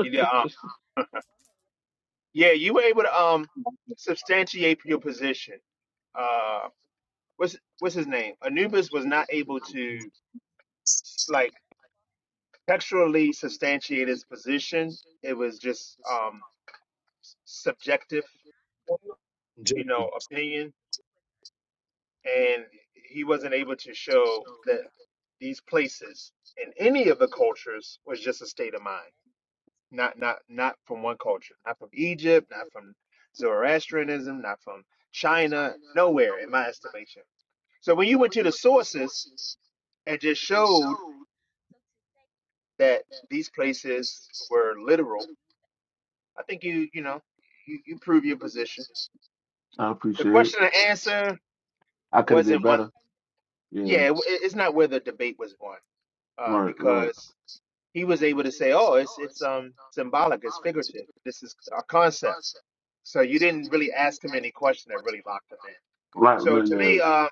S18: You did, um, yeah, you were able to um substantiate your position. Uh, what's what's his name? Anubis was not able to
S5: Mm.
S18: like textually substantiate his position. It was just um subjective,
S6: Just-
S18: you know, opinion and he wasn't able to show that these places in any of the cultures was just a state of mind not not not from one culture not from egypt not from zoroastrianism not from china nowhere in my estimation so when you went to the sources and just showed that these places were literal i think you you know you, you prove your position
S5: I
S18: the
S5: appreciate it.
S18: question and answer
S5: I could have did
S18: wasn't one
S5: better. Yeah,
S18: yeah it, it's not where the debate was won uh,
S5: right, right.
S18: because he was able to say, "Oh, it's it's um symbolic, it's figurative. This is a concept." So you didn't really ask him any question that really locked him in.
S5: Right,
S18: So
S5: man,
S18: to
S5: yeah.
S18: me, uh,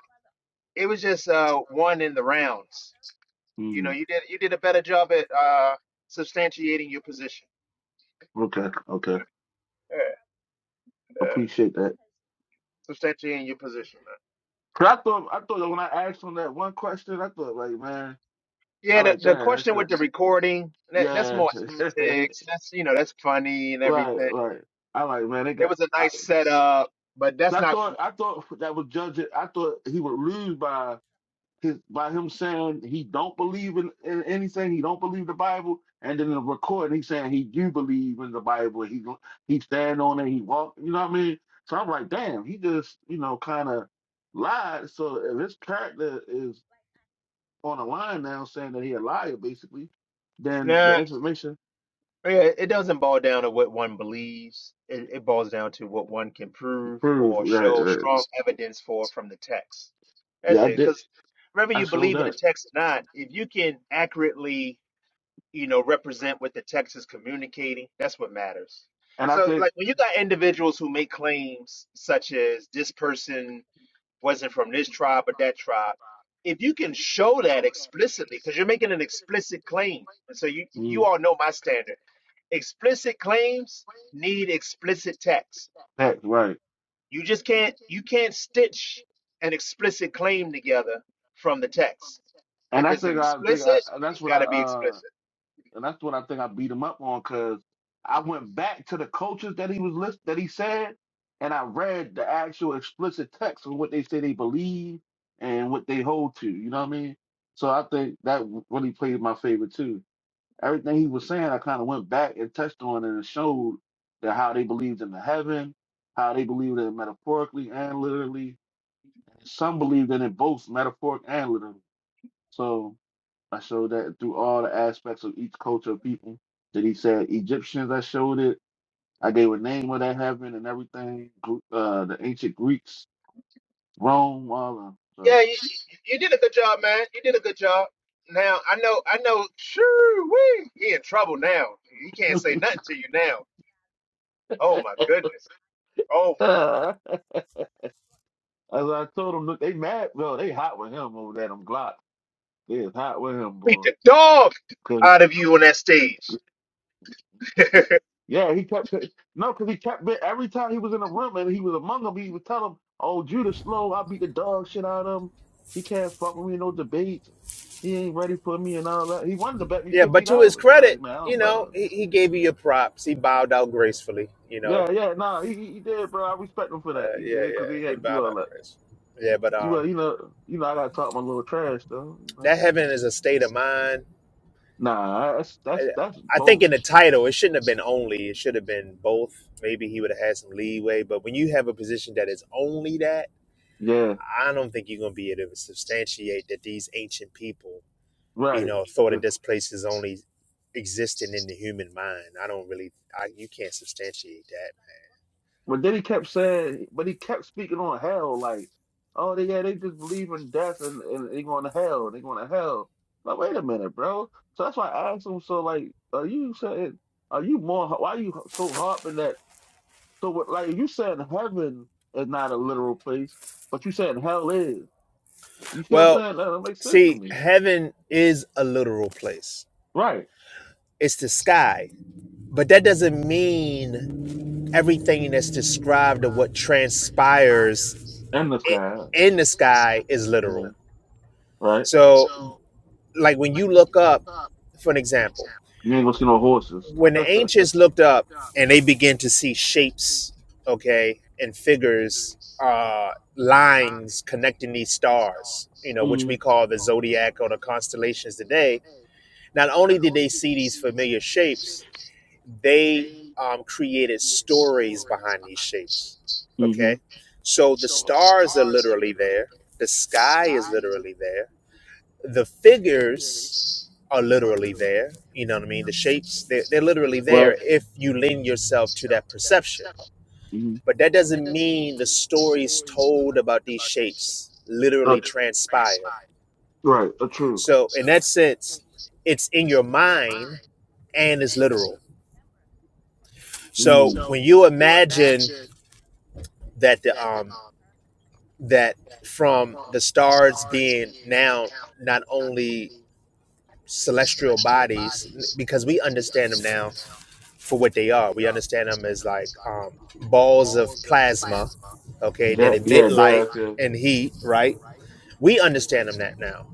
S18: it was just uh, one in the rounds. You know,
S5: Mm,
S18: you did you did a better job at uh, substantiating your position.
S5: okay, okay.
S18: Yeah, uh,
S5: Appreciate that.
S18: substantiating your position. man.
S5: 'Cause I thought, I thought when I asked him that one question, I thought, like, man,
S18: Yeah,
S5: I
S18: the,
S5: like
S18: the
S5: that. That's
S18: question with the
S5: the,
S18: recording that, that's
S5: yeah.
S18: more antics. That's you know that's funny and
S5: right,
S18: everything.
S5: right. I like, man, they
S18: It was a nice
S5: got,
S18: setup, but that's
S5: I
S18: not.
S5: thought I thought that was judge. I thought he would lose by his by him saying he don't believe in, in anything. He don't believe the Bible, and then in the recording he's saying he do believe in the Bible. He he stand on it. He walk. You know what I mean? So I'm like, damn, he just you know kind of lied. So if his character is on the line now, saying that he a liar, basically, then the
S18: nah,
S5: information
S18: Yeah, it doesn't boil down to what one believes. It, it boils down to what one can
S5: he
S18: prove
S5: proves.
S18: or
S5: Yeah,
S18: show
S5: yeah,
S18: strong evidence for from the text. That's
S5: yeah, I
S18: it.
S5: did.
S18: Because whether
S5: I
S18: you
S5: showed
S18: believe in
S5: up,
S18: the text or not, if you can accurately, you know, represent what the text is communicating, that's what matters.
S5: and I
S18: So,
S5: think
S18: like when you got individuals who make claims such as this person wasn't from this tribe or that tribe. If you can show that explicitly, because you're making an explicit claim, and so you you
S5: mm,
S18: all know my standard. Explicit claims need explicit text.
S5: that's right.
S18: You just can't you can't stitch an explicit claim together from the text.
S5: And
S18: If
S5: I
S18: it's
S5: think I think I,
S18: explicit,
S5: and that's
S18: it's
S5: what
S18: got
S5: I
S18: to be
S5: uh
S18: explicit.
S5: and that's what I think I beat him up on because I went back to the coaches that he was list that he said, and I read the actual explicit text of what they say they believe and what they hold to. You know what I mean? So I think that w- really played in my favor too. Everything he was saying, I kind of went back and touched on and showed that how they believed in the heaven, how they believed in it metaphorically and literally. Some believed in it both metaphoric and literally. So. I showed that through all the aspects of each culture of people. That he said Egyptians, I showed it. I gave a name of that heaven and everything. Gr- Uh, the ancient Greeks, Rome, all of them.
S18: Yeah, you, you did a good job, man. You did a good job. Now I know I know. Sure, we he in trouble now. He can't say nothing to you now. Oh my goodness. Oh my!
S5: So as I told them, look, they mad. Well, they hot with him over there. Them Glock, they is hot with him,
S18: Beat
S5: boy.
S18: the dog out of you on that stage.
S5: Yeah, he kept no, because he kept every time he was in a room and he was among them, he would tell them, "Oh, Judah slow. I beat the dog shit out of him. He can't fuck with me in no debates. He ain't ready for me and all that." He wanted to bet me
S18: Yeah,
S5: fifty
S18: but to his
S5: dollars.
S18: credit,
S5: Like, man, I
S18: you
S5: don't bet
S18: know,
S5: him.
S18: he, he gave you your props. He bowed out gracefully. You know,
S5: Yeah, yeah, nah, he he he did, bro. I respect him for that.
S18: uh,
S5: He
S18: yeah,
S5: did because he
S18: yeah, he
S5: had to do
S18: bowed
S5: all
S18: out
S5: that.
S18: gracefully. Yeah, but
S5: You well,
S18: um,
S5: you know, you know, I gotta talk my little trash though. You know,
S18: that heaven is a state of mind.
S5: nah, that's that's
S18: I,
S5: that's
S18: I think
S5: both.
S18: in the title, it shouldn't have been only. It should have been both. Maybe he would have had some leeway. But when you have a position that is only that,
S5: Yeah,
S18: I don't think you're gonna be able to substantiate that these ancient people you
S5: right.
S18: know, thought of this place is only existing in the human mind. I don't really, I, you can't substantiate that.
S5: But then he kept saying, but he kept speaking on hell, like, oh they- yeah, they just believe in death and, and they going to hell, they going to hell. Like, wait a minute, bro. So that's why I asked him. So like, are you saying, are you more? Why are you so harping that? So what, like, you saying heaven is not a literal place, but you saying hell is. You see what I'm
S18: Well,
S5: saying? That don't make sense to
S18: see,
S5: me.
S18: heaven is a literal place.
S5: Right.
S18: It's the sky, but that doesn't mean everything that's described of what transpires
S5: And the
S18: i-
S5: sky.
S18: in the sky is
S5: Yeah.
S18: literal.
S5: Right.
S18: So, like when you look up, for an example.
S5: You ain't gonna see no horses.
S18: when the ancients looked up and they began to see shapes, okay, and figures, uh, lines connecting these stars, you know, which we call the zodiac or the constellations today, not only did they see these familiar shapes, they um, created stories behind these shapes,
S5: mm-hmm.
S18: okay? So the stars are literally there, the sky is literally there the figures are literally there. You know what I mean? The shapes, they're, they're literally there
S5: Right.
S18: if you lend yourself to that perception. But that doesn't mean the stories told about these shapes
S5: Uh,
S18: literally transpire.
S5: right, uh, true.
S18: So, in that sense, it's in your mind and it's literal.
S5: Mm.
S18: So,
S5: So
S18: when you imagine that the um that from the stars being now not only celestial bodies because we understand them now for what they are. We understand them as like um, balls of plasma, okay, that
S5: That,
S18: emit
S5: yeah,
S18: light
S5: that's yeah.
S18: and heat, right? We understand them that now.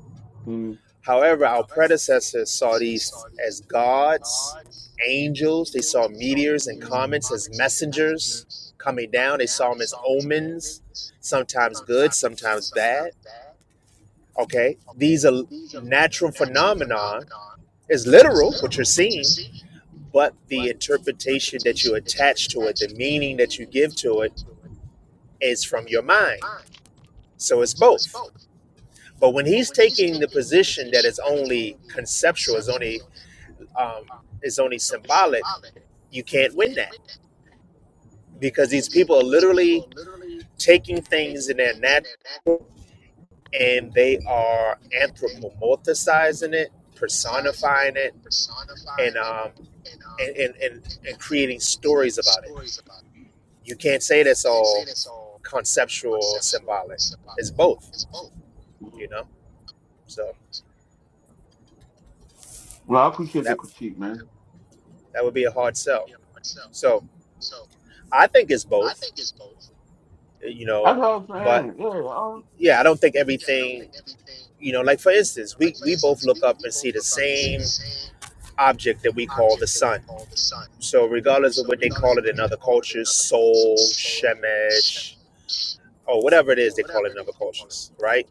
S5: Mm.
S18: However, our predecessors saw these as gods, angels. They saw meteors and comets as messengers coming down. They saw them as omens, sometimes good, sometimes bad. Okay, these are natural phenomenon. It's literal what you're seeing, but the interpretation that you attach to it, the meaning that you give to it, is from your mind. So it's both. But when he's taking the position that it's only conceptual, is only um, is only symbolic, you can't win that because these people are literally taking things in their nat and they are anthropomorphizing it, personifying it, and um, and, and and and creating stories about it. You can't say that's all conceptual or symbolic. It's both, you know. So
S5: Well, I appreciate the
S18: that
S5: critique, man.
S18: that would be a hard sell. So I think it's both, you
S5: That's
S18: know.
S5: what I'm
S18: But
S5: saying. Yeah. Uh,
S18: yeah, I don't think everything, you know. Like for instance, we we both look up and see the same object that we call the sun. So regardless of what they call it in other cultures, soul, shemesh, or whatever it is they call it in other cultures, right?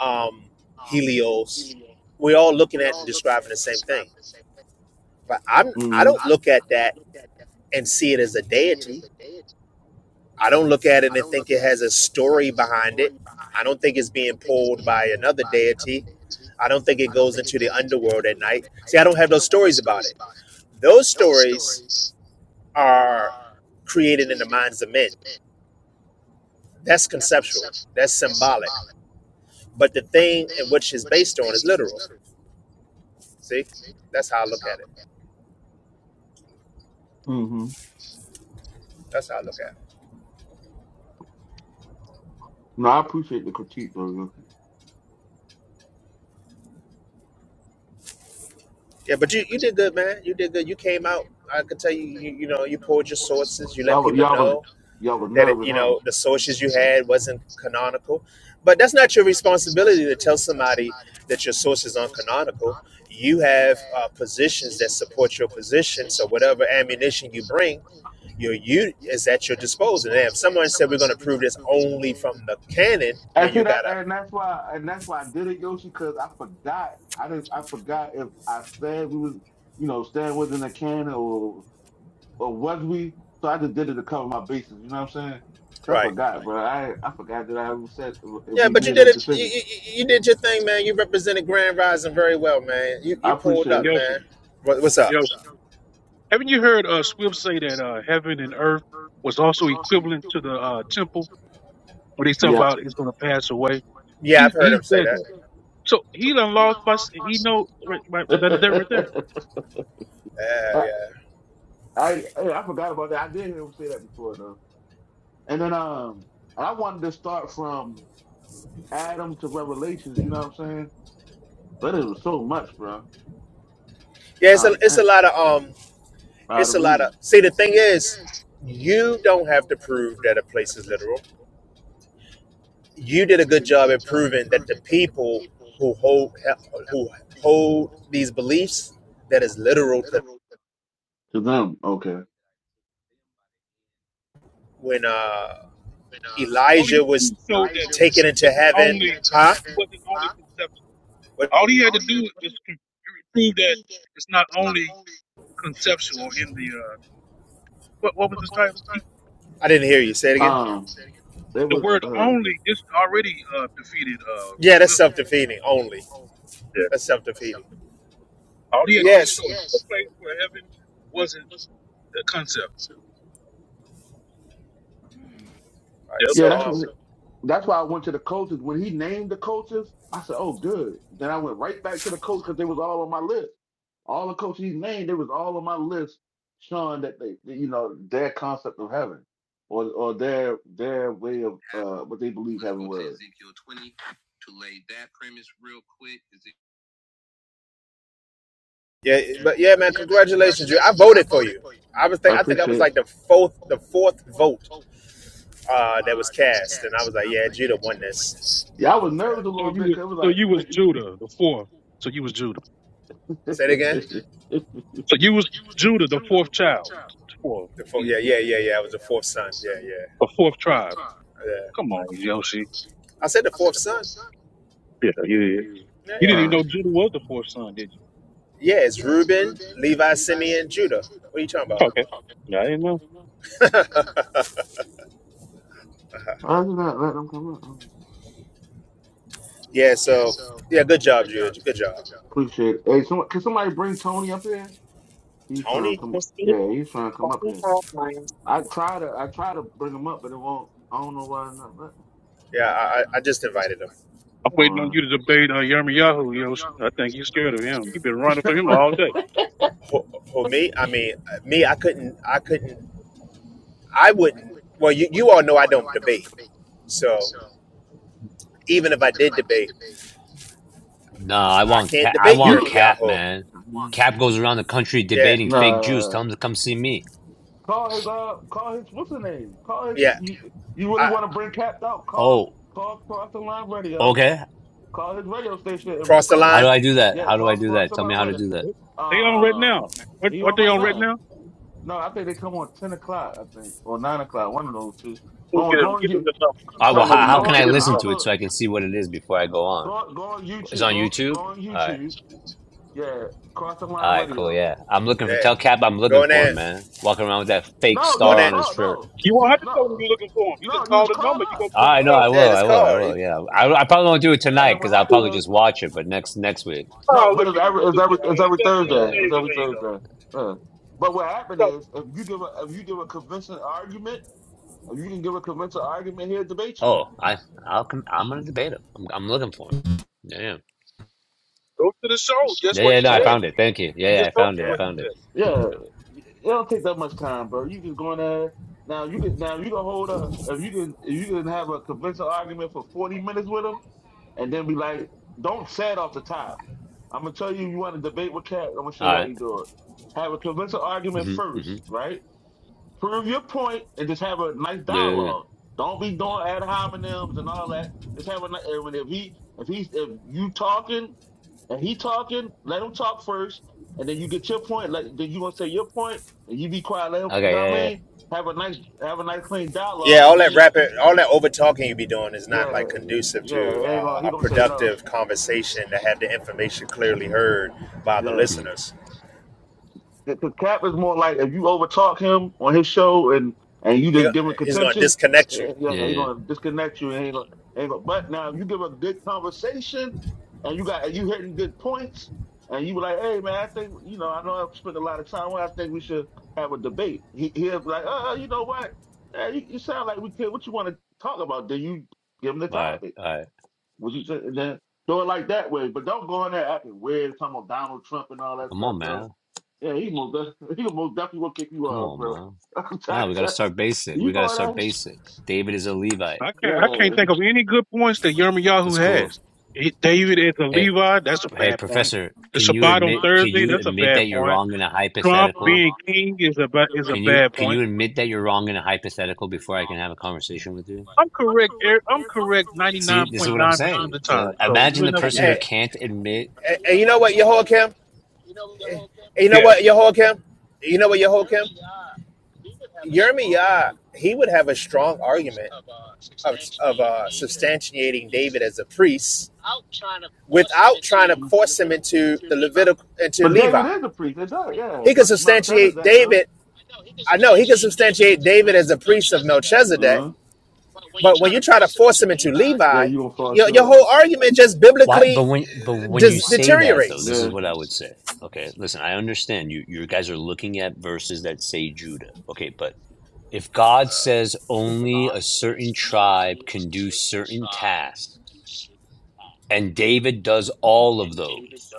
S18: Um, Helios. We're all looking at and describing the same thing. But I'm I
S5: mm-hmm.
S18: don't look at that and see it as a deity. I don't look at it and think it has a story behind it. I don't think it's being pulled by another deity. I don't think it goes into the underworld at night. See, I don't have those stories about it. Those stories are created in the minds of men. That's conceptual, that's symbolic. But the thing in which it's based on is literal. See, that's how I look at it.
S5: Mm-hmm.
S18: That's how I look at it.
S5: No, I appreciate the critique, though. Yoki.
S18: Yeah, but you, you did good, man. You did good. You came out. I could tell you, you, you know, you pulled your sources. You let
S5: Y'all, was-
S18: people
S5: y'all was,
S18: know
S5: y'all was
S18: that it,
S5: nervous,
S18: you
S5: huh?
S18: know the sources you
S5: So-
S18: had wasn't canonical but that's not your responsibility to tell somebody that your source is uncanonical you have uh, positions that support your position so whatever ammunition you bring your you is at your disposal and if someone said we're going to prove this only from the canon
S5: And
S18: then
S5: see
S18: you
S5: that,
S18: gotta
S5: and that's why, and that's why I did it, Yoshi, because I forgot. I didn't. I forgot if I said we was, you know, Stan was in the can or or was we? So I just did it to cover my bases. You know what I'm saying? 'Cause I
S18: Right.
S5: forgot, bro. I I forgot that I ever said if
S18: yeah
S5: we
S18: but you
S5: made a
S18: did it you,
S5: decision.
S18: you, you did your thing man you represented grand rising very well man you,
S5: I
S18: you pulled
S6: Hey,
S5: appreciate
S18: up
S5: it.
S6: Yossi,
S18: man what, what's up
S6: Yossi, haven't you heard uh, Swift say that uh, heaven and earth was also equivalent to the uh, temple when they talk
S5: Yeah.
S6: about it's going to pass away?
S18: yeah
S6: He
S18: i've heard
S6: he
S18: him say
S6: said
S18: that
S6: that. So he done lost. My, he know right, right, that, that right there.
S5: I,
S18: yeah yeah
S5: I hey, I forgot about that. I did hear him say that before though. And then um, I wanted to start from Adam to Revelations. You know what I'm saying? But it was so much, bro.
S18: Yeah,
S5: All
S18: it's a,
S5: right,
S18: it's a
S5: thanks.
S18: lot of um,
S5: Proud
S18: it's
S5: of
S18: a lot
S5: reason
S18: of. See, the thing is, you don't have to prove that a place is literal. You did a good job at proving that the people who hold who hold these beliefs that is literal. To,
S5: to them. Okay.
S18: when uh,
S6: Well, all he had
S18: Elijah
S6: to
S18: was
S6: do showed that
S18: taken
S6: it
S18: into
S6: wasn't
S18: heaven,
S6: only
S18: huh?
S6: it wasn't only conceptual.
S18: What?
S6: All he had to do was con- prove that it's not only conceptual in the uh, what what was his title? He,
S18: I didn't hear you. Say it again.
S5: Um, it
S6: the
S5: was.
S6: word
S5: uh,
S6: only just already uh, defeated uh,
S18: Yeah, that's
S6: Swift.
S18: self defeating only.
S6: there.
S18: That's self defeating.
S6: All he had to do is show
S18: Yes.
S6: another place where heaven wasn't a concept.
S18: All right.
S6: Yep.
S5: Yeah,
S18: So
S5: that's
S18: um,
S5: what. That's why I went to the coaches when he named the coaches. I said, "Oh, good." Then I went right back to the coach because they was all on my list. All the coaches he named, they was all on my list, showing that they, that, you know, their concept of heaven, or or their their way of uh, what they believe heaven was.
S18: Yeah, but yeah, man, congratulations, you. I voted for you. I was,
S5: I
S18: think I think I was
S5: appreciate. it.
S18: like the fourth, the fourth vote uh, that was cast, and I was like, yeah, Jeter won this.
S5: Yeah, I was nervous a
S18: Yeah.
S6: So
S5: little
S6: you
S5: bit
S6: was
S5: because it
S6: so
S5: was
S6: you was
S5: like,
S6: Judah the fourth. So you was Judah.
S18: Say it again.
S6: So you was Judah the fourth child, fourth,
S18: The fourth. yeah, yeah, yeah,
S6: the
S18: yeah. I was the fourth son. Yeah, yeah,
S6: fourth tribe.
S18: yeah.
S6: Come on, Yoshi.
S18: I said the fourth son.
S6: Yeah, yeah, yeah.
S18: Yeah,
S6: You didn't
S18: yeah,
S6: even
S5: Uh,
S6: know Judah was the fourth son, did you?
S18: yeah. It's Reuben, Levi, Simeon, Judah. What are you
S6: Okay.
S18: talking
S6: Yeah, I didn't know.
S18: about?
S5: why did not let them come up? Oh,
S18: yeah. So yeah, good job, Judah. Good job,
S5: Appreciate it. Hey, some, can somebody bring Tony up here? He's trying to
S18: Tony.
S5: come. Yeah, he's trying to come up here. I try to I try to bring them up, but it won't. I don't know why it's not letting.
S18: Yeah, I, I I just invited him.
S6: I'm waiting on
S5: All
S6: you to debate uh, Yirmiyahu. You know, I think you're scared of him. You've been running from him all day.
S5: right.
S18: Who, who me? I mean, me. I couldn't. I couldn't I wouldn't. Well, you, you all know I don't debate. So even if I did debate,
S11: No, I
S18: I
S11: want
S18: can't
S11: Cap. I
S18: debate
S11: want
S5: you
S11: Cap,
S18: Yirmiyahu.
S11: man. Cap goes around the country
S18: Yeah,
S11: debating fake Jews.
S5: nah.
S11: Tell him to come see me.
S5: Call his uh. Call his what's the name? Call his.
S18: yeah.
S5: You you really
S18: I
S5: want to bring Cap out? Call
S11: Oh,
S5: call cross the line radio.
S11: okay.
S5: Call his radio station. And
S18: cross the
S5: call,
S11: How
S18: line.
S11: do I do that?
S5: yeah,
S11: How do I
S5: call
S11: do
S5: cross
S11: that?
S5: the
S11: Tell me
S5: line
S11: how to
S5: radio.
S11: do that.
S6: They on red
S5: Um,
S6: now. What
S5: he
S6: are
S5: on
S6: they
S5: right
S6: on red
S5: now?
S6: now?
S5: No, I think they come on ten o'clock. I think or nine o'clock. One of those two. Well,
S6: Get him.
S5: go and
S6: Get him
S5: you
S6: the number. I
S11: Uh,
S6: don't
S11: well,
S5: type
S6: know the
S11: how,
S5: it.
S11: how
S6: number.
S11: can
S5: Go.
S11: I
S6: Get him the
S5: I
S11: listen
S5: don't
S6: number.
S11: to it
S5: know.
S11: so I can see what it is before I go on?
S5: Go go on
S11: It's
S5: YouTube.
S11: on
S5: Go go
S11: YouTube.
S5: on
S11: All right.
S5: YouTube. Yeah, cross the
S11: All
S5: line
S11: right, cool.
S5: radio.
S11: Yeah. I'm looking for
S18: Yeah,
S11: Tell Cap. I'm
S18: go
S11: looking
S18: in
S11: for him,
S18: there,
S11: man. Walking around with that fake
S5: No, you
S18: go in
S11: star
S5: just
S18: there.
S11: on his
S5: call.
S11: shirt.
S5: No,
S6: You won't
S5: you
S6: have to tell him
S5: no,
S6: you're looking for him. You just
S5: no, you
S6: call
S5: just
S6: the
S5: call
S6: number. You're
S5: up.
S6: gonna be
S11: All
S6: on the
S11: right. No,
S6: show.
S11: I
S5: Yeah,
S18: Yeah,
S11: will.
S18: this
S11: I will. I
S18: card. He-
S11: will. Yeah. I, I probably won't do it
S5: and
S18: uh,
S11: tonight
S5: then
S11: because
S5: what
S11: I'll
S5: happened
S11: probably
S5: is
S11: just watch it, but next next week.
S5: no,
S6: Oh,
S5: but
S6: look
S5: it's
S6: at him.
S5: every it's
S6: Look at him.
S5: every it's
S6: Hey,
S5: every
S6: There
S5: Thursday.
S11: Yeah.
S5: It's
S6: there-
S5: every
S6: there you go.
S5: Thursday. Yeah. But what happened
S6: So
S5: is if you give a if you give a convincing argument, if you can give a convincing argument, he'll debate you.
S11: Oh, I, I'll come. I'm going to debate him. I'm, I'm looking for him. Yeah. Yeah.
S6: go to the show just
S11: Yeah.
S6: where
S11: yeah,
S6: he's
S11: No, I
S6: at.
S11: found
S5: Yeah.
S11: it. Thank you.
S6: We
S11: Yeah. Yeah.
S6: just
S11: I
S6: told
S11: found
S6: you
S11: it. I
S6: where
S18: Yeah,
S6: he's
S11: found
S6: at.
S11: it.
S5: Yeah, it don't take that much time, bro. You just go in there now. You can now you can hold up if you can if you can have a conventional argument for forty minutes with him, and then be like, don't say it off the top. I'm gonna tell you, you want to debate with Cat. I'm gonna show
S11: All
S5: you how
S11: right.
S5: you do it. Have a conventional argument
S11: Mm-hmm. Mm-hmm.
S5: first, right? prove your point and just have a nice
S11: Yeah. Yeah.
S5: dialogue. Don't be doing ad hominems and all that. Just have a ni- and when if he if he's if you talking and he talking, let him talk first, and then you get your point. Let, then you gonna say your point, and you be quiet. Let him,
S11: yeah.
S5: you
S11: Okay.
S5: know what
S11: Yeah.
S5: I
S11: Yeah.
S5: mean? Have a nice have a nice clean
S18: yeah.
S5: dialogue, and
S18: All
S5: then
S18: that
S5: you
S18: rapid, all that over talking you be doing is not
S5: yeah
S18: like conducive
S5: yeah
S18: to
S5: it ain't
S18: uh,
S5: gonna he
S18: a
S5: gonna say no
S18: productive conversation to have the information clearly heard by the
S5: Yeah.
S11: yeah. Mm-hmm.
S18: listeners.
S5: Because Cap is more like if you overtalk him on his show and and you
S18: He,
S5: just give him
S18: he's gonna
S5: contention, eh,
S18: disconnect you.
S5: eh,
S11: Yeah. Yeah.
S5: yeah, he
S11: yeah.
S5: gonna disconnect you. And he gonna, he gonna, but now if you give a good conversation and you got and you hitting good points and you were like, hey man, I think you know I know I've spent a lot of time. on I think we should have a debate. He he'll be like, oh, you know what? Yeah, you, you sound like we could. What you want to talk about? Then you give him the
S11: All right,
S5: topic.
S11: all right.
S5: What you say? Then do it like that way, but don't go in there acting weird, talking about Donald Trump and all that
S11: Come
S5: stuff,
S11: on,
S5: bro.
S11: man.
S5: Yeah, he most def- he most definitely will kick you
S11: Come
S5: out,
S11: on,
S5: bro.
S11: man.
S5: I'm
S11: Now
S5: trying
S11: we gotta
S5: to-
S11: start basic.
S5: you
S11: We gotta
S5: go there,
S11: start basic. David is a Levite.
S6: I
S5: yeah.
S6: can't I can't think of any good points that Yirmiyahu
S11: That's cool.
S6: has. He, David is a
S11: Hey,
S6: Levi, that's a
S11: hey,
S6: bad point.
S11: professor.
S6: The
S11: Can you
S6: Shabbat on
S11: admit? Can
S6: Thursday,
S11: you
S6: that's a
S11: admit
S6: bad
S11: that you're
S6: point.
S11: wrong in a
S6: Trump
S11: hypothetical?
S6: being king is a ba- is a
S11: Can you
S6: bad
S11: can
S6: point.
S11: you admit that you're wrong in a hypothetical before I can have a conversation with you?
S6: I'm correct. er- I'm correct
S11: See, this is what I'm
S6: 99.9% of the
S11: saying. So
S6: time. So you
S11: imagine
S6: would
S11: the
S6: never get
S11: person who
S6: that.
S18: And,
S11: can't admit
S18: and, and you know what, Yehoiakim? And you know
S6: Yeah,
S18: what, Yehoiakim? You know what, Yehoiakim? Yermiah, he would have a strong argument of of uh, substantiating David as a priest without trying to
S5: the
S18: force him into the Levitical into
S5: But David
S18: Levi.
S5: is a priest, it does, yeah.
S18: He could
S5: Mel-
S18: substantiate
S5: Melchizedek, though.
S18: David. I know he could substantiate David as a priest of Melchizedek,
S5: Uh-huh.
S18: but when you try to force him into
S5: Yeah,
S18: Levi,
S5: you gonna fall
S18: your your
S5: short.
S18: whole argument just
S11: why. But
S18: biblically
S11: when but when you
S18: dis-
S11: say that though,
S18: deteriorates.
S11: this is
S5: Yeah.
S11: what I would say. Okay, listen. I understand you. You guys are looking at verses that say Judah. Okay, but If God says only a certain tribe can do certain tasks, and David does all of those,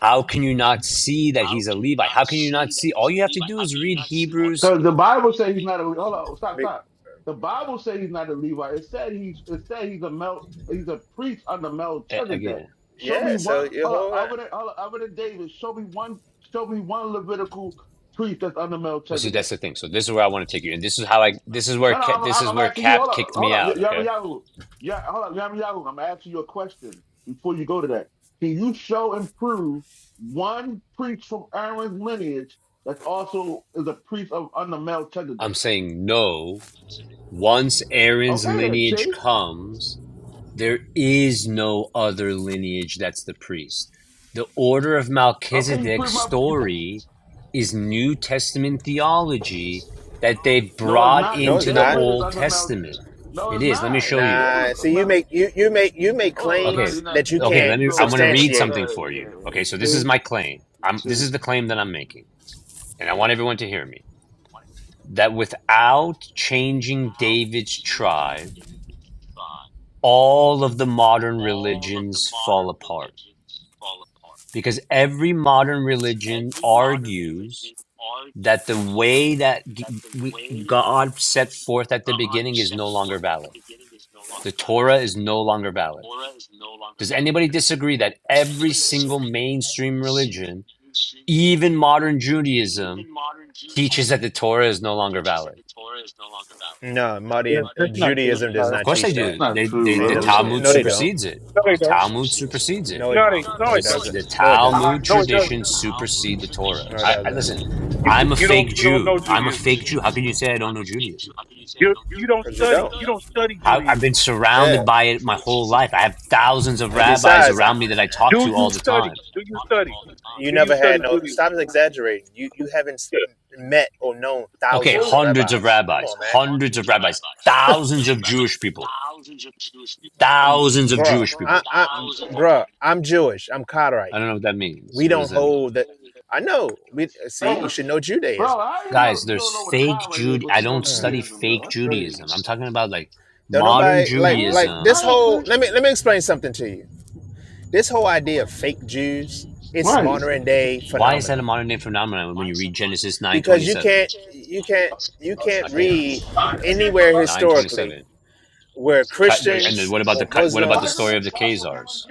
S11: how can you not see that he's a Levite? How can you not see? All you have to do is read Hebrews
S5: So the Bible read says he's not a hold on,
S18: I
S5: stop,
S18: mean,
S5: stop. The Bible says he's not a Levite. It said he's it said he's a Mel he's a priest under
S11: A-
S5: Melchizedek.
S11: again.
S5: Show me
S18: yeah, so
S5: one
S18: you
S5: hold on,
S18: hold
S5: over there,
S18: on.
S5: hold on, over there, David. Show me one show me one Levitical priest that's under
S11: Well, see,
S5: Melchizedek.
S11: that's the thing. So this is where I want to take you, and this is how I. This is where
S5: No,
S11: Ca-
S5: no,
S11: this
S5: I'm,
S11: is
S5: I'm
S11: where
S5: asking you. Hold
S11: Cap
S5: up,
S11: kicked
S5: hold
S11: me
S5: up,
S11: out.
S5: Yama
S11: Okay,
S5: Yahoo. Yeah, hold up, Yama Yahoo. I'm asking you a question before you go to that. Can you show and prove one priest from Aaron's lineage that's also is a priest of under
S11: I'm
S5: Melchizedek?
S11: saying no. Once Aaron's
S5: Okay, then,
S11: lineage
S5: see?
S11: comes, There is no other lineage that's the priest. The order of
S5: Okay, you
S11: Melchizedek
S5: prove my. You,
S11: story is New Testament theology that they've
S5: no, it's
S11: brought
S5: not
S18: No,
S5: because
S18: it's
S11: into the
S18: not.
S5: David is
S11: Old
S5: under Melchizedek.
S11: Testament.
S5: No,
S11: It
S5: it's
S11: is. Let me
S5: not.
S11: show you.
S5: David.
S18: Nah, see, you
S5: Mel-
S18: make you you make you make
S5: Oh no,
S11: Okay.
S5: you're
S18: claims
S5: not.
S18: that you
S5: See,
S11: Okay,
S5: there
S18: can't
S11: let
S5: you
S11: me I
S5: go, right
S11: want to
S5: there,
S11: read
S5: bro.
S18: substantiate
S11: something
S5: That,
S11: for you. Okay, so
S5: yeah,
S11: this
S5: yeah,
S11: is my claim. I'm
S5: see,
S11: this is
S5: see,
S11: the claim that I'm making, and I want everyone to hear me. That without changing David's tribe, all of the modern religions fall apart because every modern religion argues that the way that we, God set forth at the beginning is no longer valid. The Torah is no longer valid. Does anybody disagree that every single mainstream religion, even modern Judaism, teaches that the Torah is no longer valid?
S18: No,
S6: that's,
S18: Mahdi
S6: that's not true.
S18: Judaism
S6: No,
S18: does
S6: that's
S11: Of
S18: not
S6: not
S11: course they
S18: teach
S6: true.
S18: that.
S5: that's
S11: do.
S5: not
S11: They,
S5: true,
S11: they,
S18: And
S11: the
S18: the,
S5: bro.
S11: Talmud
S18: no,
S6: No,
S18: they
S6: no,
S18: don't.
S11: supersedes it.
S6: no they
S11: The
S6: don't.
S11: Talmud supersedes it.
S18: No, it
S6: No, they
S18: no,
S6: no,
S18: it
S6: it
S11: This
S6: doesn't.
S11: the
S18: doesn't. No, it doesn't.
S11: Talmud
S6: No, it does.
S11: tradition supersede the Torah.
S18: No, it
S11: I, I listen.
S18: doesn't.
S6: not
S11: I'm a
S6: You don't
S11: fake
S6: you don't know
S11: Jew. I'm a
S6: Judaism then.
S11: fake Jew. How can you say I don't know Judaism?
S6: You you don't
S18: Because you
S6: study.
S18: don't.
S6: You don't study
S11: I, I've been
S6: Judaism.
S11: surrounded
S18: Yeah.
S11: by it my whole life. I have thousands of
S18: And
S11: rabbis
S18: besides, I,
S11: around me that I talk
S6: Do
S11: to
S6: you
S11: all the
S6: study?
S11: time.
S6: Do you study?
S18: you
S6: Do you
S18: never had
S6: study
S18: no.
S6: Judaism?
S18: Stop exaggerating. You you haven't s- met or known
S11: Okay,
S18: thousands of
S11: hundreds of
S18: rabbis. Come
S11: rabbis,
S18: on,
S11: hundreds of rabbis, thousands of Jewish people,
S18: man,
S11: thousands of
S18: bruh.
S11: Jewish
S18: I
S11: people.
S18: I bruh. I'm Jewish. I'm
S11: I
S18: Carterite.
S11: don't know what that means.
S18: We
S11: What does
S18: don't
S11: that mean?
S18: hold that. I know. We see. You should know
S5: Bro,
S18: Judaism.
S5: I you
S11: Guys,
S5: know you
S11: there's
S5: don't know what a
S11: fake
S5: Conrad is,
S11: Jude.
S5: but
S11: I
S5: you know
S11: don't
S18: Uh,
S11: study
S5: Judaism, though.
S11: fake
S5: That's crazy.
S11: Judaism. I'm talking about like
S18: Don't
S11: modern
S18: nobody like like
S5: Huh?
S11: Judaism
S18: this
S5: I
S18: whole.
S5: don't think.
S18: Let me let me explain something to you this whole idea of fake Jews, it's
S5: Right.
S18: modern day
S11: Why is that a
S18: phenomena
S11: modern day phenomenon when you read Genesis nine
S18: because
S11: twenty
S18: you
S11: seven?
S18: can't you can't you
S11: I
S18: can't
S11: can't
S18: read anywhere
S11: nine twenty
S18: historically
S11: seven.
S18: where
S11: And then
S18: Christians
S11: what about the
S18: or
S11: what about the story
S18: Muslims.
S11: of the Khazars?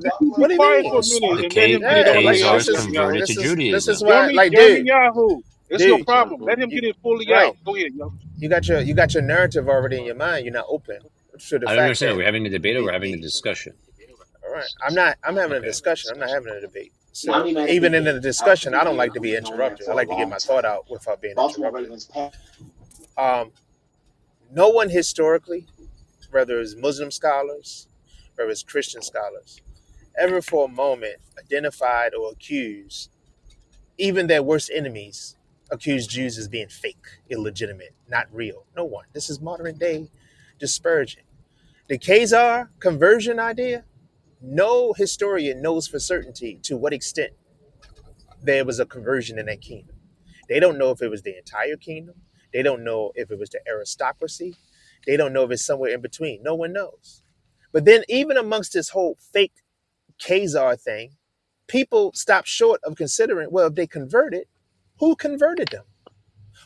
S18: th-
S6: Just you be
S18: What do you
S6: quiet
S18: mean?
S6: for a
S11: This,
S6: minute
S11: the
S6: and let him
S11: K
S6: get
S11: the
S6: it
S18: Yeah,
S6: all the
S18: like
S6: way out,
S18: this
S11: Khazars
S18: is
S6: Yummy Yahoo.
S11: converted to
S18: this is this is
S11: Judaism.
S18: why
S6: Yummy,
S18: like
S6: Yummy
S18: dude,
S6: Yahoo. That's your
S18: dude,
S5: That's right,
S6: problem. Let
S5: bro.
S6: him
S18: you
S6: get it fully
S18: right.
S6: out. Go ahead, Yummy.
S18: You got your you got your narrative already in your mind. You're not open to the
S11: I don't
S18: fact
S11: understand.
S18: that
S11: We're having a debate or we're
S18: the
S11: having
S18: the
S11: a discussion.
S18: All right. I'm not. I'm having a
S11: Okay.
S18: discussion. I'm not having a debate. So
S5: Money Matter
S18: even
S5: Big
S18: in
S5: Game
S18: the
S5: is out
S18: discussion, I don't like to be interrupted. I
S5: for a
S18: like
S5: long
S18: to get my thought
S5: time.
S18: out without being
S5: Baltimore
S18: interrupted.
S5: Ravens pass.
S18: Um, no one historically, whether it's Muslim scholars, whether it's Christian scholars, ever for a moment identified or accused even their worst enemies accused Jews as being fake, illegitimate, not real. No one. This is modern day dispersion. The Khazar conversion idea. No historian knows for certainty to what extent there was a conversion in that kingdom. They don't know if it was the entire kingdom. They don't know if it was the aristocracy. They don't know if it's somewhere in between. No one knows. But then, even amongst this whole fake Khazar thing, people stop short of considering well, if they converted, who converted them?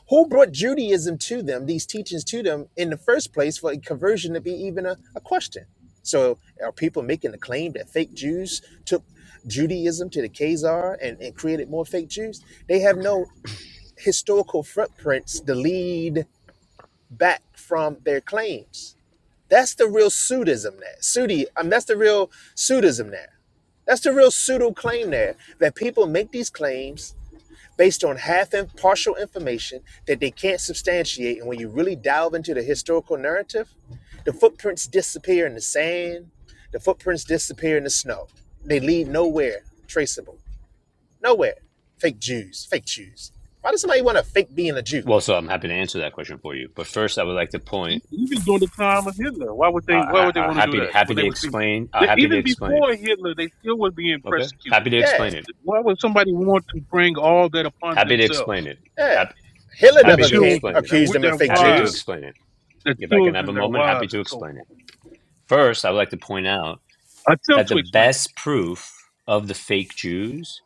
S18: Who brought Judaism to them, these teachings to them in the first place for conversion to be even a, a question? So are people making the claim that fake Jews took Judaism to the Khazar and, and created more fake Jews? They have no historical footprints to lead back from their claims. That's the real pseudism there. Pseudi, I mean, that's the real pseudism there. That's the real pseudo claim there that people make these claims based on half and partial information that they can't substantiate. And when you really delve into the historical narrative, the footprints disappear in the sand, the footprints disappear in the snow. They lead nowhere traceable. Nowhere. Fake Jews, fake Jews. Why does somebody want to fake being a Jew?
S11: Well, so I'm happy to answer that question for you. But first, I would like to
S6: He,
S11: point.
S6: he during the time of Hitler. Why would they? Why
S11: Uh,
S6: would they
S11: uh,
S6: want to do
S11: happy to,
S6: that
S11: happy
S6: when
S11: to
S6: they was being?
S11: explain. Uh,
S6: they-
S11: happy to
S6: Even
S11: explain.
S6: before Hitler, they still were being
S11: Okay.
S6: persecuted.
S11: Happy to
S18: Yeah,
S11: explain it.
S6: Why would somebody want to bring all that upon
S11: Happy to explain
S6: themselves?
S11: it.
S18: yeah.
S11: Happy,
S18: Hitler
S6: Their
S11: happy
S18: never
S11: to
S18: came,
S6: children,
S11: explain it.
S6: their
S18: accused
S6: wi-
S18: them
S6: their
S18: of fake
S11: Happy to
S6: wives,
S18: Jews.
S11: explain it.
S6: their
S11: If I can have
S6: children,
S11: a
S6: their
S11: moment, happy
S6: wives,
S11: to
S6: and so
S11: explain it.
S6: forth.
S11: First, I would like to point out
S6: Attempt
S11: that the
S6: to explain.
S11: best proof of the fake Jews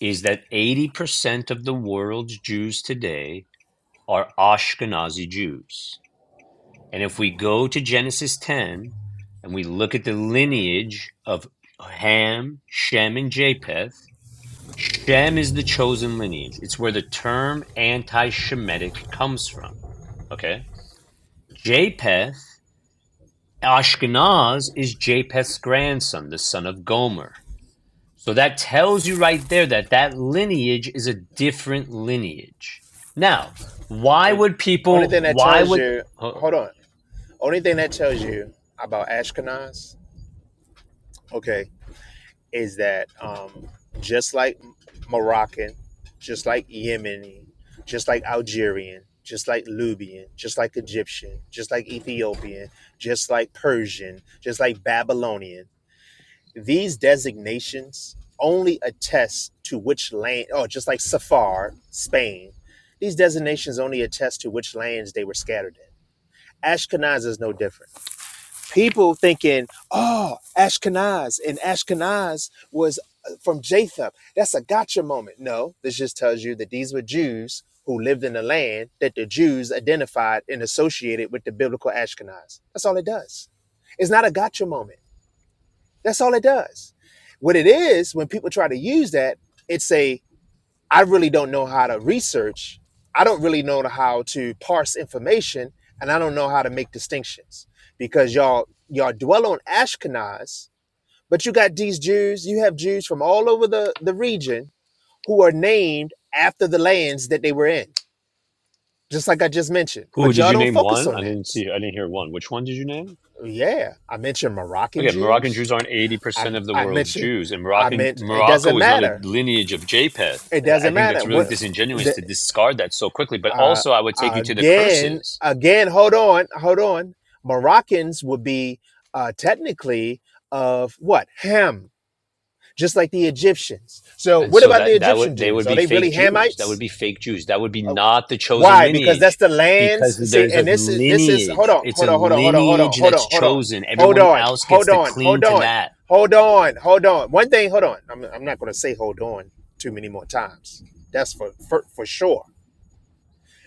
S11: is that 80% of the world's Jews today are Ashkenazi Jews. And if we go to Genesis 10 and we look at the lineage of Ham, Shem, and Japheth, Shem is the chosen lineage. It's where the term anti Shemitic comes from. Okay? Japheth, Ashkenaz, is Japheth's grandson, the son of Gomer. So that tells you right there that that lineage is a different lineage. Now, why
S18: Uh,
S11: would
S18: Only
S11: people?
S18: thing that
S11: Why
S18: tells
S11: would?
S18: you,
S11: Uh,
S18: hold on. Only thing that tells you about Ashkenaz, okay, is that um, just like Moroccan, just like Yemeni, just like Algerian, just like Libyan, just like Egyptian, just like Ethiopian, just like Persian, just like Babylonian, these designations only attest to which land, oh, just like Safar, Spain, these designations only attest to which lands they were scattered in. Ashkenaz is no different people thinking, oh, Ashkenaz, and Ashkenaz was uh, from Japheth. That's a gotcha moment. No, this just tells you that these were Jews who lived in the land that the Jews identified and associated with the biblical Ashkenaz. That's all it does. It's not a gotcha moment. That's all it does. What it is, when people try to use that, it's a I really don't know how to research. I don't really know how to parse information, and I don't know how to make distinctions because y'all y'all dwell on Ashkenaz, but you got these Jews. You have Jews from all over the the region who are named after the lands that they were in, just like I just mentioned.
S11: who
S18: But
S11: did
S18: y'all
S11: you
S18: don't
S11: name
S18: focus
S11: one? I
S18: on that.
S11: didn't see. I didn't hear one. Which one did you name?
S18: Yeah, I mentioned Moroccan
S11: Okay, Moroccan
S18: Jews.
S11: Jews aren't eighty
S18: I
S11: percent of the
S18: I
S11: world's
S18: mentioned
S11: Jews, and
S18: I
S11: Moroccan
S18: meant it
S11: Morocco
S18: doesn't
S11: is not a
S18: matter.
S11: lineage of Japheth.
S18: It
S11: And I
S18: doesn't
S11: think
S18: matter
S11: that's really
S18: what.
S11: disingenuous
S18: the
S11: to discard that so quickly. But
S18: Uh,
S11: also, I would take you to the
S18: again,
S11: curses.
S18: again, hold on, hold on. Moroccans would be uh, technically of what? Ham, just like the Egyptians. So,
S11: And
S18: what
S11: so
S18: about the
S11: that that
S18: Egyptian
S11: would they
S18: Jews?
S11: would
S18: Are
S11: be
S18: they
S11: fake
S18: really
S11: Jews. That would
S18: Hamites?
S11: be fake Jews. That would be
S18: Oh,
S11: not the chosen
S18: Why? Because that's
S11: lineage
S18: the lands.
S11: because
S18: See,
S11: there's a
S18: and this is this is. Hold
S11: lineage.
S18: on,
S11: It's
S18: hold
S11: a
S18: on, hold on, hold on, hold on,
S11: lineage
S18: hold
S11: that's
S18: on, hold on,
S11: chosen.
S18: hold
S11: Everyone
S18: on,
S11: else gets
S18: hold
S11: to
S18: on,
S11: cling
S18: hold
S11: to
S18: on,
S11: that.
S18: hold on, hold on. One thing, hold on. I'm, I'm not going to say hold on too many more times. That's for for, for sure.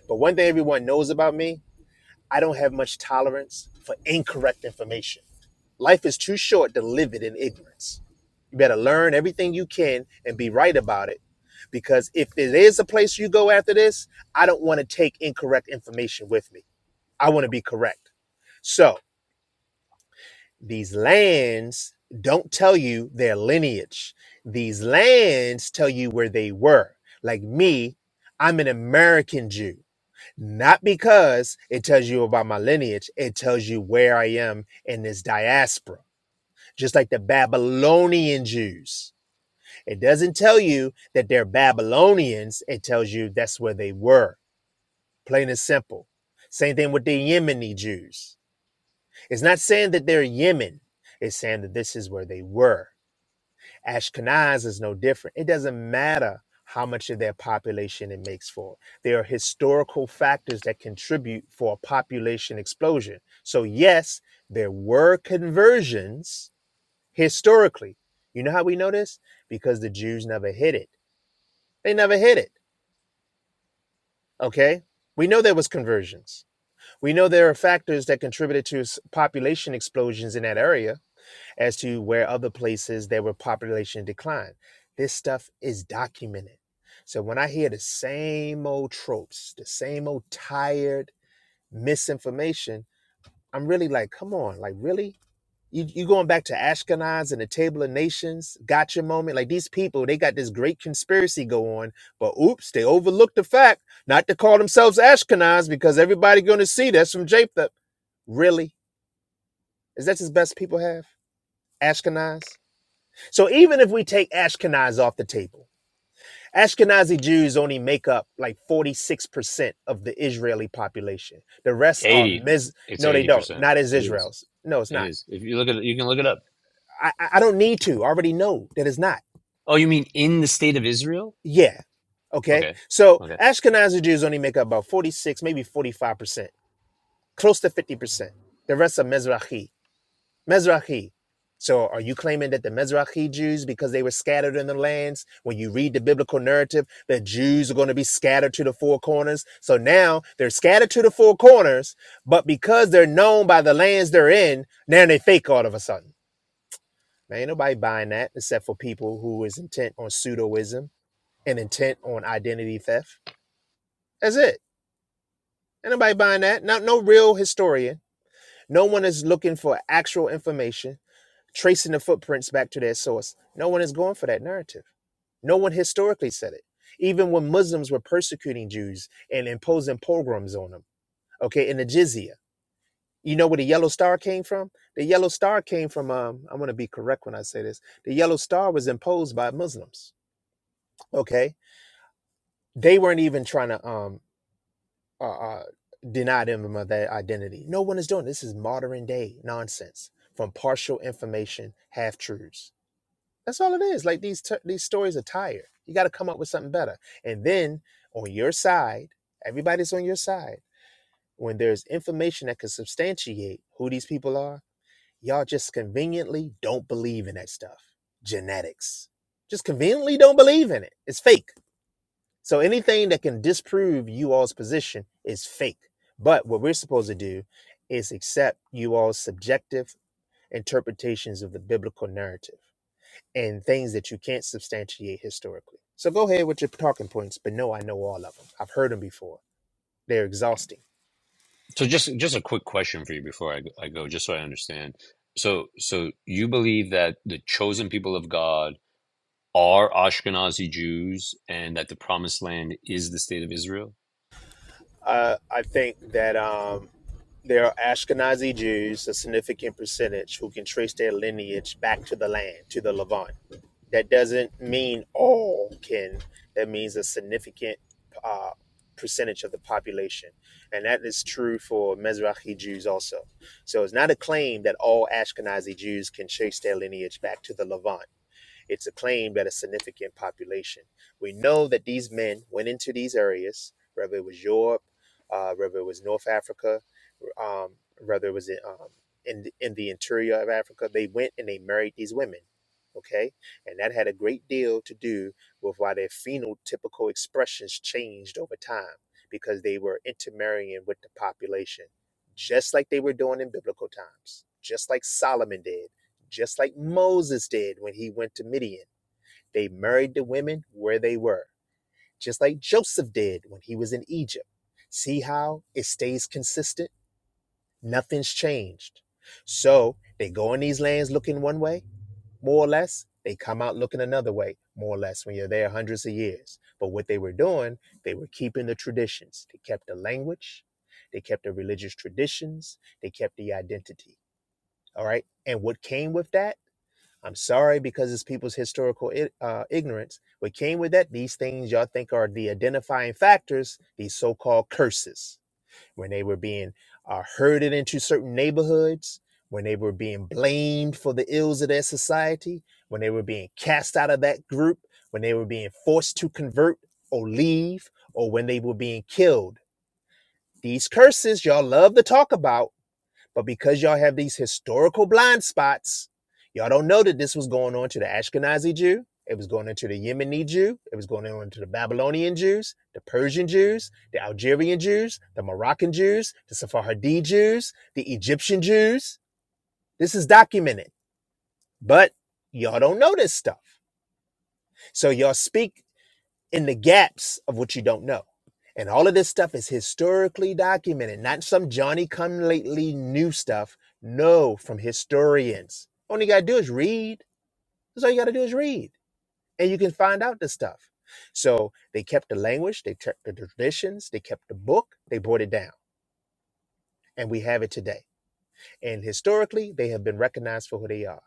S18: But one thing everyone knows about me I don't have much tolerance for incorrect information. Life is too short to live it in ignorance. You better learn everything you can and be right about it. Because if it is a place you go after this, I don't want to take incorrect information with me. I want to be correct. So these lands don't tell you their lineage, these lands tell you where they were. Like me, I'm an American Jew not because it tells you about my lineage, it tells you where I am in this diaspora, just like the Babylonian Jews. It doesn't tell you that they're Babylonians, it tells you that's where they were, plain and simple. Same thing with the Yemeni Jews. It's not saying that they're Yemen, it's saying that this is where they were. Ashkenaz is no different. It doesn't matter how much of their population it makes for. There are historical factors that contribute for a population explosion. So, yes, there were conversions historically. You know how we know this? Because the Jews never hid it. They never hid it. Okay? We know there was conversions. We know there are factors that contributed to s- population explosions in that area as to where other places there were population decline. This stuff is documented. So when I hear the same old tropes, the same old tired misinformation, I'm really like, come on, like really? You, you going back to Ashkenaz and the Table of Nations, gotcha moment. Like these people, they got this great conspiracy go on, but oops, they overlooked the fact not to call themselves Ashkenaz because everybody going to see that's from Japheth. Really? Is that the best people have? Ashkenaz? So even if we take Ashkenaz off the table, Ashkenazi Jews only make up like 46% of the Israeli population. The rest are
S11: 80.
S18: Miz.
S11: It's
S18: No, they don't.
S11: 80%.
S18: Not as
S11: It is.
S18: Israel's. No, it's
S11: It
S18: not.
S11: is. If you look at it, you can look it up.
S18: I I don't need to. I already know that it's not.
S11: Oh, you mean in the state of Israel?
S18: Yeah. Okay.
S11: Okay.
S18: So
S11: Okay.
S18: Ashkenazi Jews only make up about 46, maybe 45%, close to 50%. The rest are Mizrahi. Mizrahi. So are you claiming that the Mizrahi Jews, because they were scattered in the lands, when you read the biblical narrative, the Jews are going to be scattered to the four corners? So now they're scattered to the four corners, but because they're known by the lands they're in, now they fake all of a sudden. Now, ain't nobody buying that except for people who is intent on pseudoism and intent on identity theft. That's it. Ain't nobody buying that. Not no real historian. No one is looking for actual information. tracing the footprints back to their source. No one is going for that narrative. No one historically said it. Even when Muslims were persecuting Jews and imposing pogroms on them, okay, in the jizya. You know where the yellow star came from? The yellow star came from, um, I'm going to be correct when I say this. The yellow star was imposed by Muslims, okay? They weren't even trying to um, uh, uh, deny them of their identity. No one is doing this. This is modern day nonsense from partial information, half truths. That's all it is. Like these t- these stories are tired. You got to come up with something better. And then on your side, everybody's on your side. When there's information that can substantiate who these people are, y'all just conveniently don't believe in that stuff. Genetics. Just conveniently don't believe in it. It's fake. So anything that can disprove you all's position is fake. But what we're supposed to do is accept you all's subjective interpretations of the biblical narrative and things that you can't substantiate historically. So go ahead with your talking points, but no, I know all of them. I've heard them before. They're exhausting.
S11: So just just a quick question for you before I go, I go just so I understand. So so you believe that the chosen people of God are Ashkenazi Jews and that the promised land is the state of Israel?
S18: Uh, I think that um, there are Ashkenazi Jews, a significant percentage, who can trace their lineage back to the land, to the Levant. That doesn't mean all can. That means a significant uh, percentage of the population, and that is true for Mizrahi Jews also. So it's not a claim that all Ashkenazi Jews can trace their lineage back to the Levant it's a claim that a significant population. We know that these men went into these areas, whether it was Europe, uh, whether it was North Africa, um, whether it was in, um, in in the interior of Africa. They went and they married these women. Okay, and that had a great deal to do with why their phenotypical expressions changed over time because they were intermarrying with the population, just like they were doing in biblical times, just like Solomon did just like Moses did when he went to Midian. They married the women where they were, just like Joseph did when he was in Egypt. See how it stays consistent? Nothing's changed. So they go in these lands looking one way, more or less. They come out looking another way, more or less, when you're there hundreds of years. But what they were doing, they were keeping the traditions. They kept the language, they kept the religious traditions, they kept the identity. All right. And what came with that? I'm sorry because it's people's historical i- uh, ignorance. What came with that, these things y'all think are the identifying factors, these so called curses, when they were being uh, herded into certain neighborhoods, when they were being blamed for the ills of their society, when they were being cast out of that group, when they were being forced to convert or leave, or when they were being killed. These curses y'all love to talk about but because y'all have these historical blind spots, y'all don't know that this was going on to the Ashkenazi Jew. It was going into the Yemeni Jew. It was going on to the Babylonian Jews, the Persian Jews, the Algerian Jews, the Moroccan Jews, the Sephardi Jews, the Egyptian Jews. This is documented, but y'all don't know this stuff. So y'all speak in the gaps of what you don't know. And all of this stuff is historically documented, not some Johnny come lately new stuff. No, from historians. All you got to do is read. That's all you got to do is read. And you can find out this stuff. So they kept the language, they kept the traditions, they kept the book, they brought it down. And we have it today. And historically, they have been recognized for who they are.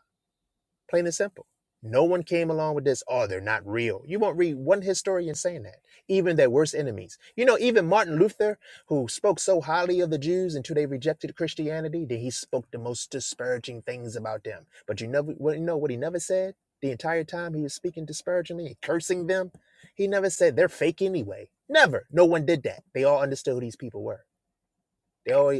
S18: Plain and simple. No one came along with this, oh, they're not real. You won't read one historian saying that, even their worst enemies. You know, even Martin Luther, who spoke so highly of the Jews until they rejected Christianity, that he spoke the most disparaging things about them. But you never well, you know what he never said? The entire time he was speaking disparagingly and cursing them, he never said they're fake anyway. Never. No one did that. They all understood who these people were. They all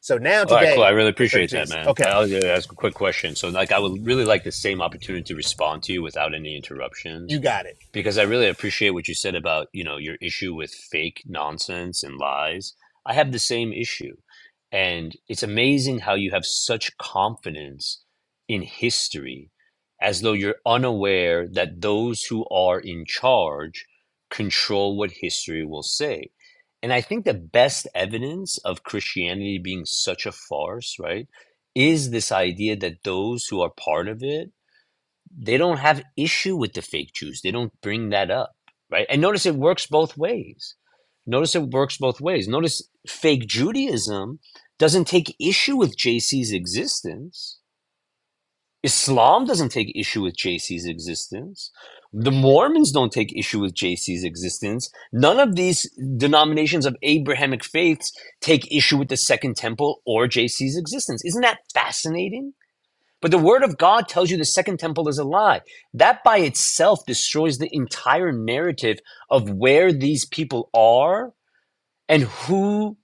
S18: so now
S11: All right, cool.
S18: today
S11: I really
S18: they fake
S11: appreciate that,
S18: Jews.
S11: man.
S18: Okay,
S11: I'll just ask a quick question. So, like, I would really like the same opportunity to respond to you without any interruptions.
S18: you got it.
S11: because I really appreciate what you said about, you know, your issue with fake nonsense and lies. I have the same issue. And it's amazing how you have such confidence in history as though you're unaware that those who are in charge control what history will say. And I think the best evidence of Christianity being such a farce, right, is this idea that those who are part of it they don't have issue with the fake Jews. They don't bring that up, right? And notice it works both ways. Notice it works both ways. Notice fake Judaism doesn't take issue with JC's existence. Islam doesn't take issue with JC's existence. The Mormons don't take issue with JC's existence. None of these denominations of Abrahamic faiths take issue with the Second Temple or JC's existence. Isn't that fascinating? But the word of God tells you the second temple is a lie. That by itself destroys the entire narrative of where these people are and who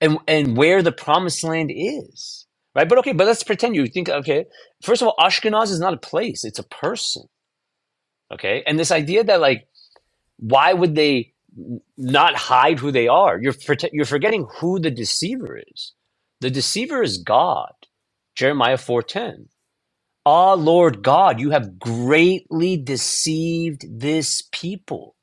S11: and, and where the promised land is. Right? But okay, but let's pretend you think, okay, first of all, Ashkenaz is not a place, it's a person. Okay. And this idea that like, why would they n- not hide who they are? You're, prote- you're forgetting who the deceiver is. The deceiver is God. Jeremiah 4:10. Ah, Lord God, you have greatly deceived this people.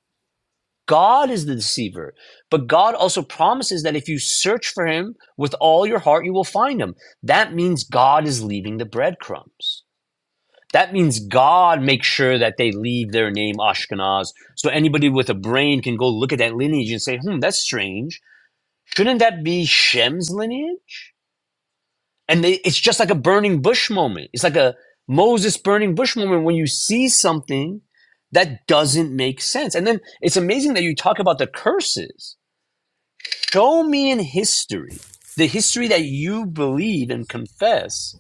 S11: God is the deceiver. But God also promises that if you search for him with all your heart, you will find him. That means God is leaving the breadcrumbs. That means God makes sure that they leave their name Ashkenaz. So anybody with a brain can go look at that lineage and say, hmm, that's strange. Shouldn't that be Shem's lineage? and they, it's just like a burning bush moment. It's like a Moses burning bush moment when you see something that doesn't make sense. And then it's amazing that you talk about the curses. Show me in history, the history that you believe and confess,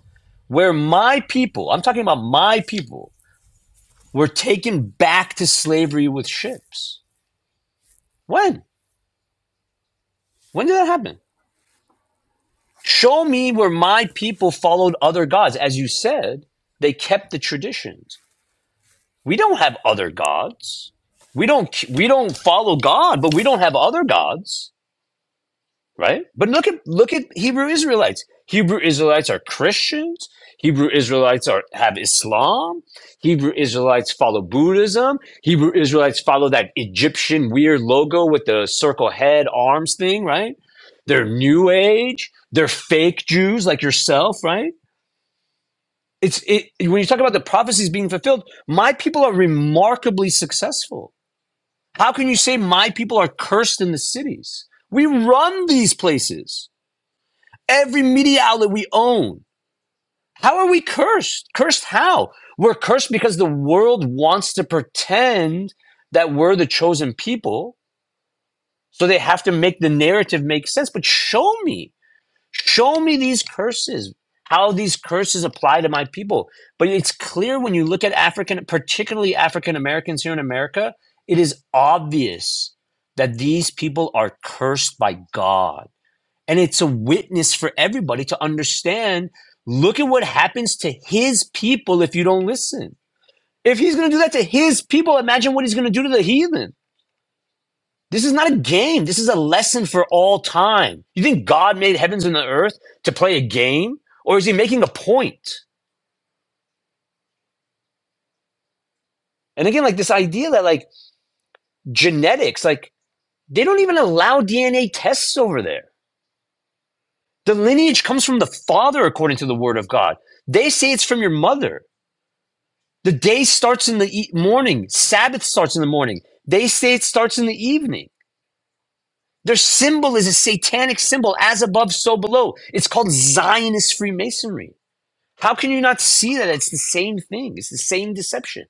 S11: where my people, I'm talking about my people, were taken back to slavery with ships. When? When did that happen? Show me where my people followed other gods. As you said, they kept the traditions We don't have other gods. We don't we don't follow God, but we don't have other gods, right? But look at look at Hebrew Israelites. Hebrew Israelites are Christians. Hebrew Israelites are have Islam. Hebrew Israelites follow Buddhism. Hebrew Israelites follow that Egyptian weird logo with the circle head arms thing, right? They're New Age. They're fake Jews like yourself, right? It's it, when you talk about the prophecies being fulfilled. My people are remarkably successful how can you say my people are cursed in the cities? We run these places. Every media outlet we own. How are we cursed? Cursed how? We're cursed because the world wants to pretend that we're the chosen people. So they have to make the narrative make sense. But show me. Show me these curses, how these curses apply to my people. But it's clear when you look at African, particularly African Americans here in America, it is obvious that these people are cursed by God. And it's a witness for everybody to understand look at what happens to his people if you don't listen. If he's going to do that to his people, imagine what he's going to do to the heathen. This is not a game. This is a lesson for all time. You think God made heavens and the earth to play a game? Or is he making a point? And again, like this idea that like genetics, like they don't even allow DNA tests over there. The lineage comes from the father, according to the word of God. They say it's from your mother. The day starts in the e- morning. Sabbath starts in the morning. They say it starts in the evening. Their symbol is a satanic symbol, as above, so below. It's called Zionist Freemasonry. How can you not see that it's the same thing? It's the same deception.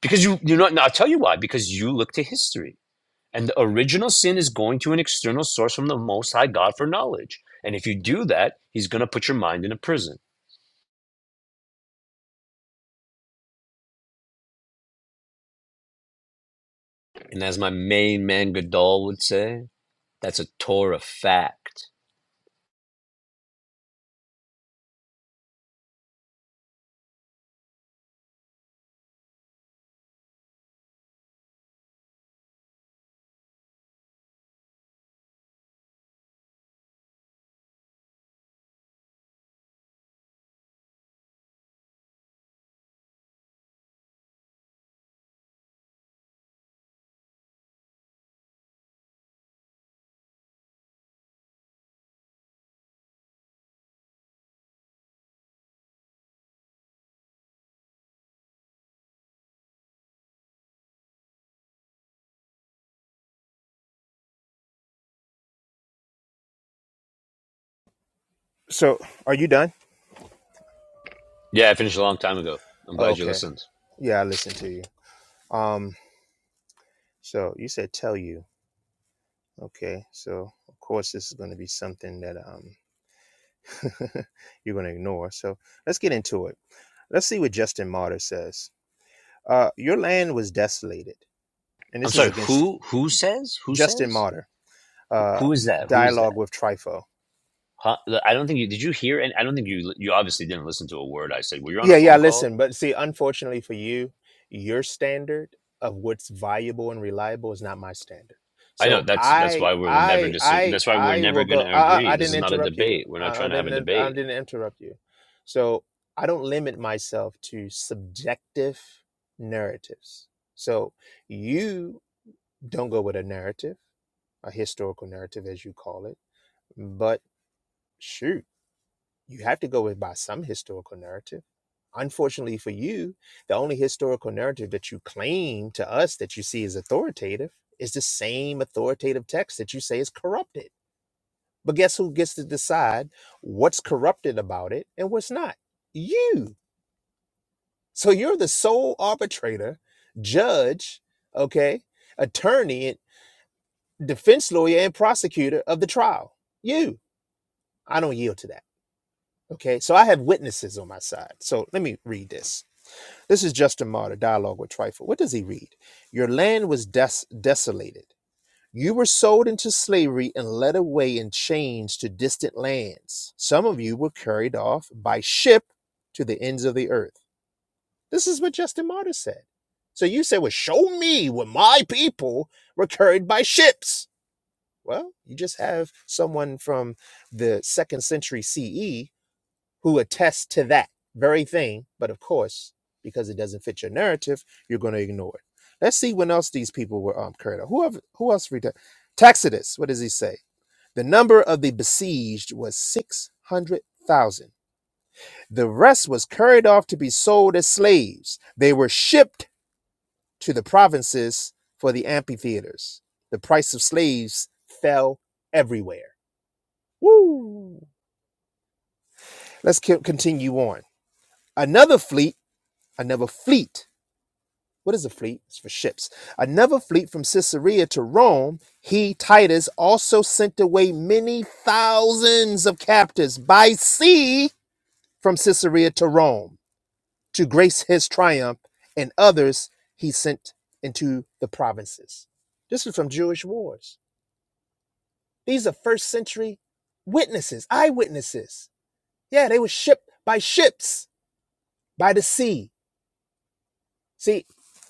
S11: Because you, you're not, I'll tell you why. Because you look to history. And the original sin is going to an external source from the Most High God for knowledge. And if you do that, he's going to put your mind in a prison. And as my main man Godal would say, that's a Torah fact.
S18: So are you done?
S11: Yeah, I finished a long time ago. I'm
S18: Oh,
S11: glad you
S18: Okay.
S11: listened.
S18: Yeah, I listen to you. Um, so you said tell you. Okay. So of course this is gonna be something that um you're gonna ignore. So let's get into it. Let's see what Justin Martyr says. Uh your land was desolated. And
S11: I'm
S18: this is
S11: sorry,
S18: against
S11: who who says? Who
S18: Justin
S11: says?
S18: Martyr, uh
S11: who is that? Who is
S18: dialogue
S11: that?
S18: with Trifo.
S11: Huh? I don't think you did you hear and I don't think you you obviously didn't listen to a word I said. Were you on a
S18: Yeah, yeah,
S11: phone call?
S18: listen, but see, unfortunately for you, your standard of what's viable and reliable is not my standard.
S11: I know
S18: So
S11: that's that's
S18: I,
S11: why we will never
S18: I,
S11: dis.
S18: I,
S11: That's why we're
S18: I
S11: never
S18: will
S11: going
S18: go.
S11: to
S18: I, I
S11: agree.
S18: I
S11: This
S18: didn't
S11: is not a
S18: interrupt you.
S11: debate. We're not
S18: I I
S11: trying to have a
S18: didn't. in- I
S11: debate.
S18: didn't interrupt you. So I don't limit myself to subjective narratives. So you don't go with a narrative, a historical narrative, as you call it. But shoot you have to go with by some historical narrative. Unfortunately for you, the only historical narrative that you claim to us that you see as authoritative is the same authoritative text that you say is corrupted. But guess who gets to decide what's corrupted about it and what's not? You. So you're the sole arbitrator, judge, okay, attorney, defense lawyer, and prosecutor of the trial. You. I don't yield to that. Okay. So I have witnesses on my side. So let me read this. This is Justin Martyr, Dialogue with Trifle. What does he read? Your land was des- desolated. You were sold into slavery and led away in chains to distant lands. Some of you were carried off by ship to the ends of the earth. This is what Justin Martyr said. So you say, well, show me where my people were carried by ships. Well, you just have someone from the second century CE who attest to that very thing. But of course, because it doesn't fit your narrative, you're going to ignore it. Let's see when else these people were um, carried out. Whoever, who else? Reta- Tacitus, what does he say? The number of the besieged was 600,000. The rest was carried off to be sold as slaves. They were shipped to the provinces for the amphitheaters. The price of slaves fell everywhere. Woo! Let's co- continue on. Another fleet, another fleet What is a fleet? It's for ships. Another fleet from Caesarea to Rome, he, Titus, also sent away many thousands of captives by sea from Caesarea to Rome to grace his triumph, and others he sent into the provinces. This is from Jewish wars. These are first century witnesses, eyewitnesses. Yeah, they were shipped by ships by the sea. See,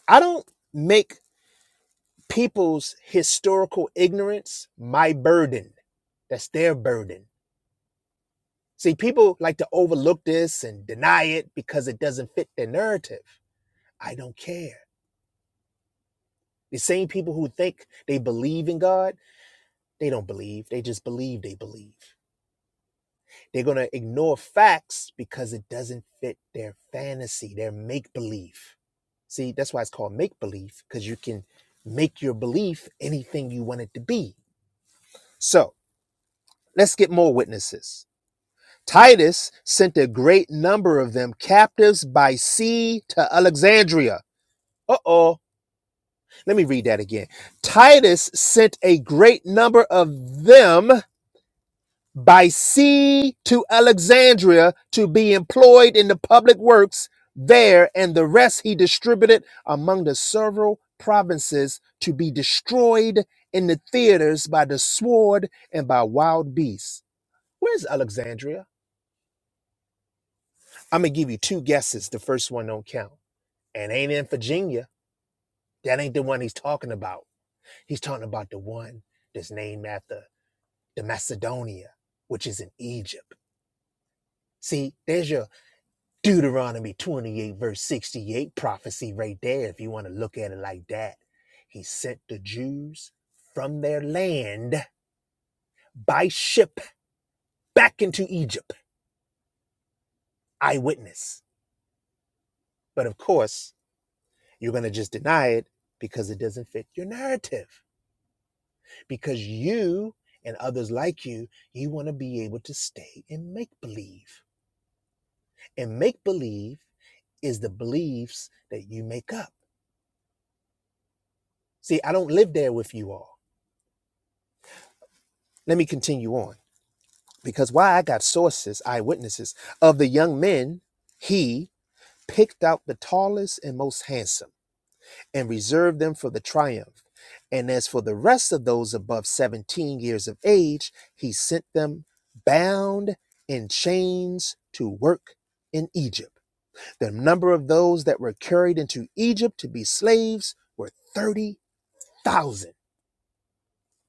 S18: I don't make people's historical ignorance my burden. That's their burden. See, people like to overlook this and deny it because it doesn't fit their narrative. I don't care. The same people who think they believe in God, they don't believe. They just believe they believe. They're going to ignore facts because it doesn't fit their fantasy, their make believe. See, that's why it's called make believe because you can make your belief anything you want it to be. So let's get more witnesses. Titus sent a great number of them captives by sea to Alexandria. Uh oh. Let me read that again. Titus sent a great number of them by sea to Alexandria to be employed in the public works there, and the rest he distributed among the several provinces to be destroyed in the theaters by the sword and by wild beasts. Where's Alexandria? I'm gonna give you two guesses. The first one don't count. And ain't in Virginia. That ain't the one he's talking about. He's talking about the one that's named after the Macedonia, which is in Egypt. See, there's your Deuteronomy 28, verse 68 prophecy right there, if you want to look at it like that. He sent the Jews from their land by ship back into Egypt. Eyewitness. But of course, you're going to just deny it because it doesn't fit your narrative. because you and others like you, you want to be able to stay in make believe. And make believe is the beliefs that you make up. See, I don't live there with you all. Let me continue on because why I got sources, eyewitnesses of the young men, he picked out the tallest and most handsome and reserved them for the triumph. And as for the rest of those above 17 years of age, he sent them bound in chains to work in Egypt. The number of those that were carried into Egypt to be slaves were 30,000,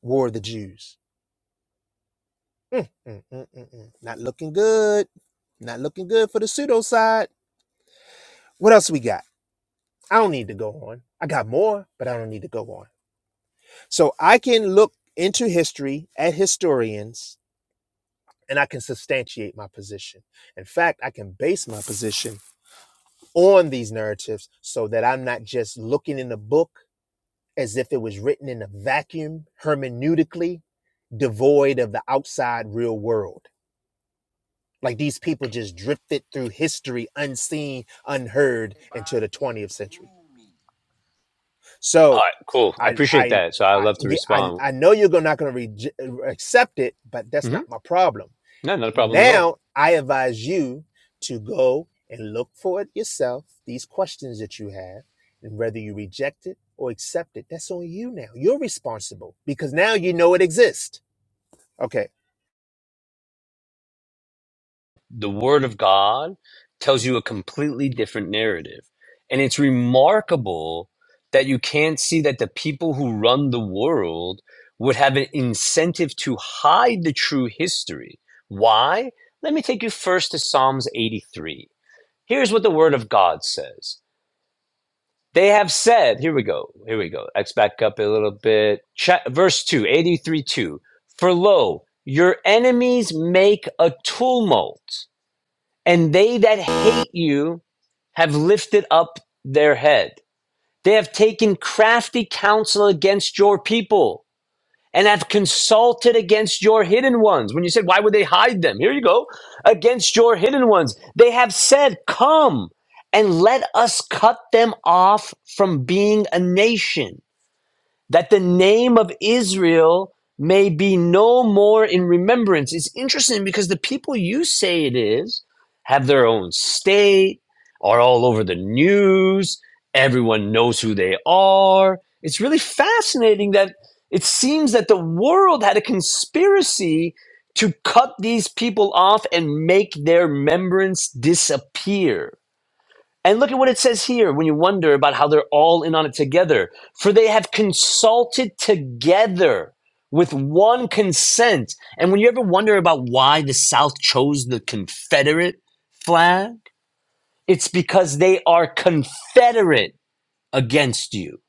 S18: War the Jews. Mm, mm, mm, mm, mm. Not looking good. Not looking good for the pseudo side. What else we got? I don't need to go on. I got more, but I don't need to go on. So I can look into history at historians and I can substantiate my position. In fact, I can base my position on these narratives so that I'm not just looking in the book as if it was written in a vacuum, hermeneutically devoid of the outside real world. Like these people just drifted through history unseen, unheard until the 20th century.
S11: All
S18: So
S11: right, cool. I
S18: I,
S11: appreciate
S18: I,
S11: that. So I
S18: I,
S11: love to
S18: yeah, I,
S11: respond.
S18: I know you're not going to re- accept it, but that's
S11: hmm
S18: not my problem
S11: No, not a problem at all.
S18: Now I advise you to go and look for it yourself, these questions that you have, and whether you reject it or accept it, that's on you now. You're responsible because now you know it exists. Okay.
S11: The Word of God tells you a completely different narrative, and it's remarkable that you can't see that the people who run the world would have an incentive to hide the true history. Why? Let me take you first to Psalms eighty-three. Here's what the Word of God says. They have said, here we go, here we go. Let's back up a little bit. Cha- verse two, eighty-three 2. For lo, your enemies make a tumult, and they that hate you have lifted up their head. They have taken crafty counsel against your people and have consulted against your hidden ones. When you said, why would they hide them? Here you go. Against your hidden ones. They have said, come and let us cut them off from being a nation that the name of Israel may be no more in remembrance. It's interesting because the people you say it is have their own state, are all over the news, everyone knows who they are. It's really fascinating that it seems that the world had a conspiracy to cut these people off and make their remembrance disappear. And look at what it says here when you wonder about how they're all in on it together. For they have consulted together with one consent. And when you ever wonder about why the South chose the Confederate flag, it's because they are confederate against you.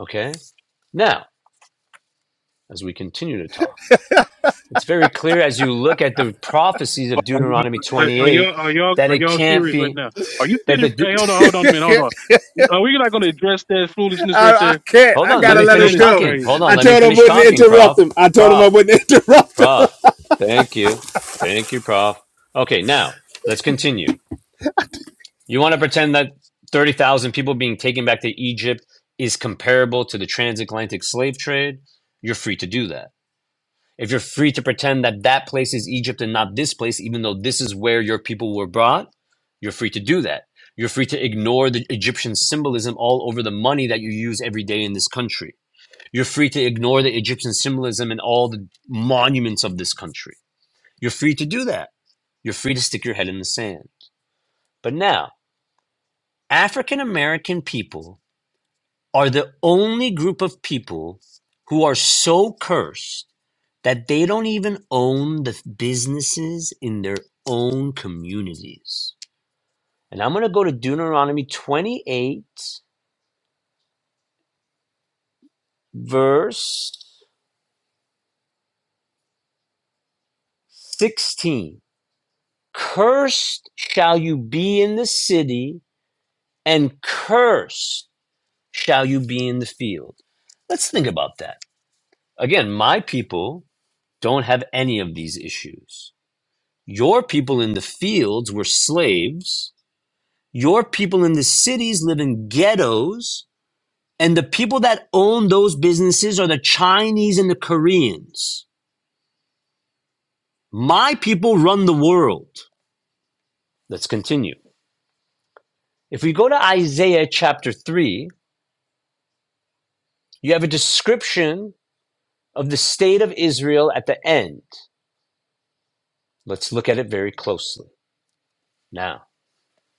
S11: Okay? Now, as we continue to talk, it's very clear as you look at the prophecies of
S6: Are, you-
S11: Deuteronomy
S6: are, are
S11: 28
S6: y'all are y'all
S11: that
S6: are
S11: it
S6: y'all
S11: can't
S6: serious right
S11: be
S6: now? Are you
S11: that
S6: sitting?
S11: the
S6: Hey, hold on, hold on a minute, hold on. Are we not going to address that foolishness
S18: I,
S6: right
S18: I
S6: there?
S18: can't.
S11: Hold
S18: I
S11: on, let
S6: That
S18: gotta
S11: me
S18: let him
S11: finish
S6: that is
S18: go.
S11: talking. Hold
S6: crazy.
S11: on,
S18: I
S11: let me
S18: told him I
S11: finish
S18: wouldn't
S11: talking, Prof.
S18: interrupt him. I told him I
S11: Prof.
S18: wouldn't interrupt him.
S11: Prof. Thank you. Thank you, Prof. Okay, now let's continue. You want to pretend that 30,000 people being taken back to Egypt is comparable to the transatlantic slave trade? You're free to do that. If you're free to pretend that that place is Egypt and not this place, even though this is where your people were brought, you're free to do that. You're free to ignore the Egyptian symbolism all over the money that you use every day in this country you're free to ignore the Egyptian symbolism and all the monuments of this country. You're free to do that. You're free to stick your head in the sand. But now, African American people are the only group of people who are so cursed that they don't even own the businesses in their own communities. And I'm going to go to Deuteronomy 28, verse 16. Cursed shall you be in the city and cursed shall you be in the field. Let's think about that. Again, my people don't have any of these issues. Your people in the fields were slaves. Your people in the cities live in ghettos. And the people that own those businesses are the Chinese and the Koreans. My people run the world. Let's continue. If we go to Isaiah chapter 3, you have a description of the state of Israel at the end. Let's look at it very closely. Now,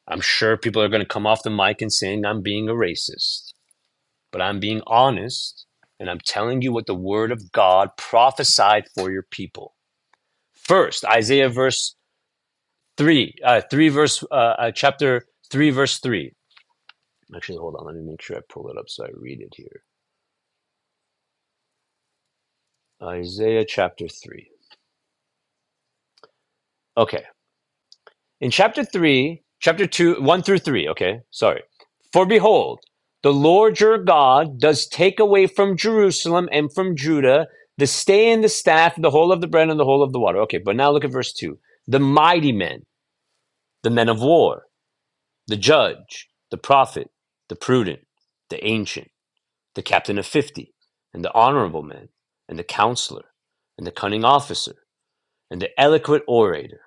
S11: I'm sure people are going to come off the mic and saying I'm being a racist, but I'm being honest and I'm telling you what the word of God prophesied for your people. First, Isaiah verse 3, uh, 3 verse, uh, uh, chapter 3, verse 3. Actually, hold on. Let me make sure I pull it up so I read it here. Isaiah chapter 3. Okay. in chapter 3 chapter 2 1 through 3 okay sorry for behold the lord your god does take away from jerusalem and from judah the stay and the staff the whole of the bread and the whole of the water okay but now look at verse 2 the mighty men the men of war the judge the prophet the prudent the ancient the captain of 50 and the honorable man and the counselor and the cunning officer and the eloquent orator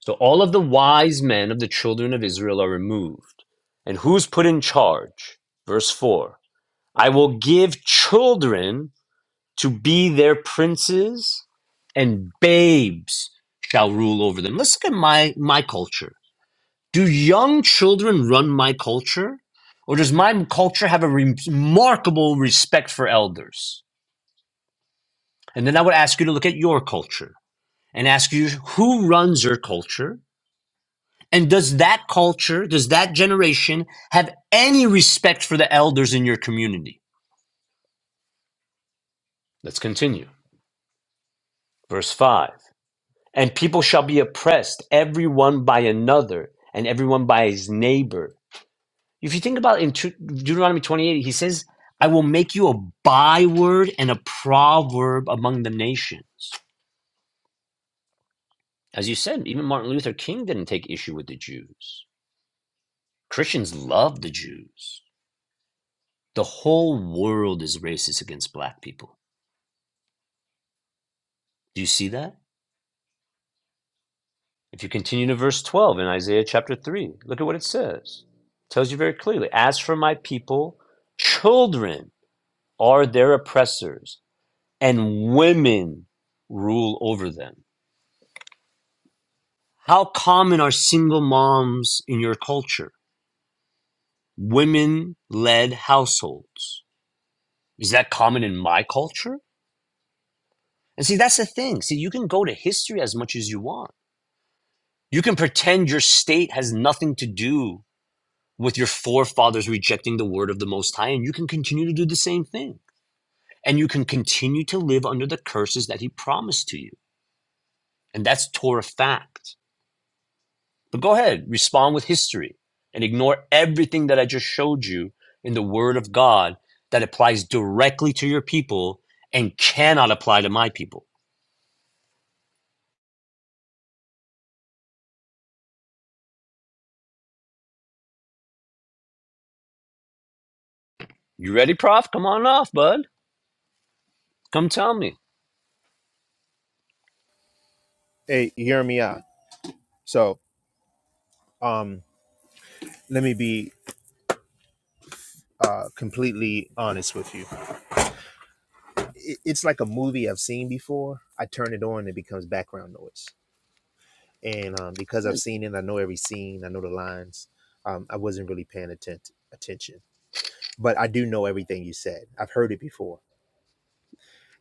S11: So all of the wise men of the children of Israel are removed. And who's put in charge? Verse 4 I will give children to be their princes, and babes shall rule over them. Let's look at my, my culture. Do young children run my culture? Or does my culture have a re- remarkable respect for elders? And then I would ask you to look at your culture and ask you who runs your culture? And does that culture, does that generation have any respect for the elders in your community? Let's continue. Verse 5 And people shall be oppressed, every one by another, and everyone by his neighbor. If you think about in Deuteronomy 28, he says, I will make you a byword and a proverb among the nations. As you said, even Martin Luther King didn't take issue with the Jews. Christians love the Jews. The whole world is racist against black people Do you see that? If you continue to verse 12 in Isaiah chapter 3, look at what it says. It tells you very clearly As for my people, children are their oppressors, and women rule over them. How common are single moms in your culture? Women led households. Is that common in my culture? And see, that's the thing. See, you can go to history as much as you want. You can pretend your state has nothing to do with your forefathers rejecting the word of the Most High, and you can continue to do the same thing. And you can continue to live under the curses that He promised to you. And that's Torah fact. But go ahead, respond with history and ignore everything that I just showed you in the Word of God that applies directly to your people and cannot apply to my people. You ready, Prof? Come on off, bud. Come tell me.
S18: Hey, hear me out. So um let me be uh completely honest with you. It, it's like a movie I've seen before. I turn it on, it becomes background noise and um, because I've seen it, I know every scene, I know the lines. Um, I wasn't really paying atten- attention, but I do know everything you said. I've heard it before.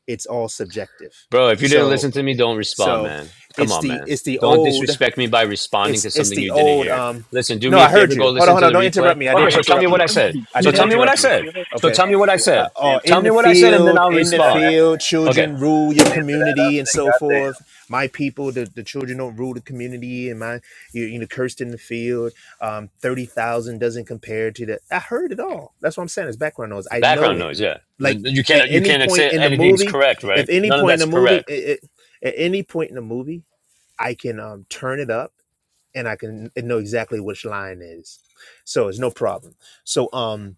S18: It's all subjective.
S11: Bro, if you didn't
S18: So,
S11: listen to me, don't respond,
S18: so
S11: man. Come
S18: it's
S11: on,
S18: the
S11: man.
S18: it's the
S11: Don't
S18: old
S11: disrespect me by responding
S18: it's
S11: to
S18: it's
S11: something
S18: the
S11: you didn't
S18: old.
S11: hear.
S18: Um,
S11: Listen, do
S18: no,
S11: me a
S18: I heard
S11: favor, go
S18: you. Hold on,
S11: listen
S18: hold
S11: to
S18: on.
S11: the
S18: Don't
S11: replay.
S18: interrupt me. I
S11: Okay,
S18: didn't
S11: so tell me
S18: interrupt
S6: He
S11: what I
S18: you.
S6: heard
S11: said.
S6: you.
S18: I
S6: He
S11: So
S18: didn't
S6: heard
S11: tell me
S6: you.
S11: what I
S18: interrupt you.
S6: He
S11: said.
S6: heard you.
S11: So
S18: Okay.
S11: tell me what I said.
S18: uh, or
S11: Tell
S18: in
S11: me
S18: the
S11: what I said, and then
S18: field,
S11: I'll
S18: in the
S11: respond.
S18: field,
S11: Okay,
S18: children rule your community and so forth. My people, the, the children don't rule the community, and my you, you know cursed in the field. Um, Thirty thousand doesn't compare to that. I heard it all. That's what I'm saying. It's background noise. I
S11: background
S18: know it.
S11: noise. Yeah,
S18: Like
S11: you
S18: at
S11: can't you
S18: any
S11: can't
S18: point
S11: say
S18: in the
S11: anything's
S18: movie,
S11: correct, right?
S18: if any
S11: None of
S18: point in
S11: that's
S18: the movie,
S11: correct.
S18: it, it, at any point in the movie, I can um, turn it up and I can know exactly which line is. So it's no problem. So um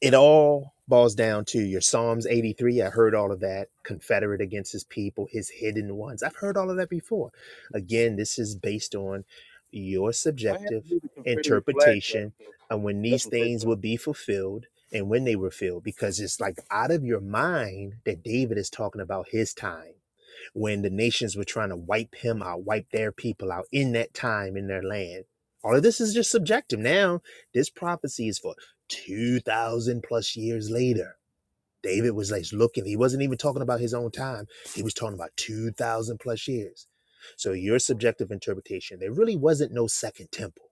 S18: it all boils down to your Psalms 83. I heard all of that. Confederate against his people, his hidden ones. I've heard all of that before. Again, this is based on your
S6: I haven't
S18: subjective
S6: heard the Confederate flag done
S18: interpretation
S6: though.
S18: and when
S6: That's
S18: these
S6: my first
S18: things would
S6: time.
S18: be fulfilled and when they were filled, because it's like out of your mind that David is talking about his time when the nations were trying to wipe him out, wipe their people out in that time in their land. All of this is just subjective. Now, this prophecy is for 2,000 plus years later. David was like looking, he wasn't even talking about his own time, he was talking about 2,000 plus years. So, your subjective interpretation, there really wasn't no second temple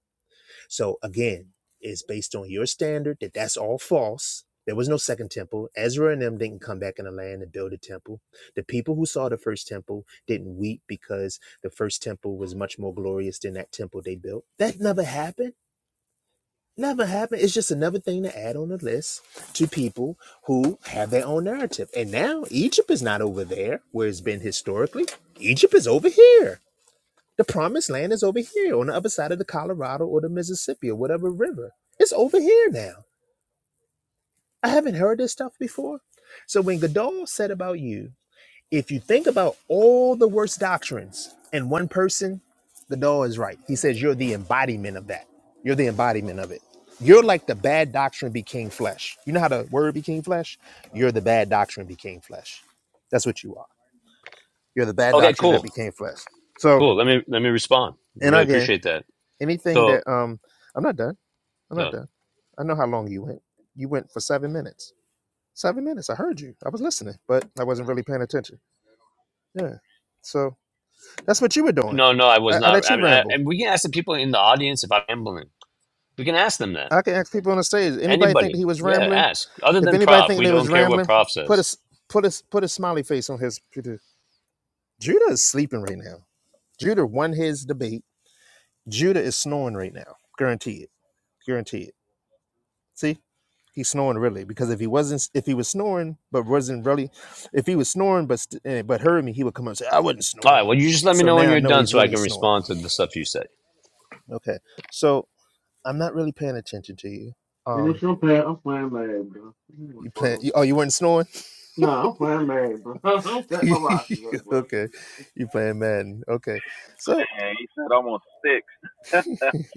S18: so again, it's based on your standard that that's all false. There was no second temple. Ezra and them didn't come back in the land and build a temple. The people who saw the first temple didn't weep because the first temple was much more glorious than that temple they built. That never happened. Never happened. It's just another thing to add on the list to people who have their own narrative. And now Egypt is not over there where it's been historically. Egypt is over here the promised land is over here on the other side of the Colorado or the Mississippi or whatever river. It's over here now. I haven't heard this stuff before. So when Godal said about you, if you think about all the worst doctrines in one person, Godal is right. He says you're the embodiment of that. You're the embodiment of it. You're like the bad doctrine became flesh. You know how the word became flesh? You're the bad doctrine became flesh. That's what you are. You're the bad
S11: Okay,
S18: doctrine that
S11: cool,
S18: became flesh. So,
S11: cool. Let me let me respond.
S18: and
S11: Really
S18: again,
S11: appreciate that.
S18: anything
S11: So
S18: that um I'm not done I'm not
S11: uh,
S18: done. I know how long you went. You went for seven minutes. Seven minutes. I heard you. I was listening, but I wasn't really paying attention. Yeah. So that's what you were doing.
S11: no, no, I was
S18: I, I
S11: not.
S18: let
S11: I
S18: you
S11: mean, I,
S18: ramble.
S11: and we can ask the people in the audience if I'm ambling. We can ask them that.
S18: I can ask people on the stage. Anybody think that
S11: Anybody.
S18: he was
S11: Yeah,
S18: rambling?
S11: ask. Other
S18: If
S11: than
S18: anybody
S11: Prof.
S18: think
S11: We
S18: they
S11: don't
S18: was
S11: care what
S18: rambling,
S11: Prof
S18: put a
S11: says.
S18: s- put a s- put a smiley face on his. Judah Judah is sleeping right now. Judah won his debate. Judah is snoring right now. Guarantee it. Guarantee it. See, he's snoring really because if he wasn't, if he was snoring but wasn't really, if he was snoring but st- eh, but heard me, he would come up and say, "I wasn't
S11: All right,
S18: snoring."
S11: well, you just let me
S18: So
S11: know when
S18: now I
S11: you're
S18: know
S11: done
S18: he's
S11: so I
S18: really
S11: can
S18: snoring.
S11: respond to the stuff you said.
S18: Okay, so I'm not really paying attention to you.
S5: You
S18: Um,
S5: know, I'm playing, I'm playing mad, bro.
S18: you playing? You, oh, you weren't snoring.
S5: No, I'm playing mad, bro. I'm setting my rosters up, bro.
S18: okay, you playing Madden? Okay, so
S3: And he said, I'm on six.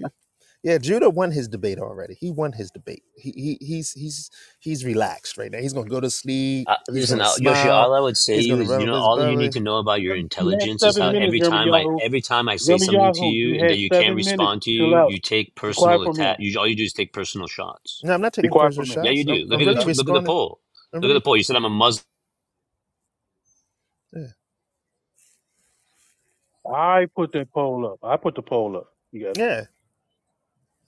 S18: yeah, Judah won his debate already. He won his debate. He, he he's he's he's relaxed right now. He's gonna go to sleep.
S11: Uh,
S18: He's
S11: listen,
S18: gonna
S11: uh, Yoshi,
S18: smile.
S11: all I would say to
S18: He's
S11: you
S18: gonna
S11: is,
S18: run
S11: you
S18: up
S11: know,
S18: his
S11: all that you need
S18: belly.
S11: to know about your
S6: You had
S11: intelligence is
S6: seven
S11: how
S18: Okay
S6: minutes,
S11: every
S6: Jeremy
S11: time I
S6: Yahoo.
S11: every time I say
S6: Jeremy
S11: something to
S6: Yahoo, you
S11: you and that
S6: had
S11: you can't
S6: seven minutes.
S11: respond to
S6: Chill
S11: you,
S6: out.
S11: you take
S6: Be quiet
S11: personal
S6: for a
S11: attack.
S6: minute.
S11: You all you do is take personal shots.
S18: No, I'm not
S6: Be
S18: taking
S6: quiet for
S18: personal
S6: a minute.
S11: Yeah, you
S18: shots. I'm
S11: do.
S6: No,
S11: Look
S18: I'm
S11: at
S6: you
S11: the
S18: really
S6: not.
S11: t- look at the
S18: responding.
S11: poll.
S18: I'm
S11: Look at the
S18: really
S11: poll. You said I'm a Muslim.
S18: yeah.
S6: I put that poll up. I put the poll up. You got it.
S18: Yeah.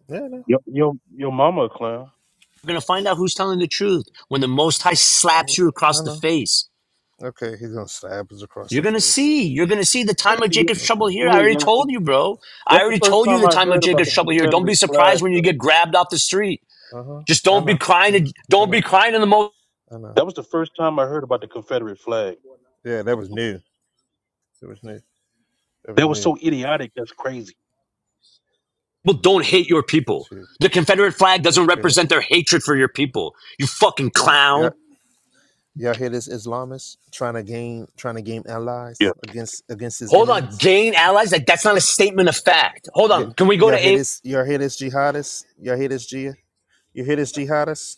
S18: Yeah, no.
S6: Your your, your mama a clown.
S11: You're gonna find out who's telling the truth when the Most High
S18: Yeah.
S11: slaps you
S18: No
S11: across the
S18: no.
S11: face.
S18: Okay, he's gonna stab us across
S11: You're
S18: the
S11: gonna
S18: face.
S11: see. You're gonna see the
S6: Go ahead.
S11: time of
S6: Yo,
S11: Jacob's trouble
S18: Okay.
S11: here. I already
S6: Go ahead.
S11: told you, bro. I
S6: That's the
S11: already
S6: first
S11: told you
S6: time
S11: the
S6: I
S11: time of
S6: heard
S18: I
S6: about the
S11: Jacob's
S18: know.
S11: trouble here. Don't be
S6: Confederate flag,
S11: surprised when you
S6: though.
S11: get grabbed off the street.
S18: Uh-huh.
S11: Just
S18: I
S11: don't be
S18: know. I
S11: crying.
S18: know.
S11: and-
S18: I
S11: Don't be
S18: know.
S11: crying in the moment.
S18: I know.
S6: That was the first time I heard about the Confederate flag.
S18: Yeah, that was new. That was new. That was
S6: That was
S18: new.
S6: so idiotic. That's crazy.
S11: People don't hate your people.
S18: Too.
S11: The Confederate flag doesn't
S18: Yeah.
S11: represent their hatred for your people. You fucking
S18: Yeah.
S11: clown.
S18: Y'all hear this Islamist trying to gain trying to gain
S6: Yeah.
S18: allies against against his
S11: Hold on.
S18: enemies?
S11: Gain allies. Like that's not a statement of fact. Hold
S18: Y-
S11: on. Can we go
S18: y'all hear
S11: to
S18: this y'all hear this jihadist? Y'all hear this jihad? You hear this jihadist?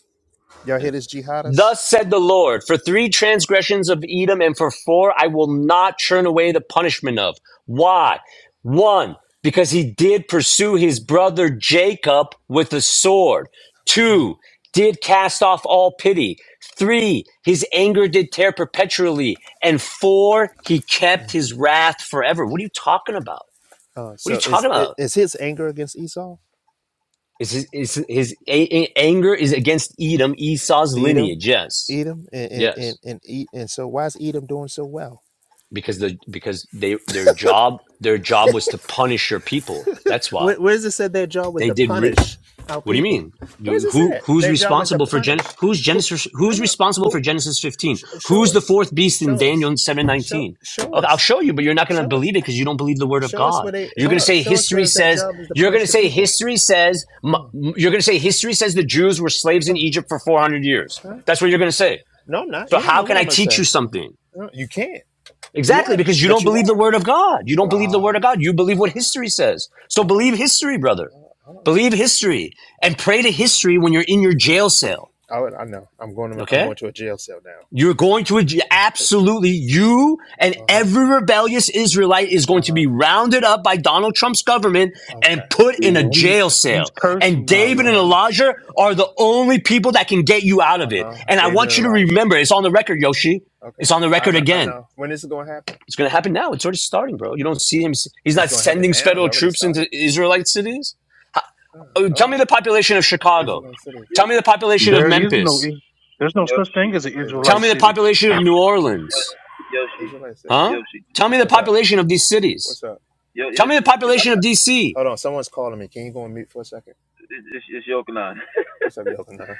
S18: Y'all hear this jihadist?
S11: Thus said the Lord, for three transgressions of Edom and for four I will not turn away the punishment of. Why? One, because he did pursue his brother Jacob with a sword.
S18: Hmm.
S11: Two, did cast off all pity. Three, his anger did tear perpetually. And four, he kept his wrath forever. What are you talking about?
S18: Uh,
S11: What are you
S18: so is
S11: talking
S18: i-
S11: about?
S18: is his anger against Esau,
S11: Is his, is his a- a- anger is against Edom, Esau's
S18: Edom,
S11: lineage? Yes.
S18: Edom, and and
S11: Yes.
S18: and and, E- and so why is Edom doing so well?
S11: because the because they their job their job was to punish your people. That's why
S18: Where, where is it said their job was
S11: they
S18: to
S11: did. Re-
S18: punish our
S11: what do you
S18: people?
S11: mean?
S18: Where is it
S11: Who
S18: said
S11: who's
S18: their job was to
S11: responsible for
S18: punish?
S11: Gen? Who's
S18: Who,
S11: Genesis?
S18: no,
S11: Who's
S18: no.
S11: responsible
S18: Who?
S11: for Genesis fifteen?
S18: Sh- show
S11: Who's the
S18: us.
S11: fourth beast in
S18: Show us.
S11: Daniel seven
S18: Show
S11: nineteen?
S18: show
S11: Oh, I'll
S18: us.
S11: show you, but you're not going to
S18: Show
S11: believe
S18: us.
S11: it because you don't believe the word of
S18: Show us
S11: God.
S18: where they.
S11: You're
S18: Hold
S11: going to
S18: on.
S11: say
S18: Show us
S11: history
S18: where their
S11: says.
S18: job is to
S11: You're going
S18: punish
S11: to
S18: the
S11: say
S18: people.
S11: history says. You're going to say history says the Jews were slaves in
S18: Uh,
S11: Egypt for 400 years.
S18: huh?
S11: That's what you're going to say.
S18: No, I'm not.
S11: So
S18: You don't
S11: how
S18: know
S11: can
S18: what
S11: I
S18: I'm gonna
S11: teach
S18: say.
S11: you something?
S18: No, you can't. You
S11: Exactly,
S18: are,
S11: because you
S18: but
S11: don't
S18: you
S11: believe the
S18: are.
S11: word of God. You don't believe the
S18: Ah.
S11: word of God. You believe what history says.
S18: ah,
S11: So believe
S18: oh.
S11: history, brother.
S18: Oh, oh,
S11: Believe history and
S18: oh,
S11: pray to history when you're in your jail cell.
S18: oh, I know. I'm going. To, I'm
S11: Okay?
S18: going to a jail cell
S11: You're going to
S18: now.
S11: absolutely, you and
S18: Uh huh.
S11: every rebellious Israelite is going
S18: Uh
S11: to
S18: huh.
S11: be rounded up by Donald Trump's government and
S18: Okay.
S11: put in a
S6: Mhm.
S11: jail
S6: He's
S11: cell.
S18: Uh,
S11: And
S6: cursing you,
S18: oh
S11: David and
S18: man.
S6: Yoshi.
S11: Elijah are the only people that can get you out
S18: Uh
S11: of it.
S18: huh.
S11: And I
S18: David
S11: want
S18: and
S11: you to
S18: Elijah.
S11: remember, it's on the record, Yoshi.
S18: Okay.
S11: It's on the
S18: I
S11: record
S18: know. I
S11: again.
S18: know. When this is going to happen?
S11: It's going to happen now. It's already starting, bro. You don't see him. He's
S18: It's
S11: not
S18: going to happen
S11: sending
S18: now. It's
S11: federal
S18: already
S11: troops
S18: started.
S11: into Israelite cities. Oh,
S18: Uh,
S11: tell me
S18: oh,
S11: the population of Chicago.
S18: Israelite City.
S11: Tell me the population of
S6: There
S18: Mm,
S6: is no,
S11: Memphis.
S6: is- there's no such thing as an
S18: Israelite
S11: Tell
S6: Israelite
S11: me the
S18: City.
S6: city.
S11: population of New
S18: Mm,
S11: Orleans.
S18: Israelite City.
S11: Huh? Tell me the
S18: What's up?
S11: population of these cities.
S18: What's up?
S11: Tell me the population of DC.
S18: Hold on. Someone's calling me. Can you go and mute for a second? What's up, Yohanan?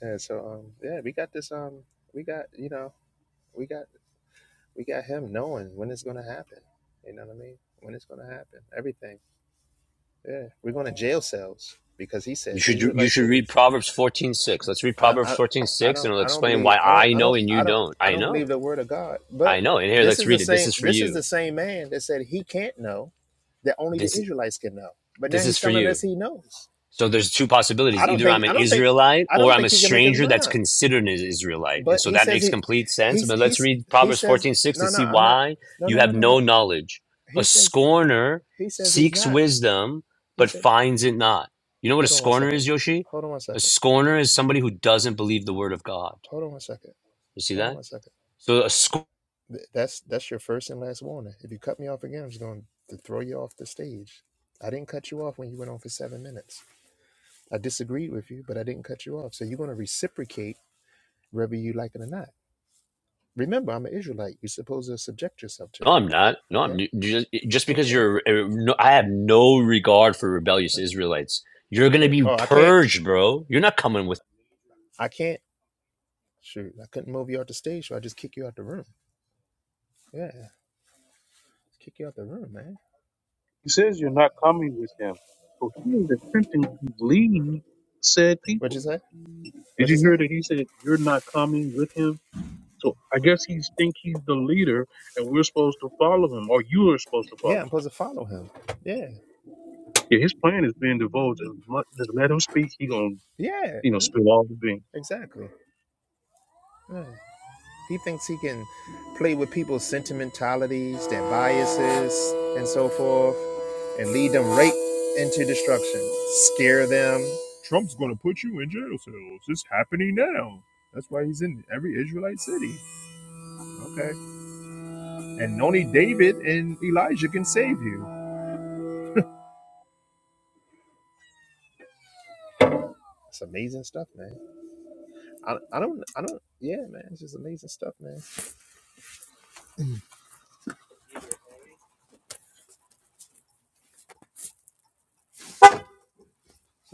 S18: And so, um, yeah, we got this. Um, we got you know, we got. we got him knowing when it's gonna happen. You know what I mean? When it's gonna happen, everything. Yeah, we're going to jail cells because he
S11: You
S18: said
S11: should you
S18: Israelite
S11: should read
S18: cities.
S11: Proverbs fourteen six. Let's read
S18: I,
S11: Proverbs
S18: I,
S11: fourteen
S18: I
S11: six, and
S18: don't,
S11: it'll
S18: I don't
S11: explain
S18: believe,
S11: why
S18: I don't,
S11: I
S18: I
S11: know
S18: don't,
S11: and you
S18: I don't,
S11: don't.
S18: I
S11: I
S18: don't
S11: know.
S18: believe the word of God.
S11: I
S18: But
S11: know. And here,
S18: this
S11: let's
S18: is the
S11: read it. This
S18: same,
S11: is for
S18: this is
S11: you.
S18: the same man that said he can't know that only the
S11: This
S18: Israelites can know. But now
S11: this is
S18: he's
S11: for
S18: telling
S11: you.
S18: us he knows.
S11: So there's two
S18: I
S11: possibilities.
S18: don't
S11: Either I'm
S18: think,
S11: an
S18: I don't think,
S11: Israelite
S18: I
S11: or
S18: don't
S11: I'm
S18: think
S11: a
S18: he can make his
S11: stranger
S18: mind
S11: that's
S18: up.
S11: considered an Israelite. And
S18: But
S11: so
S18: he
S11: that
S18: says
S11: makes
S18: he,
S11: complete sense.
S18: he's,
S11: But let's
S18: he's,
S11: read
S18: he
S11: Proverbs
S18: says
S11: 14:6 to
S18: no, no,
S11: see
S18: I'm not,
S11: why
S18: no,
S11: you
S18: no, no,
S11: have
S18: no,
S11: no
S18: no.
S11: knowledge.
S18: He
S11: A
S18: says
S11: scorner
S18: He says he's
S11: seeks
S18: not.
S11: wisdom,
S18: He
S11: but
S18: said,
S11: finds it not. You know what a
S18: hold on one
S11: scorner
S18: second.
S11: is, Yoshi?
S18: Hold on one
S11: A
S18: second.
S11: scorner is somebody who doesn't believe the word of God.
S18: Hold on one second.
S11: You see
S18: Hold on
S11: that?
S18: one second.
S11: So a scorner.
S18: Th- that's that's your first and last warning. If you cut me off again, I'm just going to throw you off the stage. I didn't cut you off when you went on for seven minutes. I disagreed with you, but I didn't cut you off. So you're going to reciprocate whether you like it or not. Remember, I'm an Israelite. You're supposed to subject yourself to
S11: No,
S18: me.
S11: I'm not. No, I'm
S18: Okay?
S11: just, just because
S18: Okay.
S11: you're. uh, No, I have no regard for rebellious Israelites. You're going to
S18: Okay.
S11: be
S18: Oh, I can't.
S11: purged, bro. You're not coming with.
S18: I can't. Shoot, I couldn't move you off the stage, so I just kick you out the room. Yeah, kick you out the room, man.
S6: He says you're not coming with them. So he is attempting to lead said
S18: What'd
S6: people.
S18: you say?
S6: Did
S18: What'd you
S6: you
S18: say?
S6: hear that he said you're not coming with him? So I guess he's think he's the leader, and we're supposed to follow him, or you are supposed to follow. him.
S18: Yeah, I'm supposed to follow him. Yeah,
S6: Yeah, his plan is being divulged. As much just let him speak. He gonna,
S18: yeah,
S6: you know, spill all the beans.
S18: exactly. Yeah. He thinks he can play with people's sentimentalities, their biases, and so forth, and lead them right into destruction. Scare them. Trump's going to put you in jail cells. It's happening now. That's why he's in every Israelite city. Okay. And only David and Elijah can save you. It's amazing stuff, man. I, I don't, I don't, yeah, man. It's just amazing stuff, man. It's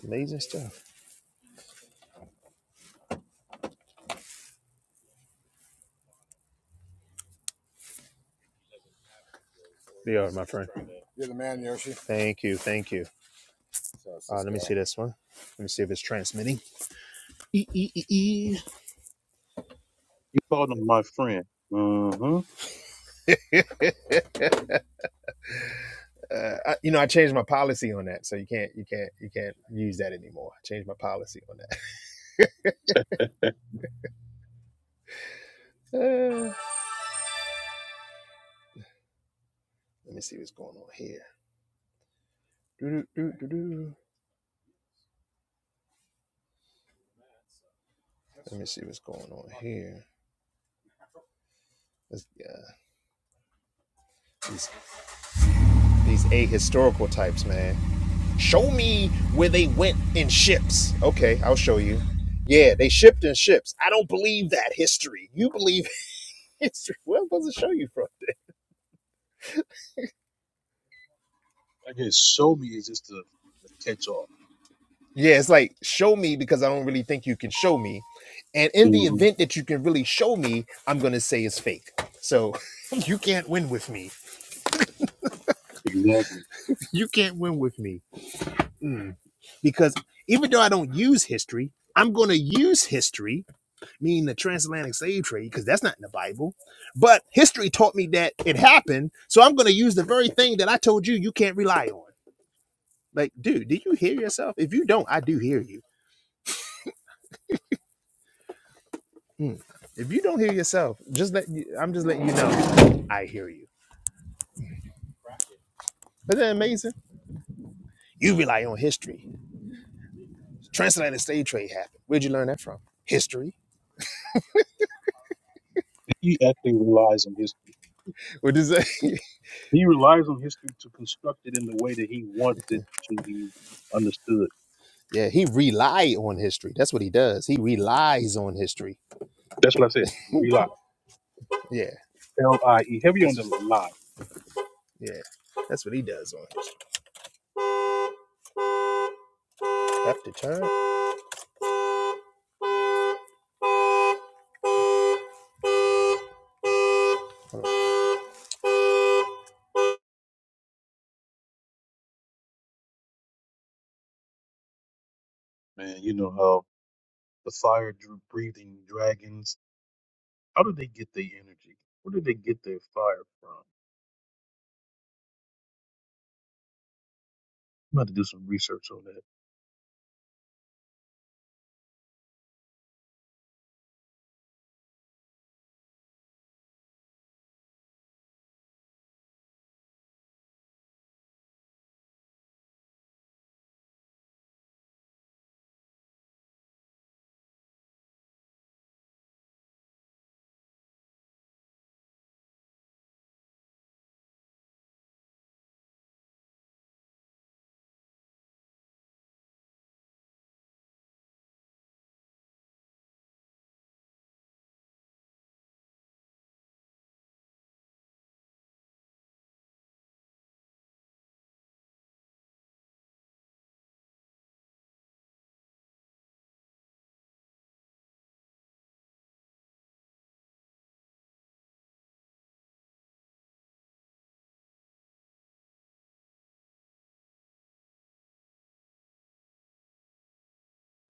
S18: amazing stuff. They are, my friend. Thank you. Thank you. That's Uh, what's let me up. see this one. Let me see if it's transmitting. E- e- e- e.
S6: You called him my friend. Mm-hmm.
S18: uh, I, you know, I changed my policy on that, so you can't, you can't, you can't use that anymore. I changed my policy on that. Uh, let me see what's going on here. Doo-doo-doo-doo-doo. Let me see what's going on here. This- yeah, these these ahistorical types, man. Show me where they went in ships. Okay, I'll show you. Yeah, they shipped in ships. I don't believe that history. You believe history. Where am I supposed to show you from?
S6: I guess show me is just the, the catch all.
S18: Yeah, it's like show me because I don't really think you can show me. And in the
S6: hmm
S18: event that you can really show me, I'm gonna say it's fake. So you can't win with me.
S6: Exactly.
S18: You can't win with me. Mm. Because even though I don't use history, I'm gonna use history, meaning the transatlantic slave trade, because that's not in the Bible. But history taught me that it happened, so I'm gonna use the very thing that I told you you can't rely on. Like, dude, do you hear yourself? If you don't, I do hear you Mm. If you don't hear yourself, just let you, I'm just letting you know I hear you. Isn't that amazing? You rely on history. Transatlantic slave trade happened. Where'd you learn that from? History.
S6: He actually relies on history.
S18: What is that?
S6: He relies on history to construct it in the way that he wants it to be understood.
S18: yeah, he rely on history. That's what he does. He relies on history.
S6: That's what I said. Rely.
S18: Yeah,
S6: L I E. Heavy on
S18: that's
S6: the lie.
S18: yeah, that's what he does on history. Have to turn. Hold on.
S6: Man, you know how the fire dr- breathing dragons, how do they get their energy? Where do they get their fire from? I'm about to do some research on that.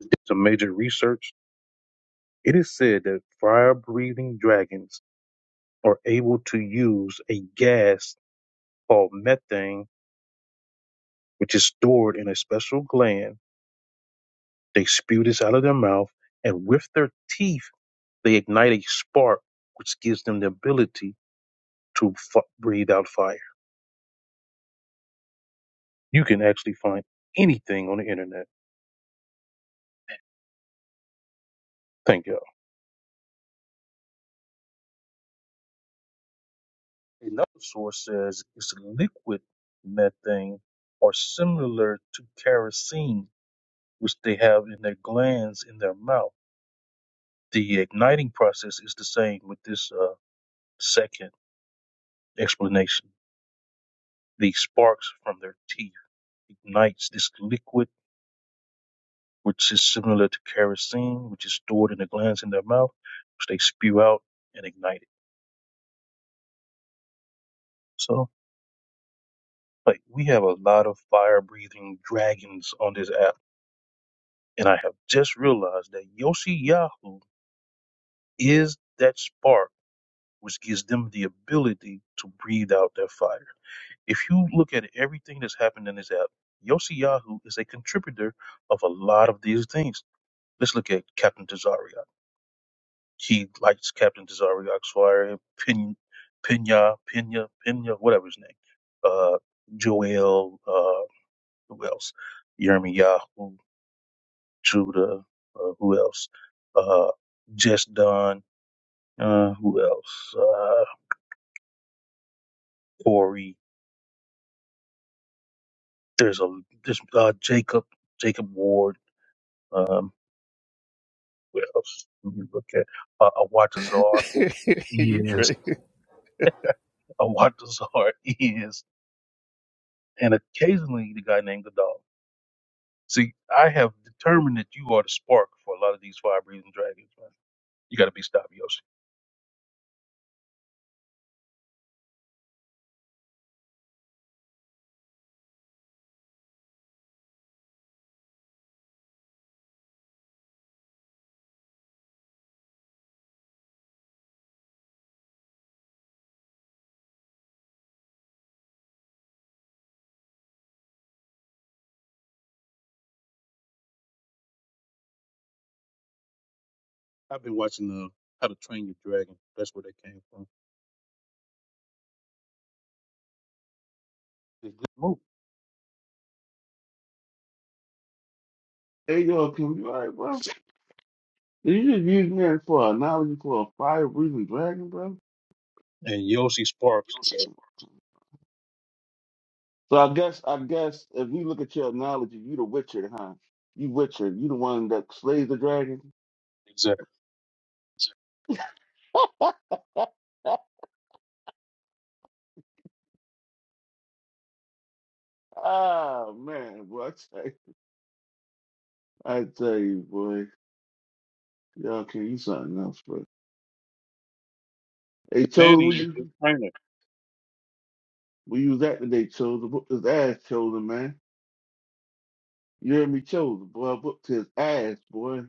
S6: did some major research, it is said that fire breathing dragons are able to use a gas called methane, which is stored in a special gland. They spew this out of their mouth, and with their teeth, they ignite a spark, which gives them the ability to f- breathe out fire. You can actually find anything on the internet. Thank you. Another source says it's liquid methane or similar to kerosene which they have in their glands in their mouth. The igniting process is the same with this uh, second explanation. The sparks from their teeth ignites this liquid, which is similar to kerosene, which is stored in the glands in their mouth, which they spew out and ignite it. So, like, we have a lot of fire-breathing dragons on this app, and I have just realized that Yoshi Yahoo is that spark which gives them the ability to breathe out their fire. If you look at everything that's happened in this app, Yossi Yahoo is a contributor of a lot of these things. Let's look at Captain Tazariak. He likes Captain Tazariak's fire, Pin, Pina, Pina, Pina, whatever his name. Uh, Joel, uh, who else? Yermi Yahoo, Judah, uh, who else? Uh, Just Don, uh, who else? Uh, Corey. There's a, there's, uh, Jacob, Jacob Ward. um, What else do we look at? Uh, a Watazar
S18: you
S6: is
S18: crazy?
S6: a Watazar is, and occasionally the guy named Godal. See, I have determined that you are the spark for a lot of these fire breathing dragons. Man. You got to be stopped, Yoshi. I've been watching uh, How to Train Your Dragon. That's where they came from. It's a good move.
S5: Hey, yo, can you, all right, bro? You just use me as for an analogy for a fire breathing dragon, bro?
S6: And Yoshi Sparks, uh,
S5: So I guess, I guess if you look at your analogy, you the Witcher, huh? You Witcher, you the one that slays the dragon.
S6: exactly.
S5: Oh man, boy, I tell you, I tell you, boy, y'all can eat something else, bro. Hey,
S6: And
S5: Chosen, where
S6: Manny is
S5: you
S6: your trainer.
S5: where you was at today, Chosen? Whooped his ass, Chosen, man. You heard me, Chosen, boy. I whooped his ass, boy.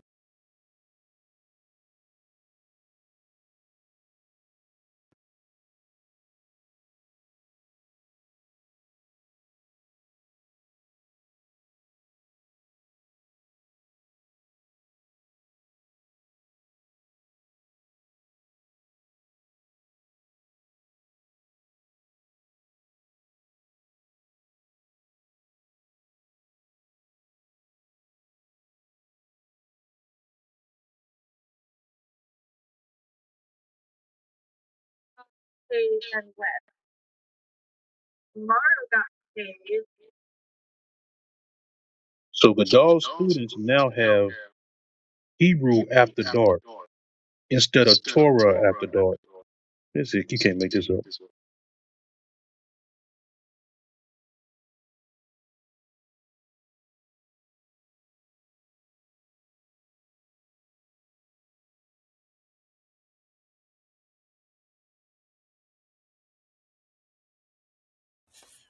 S6: East and West. Mara got saved. So Godal's students now have Hebrew after dark. instead of Torah after dark. This is, you can't make this up.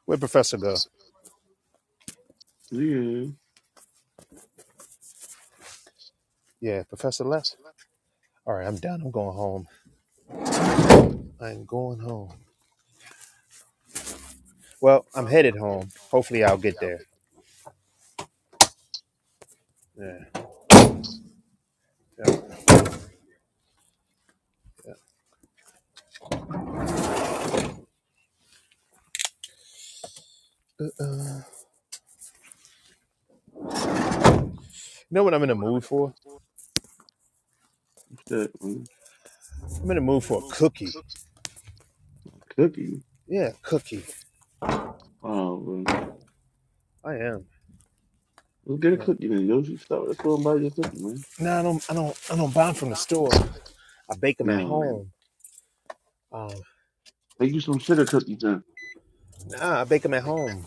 S18: Where Professor go?
S5: Yeah,
S18: Yeah, Professor left. All right, I'm done. I'm going home. I'm going home. Well, I'm headed home. Hopefully, I'll get there. Yeah. Yeah. Yeah. You know what I'm in a mood for?
S5: shit, man.
S18: I'm in a mood for a cookie.
S5: Cookie.
S18: Yeah, cookie.
S5: Oh, man.
S18: I am.
S5: Let's get a
S18: You know.
S5: cookie then, Yoshi. Stop at the store and buy your cookie, man.
S18: Nah, I don't. I don't. I don't buy them from the store. I bake them at
S5: No,
S18: home. Um,
S5: make you some sugar cookies then.
S18: nah, I bake them at home.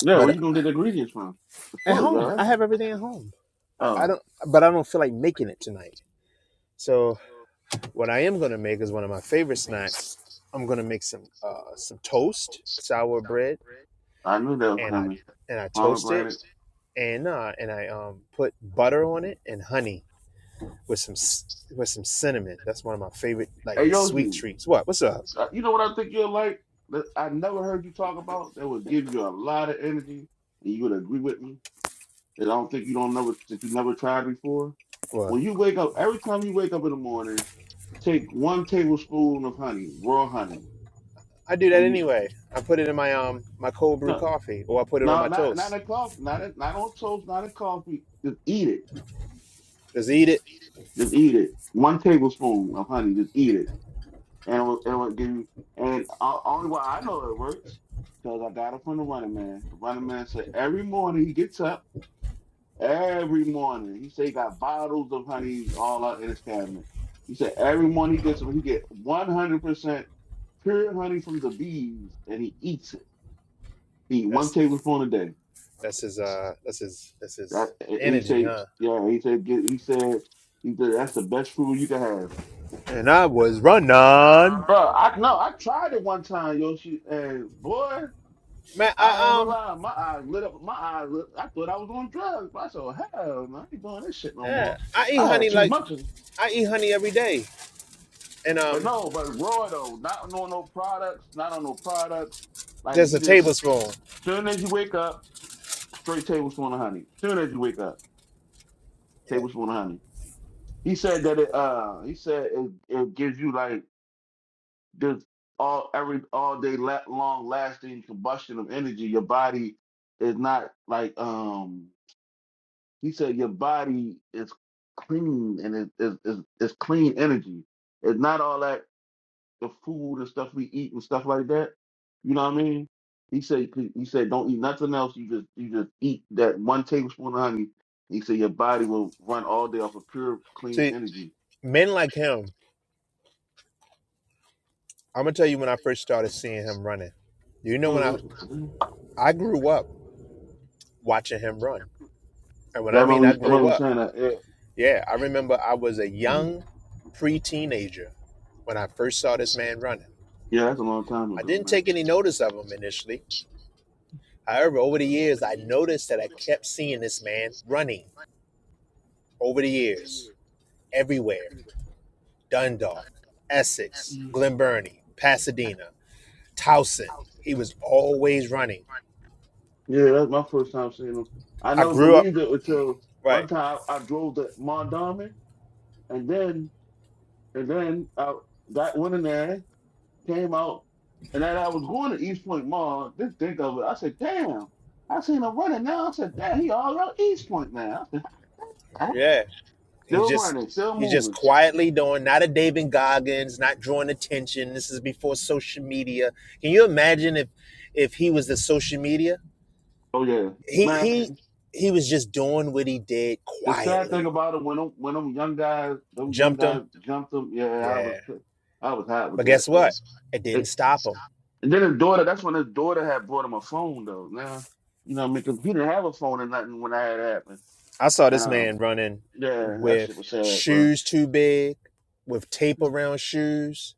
S5: Yeah,
S18: But
S5: where
S18: uh,
S5: you gonna get the ingredients from? The
S18: at
S5: store,
S18: home, I
S5: y'all.
S18: have everything at home. I, I
S5: Oh,
S18: don't. But I don't feel like making it tonight. So what I am gonna make is one of my favorite snacks. I'm gonna make some uh, some toast, sour bread,
S5: I knew that was
S18: and I
S5: coming.
S18: and I toast it
S5: Pomegranate.
S18: and uh, and I um put butter on it and honey with some with some cinnamon. That's one of my favorite like
S5: Hey,
S18: sweet
S5: Yoshi.
S18: treats. What? What's up?
S5: So, you know what I think you are like that I never heard you talk about that would give you a lot of energy and you would agree with me that I don't think you don't never that you never tried before.
S18: What?
S5: When you wake up, every time you wake up in the morning, take one tablespoon of honey, raw honey,
S18: I do that
S5: and you
S18: anyway. I put it in my um my cold brew
S5: no,
S18: coffee, or I put it on
S5: no,
S18: my
S5: not not
S18: toast.
S5: in coffee, not in, not on toast, not in coffee. Just eat it.
S18: Just eat it?
S5: Just eat it. One tablespoon of honey. Just eat it and it will, it will give you. And o- only why I know it works because I got it from the running man. The running man said every morning he gets up. Every morning he said he got bottles of honey all out in his cabinet. He said every morning he gets up, he get one hundred percent pure honey from the bees, and he eats it. He eat one
S18: That's
S5: tablespoon a day.
S18: that's his uh that's his that's his
S5: That, and he
S18: energy,
S5: said,
S18: huh?
S5: yeah, he said, get, he said, he said, that's the best food you can have.
S18: And I was running.
S5: Bro, I no, I tried it one time, Yoshi, and boy.
S18: Man,
S5: I ain't
S18: I
S5: gonna
S18: um
S5: lie, my eyes lit up. My eyes, lit, I thought I was on drugs. But I said, hell, no, I ain't doing this shit no more.
S18: yeah, I eat
S5: I had
S18: honey
S5: too
S18: like
S5: much, of,
S18: I eat honey every day, and
S5: but
S18: um
S5: no, but raw though, not on no no products, not on no products. Like
S18: just a
S5: you just,
S18: tablespoon.
S5: soon as you wake up, straight tablespoon of honey. Soon as you wake up,
S18: Yeah.
S5: tablespoon of honey. He said that it, uh, he said it, it gives you like this all every all day la- long lasting combustion of energy. Your body is not like um He said your body is clean and it is is is clean energy. It's not all that the food and stuff we eat and stuff like that. You know what I mean? He said he said don't eat nothing else. You just you just eat that one tablespoon of honey. He said your body will run all day off of pure clean
S18: See,
S5: energy.
S18: men like him. I'm gonna tell you when I first started seeing him running. You know when I
S5: Mm-hmm.
S18: I grew up watching him run. And when
S5: Yeah, I
S18: I mean I
S5: remember, I remember
S18: grew
S5: you
S18: up,
S5: saying that. Yeah.
S18: yeah, I remember I was a
S5: Mhm.
S18: young pre-teenager when I first saw this man running.
S5: yeah, that's a long time
S18: I
S5: ago,
S18: didn't
S5: man.
S18: take any notice of him initially. However, over the years, I noticed that I kept seeing this man running over the years, everywhere. Dundalk, Essex, Glen Burnie, Pasadena, Towson. He was always running.
S5: Yeah, that's my first time seeing him. I
S18: I
S5: never
S18: grew up,
S5: believed it until one
S18: right.
S5: time I, I drove to Mondawmin, and then And then I got went in there, came out, and as I was going to East Point Mall, didn't think of it. I said, damn. I seen him running now. I said, damn, he all around East Point now. I said,
S18: Yeah. He's
S5: still
S18: just
S5: running, still
S18: he's just
S5: moving.
S18: quietly doing not a David Goggins, not drawing attention. This is before social media. Can you imagine if if he was the social media?
S5: Oh yeah.
S18: He he
S5: Man,
S18: he was just doing what he did
S5: the sad thing
S18: quietly.
S5: about it when them when them young guys, them young
S18: Jumped him.
S5: guys jumped him, yeah, I was
S18: Yeah.
S5: I was hot with
S18: But
S5: that.
S18: guess what? It didn't
S5: They-
S18: stop him.
S5: and then his daughter, that's when his daughter had bought him a phone though. Now, you know, because he didn't have a phone or nothing when that had happened.
S18: I saw
S5: And
S18: this man
S5: um,
S18: running
S5: yeah, that shit
S18: with
S5: was sad, bro.
S18: shoes too big, with tape around shoes.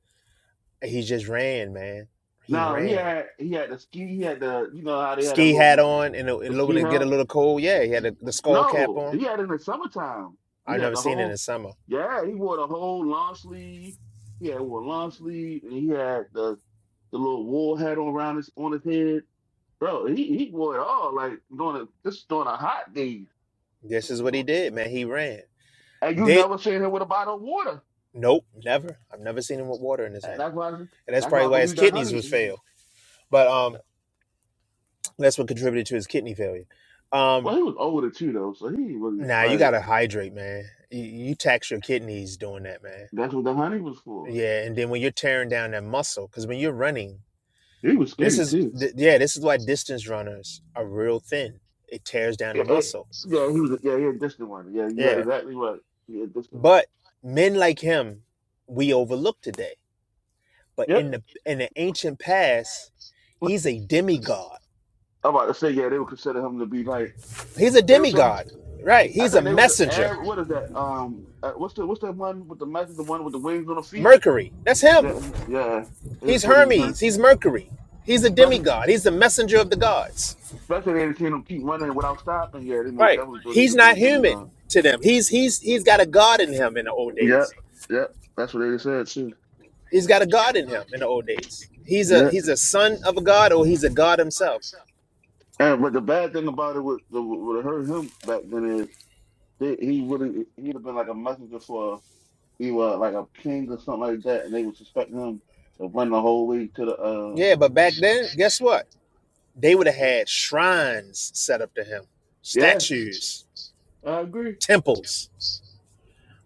S18: And he just ran, man. He
S5: No, he
S18: ran.
S5: had he had the ski. He had the you know how they had a
S18: ski hat
S5: little
S18: on and it,
S5: the
S18: it looking
S5: ski
S18: to get a
S5: hat.
S18: little cold. Yeah, he had a, the skull cap
S5: No,
S18: on.
S5: he had it in the summertime. He
S18: I've
S5: had
S18: never
S5: the
S18: seen it in
S5: whole.
S18: summer.
S5: Yeah, he wore the whole long sleeve. He had wore long sleeve, and he had the the little wool hat on around his on his head. Bro, he he wore it all like during a, just during a hot day.
S18: This is what he did, man. He ran.
S5: And you
S18: Did
S5: never seen him with a bottle of water.
S18: nope, never. I've never seen him with water in his
S5: And
S18: hand,
S5: that's why I, and
S18: and that's
S5: that's
S18: probably
S5: why I
S18: why his
S5: believe that honey.
S18: kidneys was
S5: He's,
S18: failed. But um, that's what contributed to his kidney failure.
S5: well,
S18: Um,
S5: he was older too though, so he was
S18: nah, you
S5: like
S18: gotta hydrate, man. You, you tax your kidneys doing that, man.
S5: that's what the honey was for.
S18: Yeah, and then when you're tearing down that muscle, because when you're running,
S5: He was
S18: this
S5: skinny
S18: is
S5: too.
S18: th- yeah, this is why distance runners are real thin. It tears down
S5: Yeah,
S18: the
S5: eh,
S18: muscle.
S5: yeah, he was. Yeah, he a distant one. Yeah, yeah,
S18: Yeah,
S5: exactly right. He a distant one.
S18: But men like him, we overlook today. But
S5: Yep.
S18: in the in the ancient past,
S5: What-
S18: he's a demigod.
S5: I'm about to say, yeah, they would consider him to be like
S18: He's a
S5: they would.
S18: demigod, right?
S5: I
S18: He's a
S5: think they was. the
S18: messenger.
S5: Arab, what is that? Um, uh, what's the what's that one with the message? The one with the wings on the feet?
S18: Mercury, that's him.
S5: Yeah, yeah. They
S18: He's
S5: thought he was him.
S18: Hermes. He's Mercury. He's a
S5: Especially
S18: demigod. He's the messenger of the gods,
S5: especially they didn't see him keep running without stopping. Yeah, they most
S18: right?
S5: definitely thought he'd
S18: He's
S5: have been a
S18: not human
S5: demigod.
S18: to them. He's he's he's got a god in him in the old
S5: Yep,
S18: days.
S5: yep. That's what they said too.
S18: He's got a god in him in the old days. He's a
S5: Yeah.
S18: he's a son of a god, or he's a god himself.
S5: And but the bad thing about it would would have hurt him back then is they, he would have he'd have been like a messenger for he was like a king or something like that, and they would suspect him of running the whole way to the. uh
S18: Yeah, but back then, guess what? they would have had shrines set up to him,
S5: Yeah,
S18: statues,
S5: I agree.
S18: temples,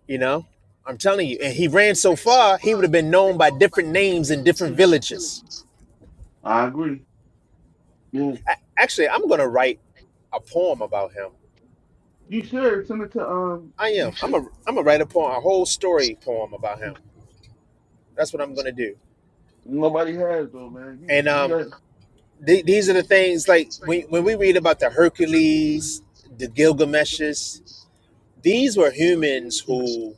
S18: you know? I'm telling you. And he ran so far, he would have been known by different names in different villages.
S5: I agree. Yeah,
S18: A- actually, I'm going to write a poem about him.
S5: you should send it to um.
S18: I
S5: You
S18: am. I'm a
S5: should.
S18: I'm gonna write a poem, a whole story poem about him. That's what I'm going to do.
S5: Nobody has though, man.
S18: And
S5: You you
S18: um
S5: got
S18: th- these are the things like when when we read about the Hercules, the Gilgameshes, these were humans who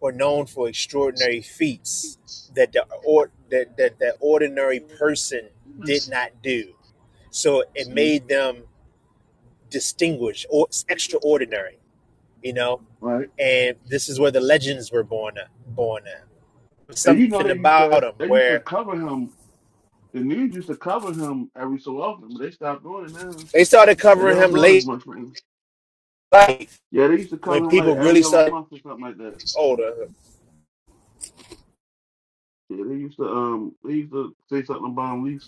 S18: Or known for extraordinary feats that the or that, that the ordinary person did not do. So it
S5: Mhm.
S18: made them distinguished or extraordinary, you know.
S5: right,
S18: And this is where the legends were born. Born at.
S5: and you know
S18: something
S5: they used to
S18: about him
S5: they used to
S18: where
S5: cover him. The news used to cover him every so often, but they stopped doing it now.
S18: they started
S5: They
S18: covering
S5: don't
S18: him
S5: do it as
S18: late
S5: much anymore.
S18: life
S5: Yeah, they used to
S18: when
S5: cover him like
S18: people
S5: every
S18: really
S5: other
S18: started
S5: month or something like that.
S18: older.
S5: Yeah, they used to um they used to say something about him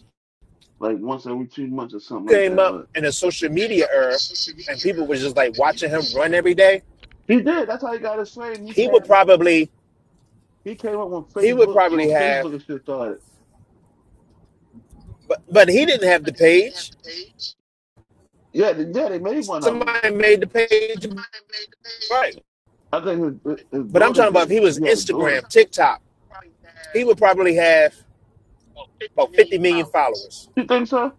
S5: like once every two months or something like
S18: Came
S5: that.
S18: up
S5: But
S18: in a social media era, and people were just like watching him run every day.
S5: he did. That's how he got his fame. He
S18: He would
S5: came.
S18: probably
S5: He came up when
S18: he would
S5: Facebook when
S18: probably have
S5: Facebook and shit started.
S18: But but he didn't have the page.
S5: Yeah, they, yeah, they made one of them.
S18: Somebody made the page right.
S5: I think his, his
S18: But I'm
S5: daughter
S18: talking about if
S5: did.
S18: he was
S5: He had a daughter.
S18: Instagram, TikTok, he would probably have about 50 million followers.
S5: You think so?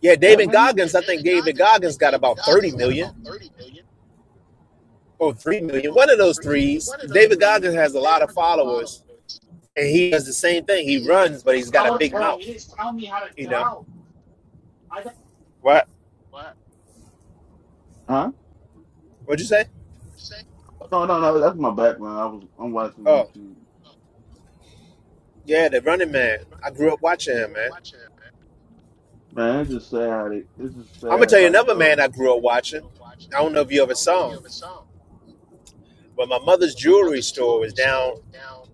S18: Yeah,
S5: That
S18: David
S5: man?
S18: Goggins, I think David Goggins got about 30 million or 3 million. One of those threes. David Goggins has a lot of followers and he does the same thing. He runs, but he's got a big mouth, you know. What?
S5: Huh?
S18: What'd you say?
S5: No, no, no. That's my background. I was I'm watching
S18: Oh,
S5: YouTube.
S18: yeah, the running man. I grew up watching him, man.
S5: Man, it's just sad. How they, it's just
S18: I'm gonna
S5: sad.
S18: tell you
S5: Like,
S18: another
S5: bro.
S18: man I grew up watching. I don't know if you ever saw him. But my mother's jewelry store was down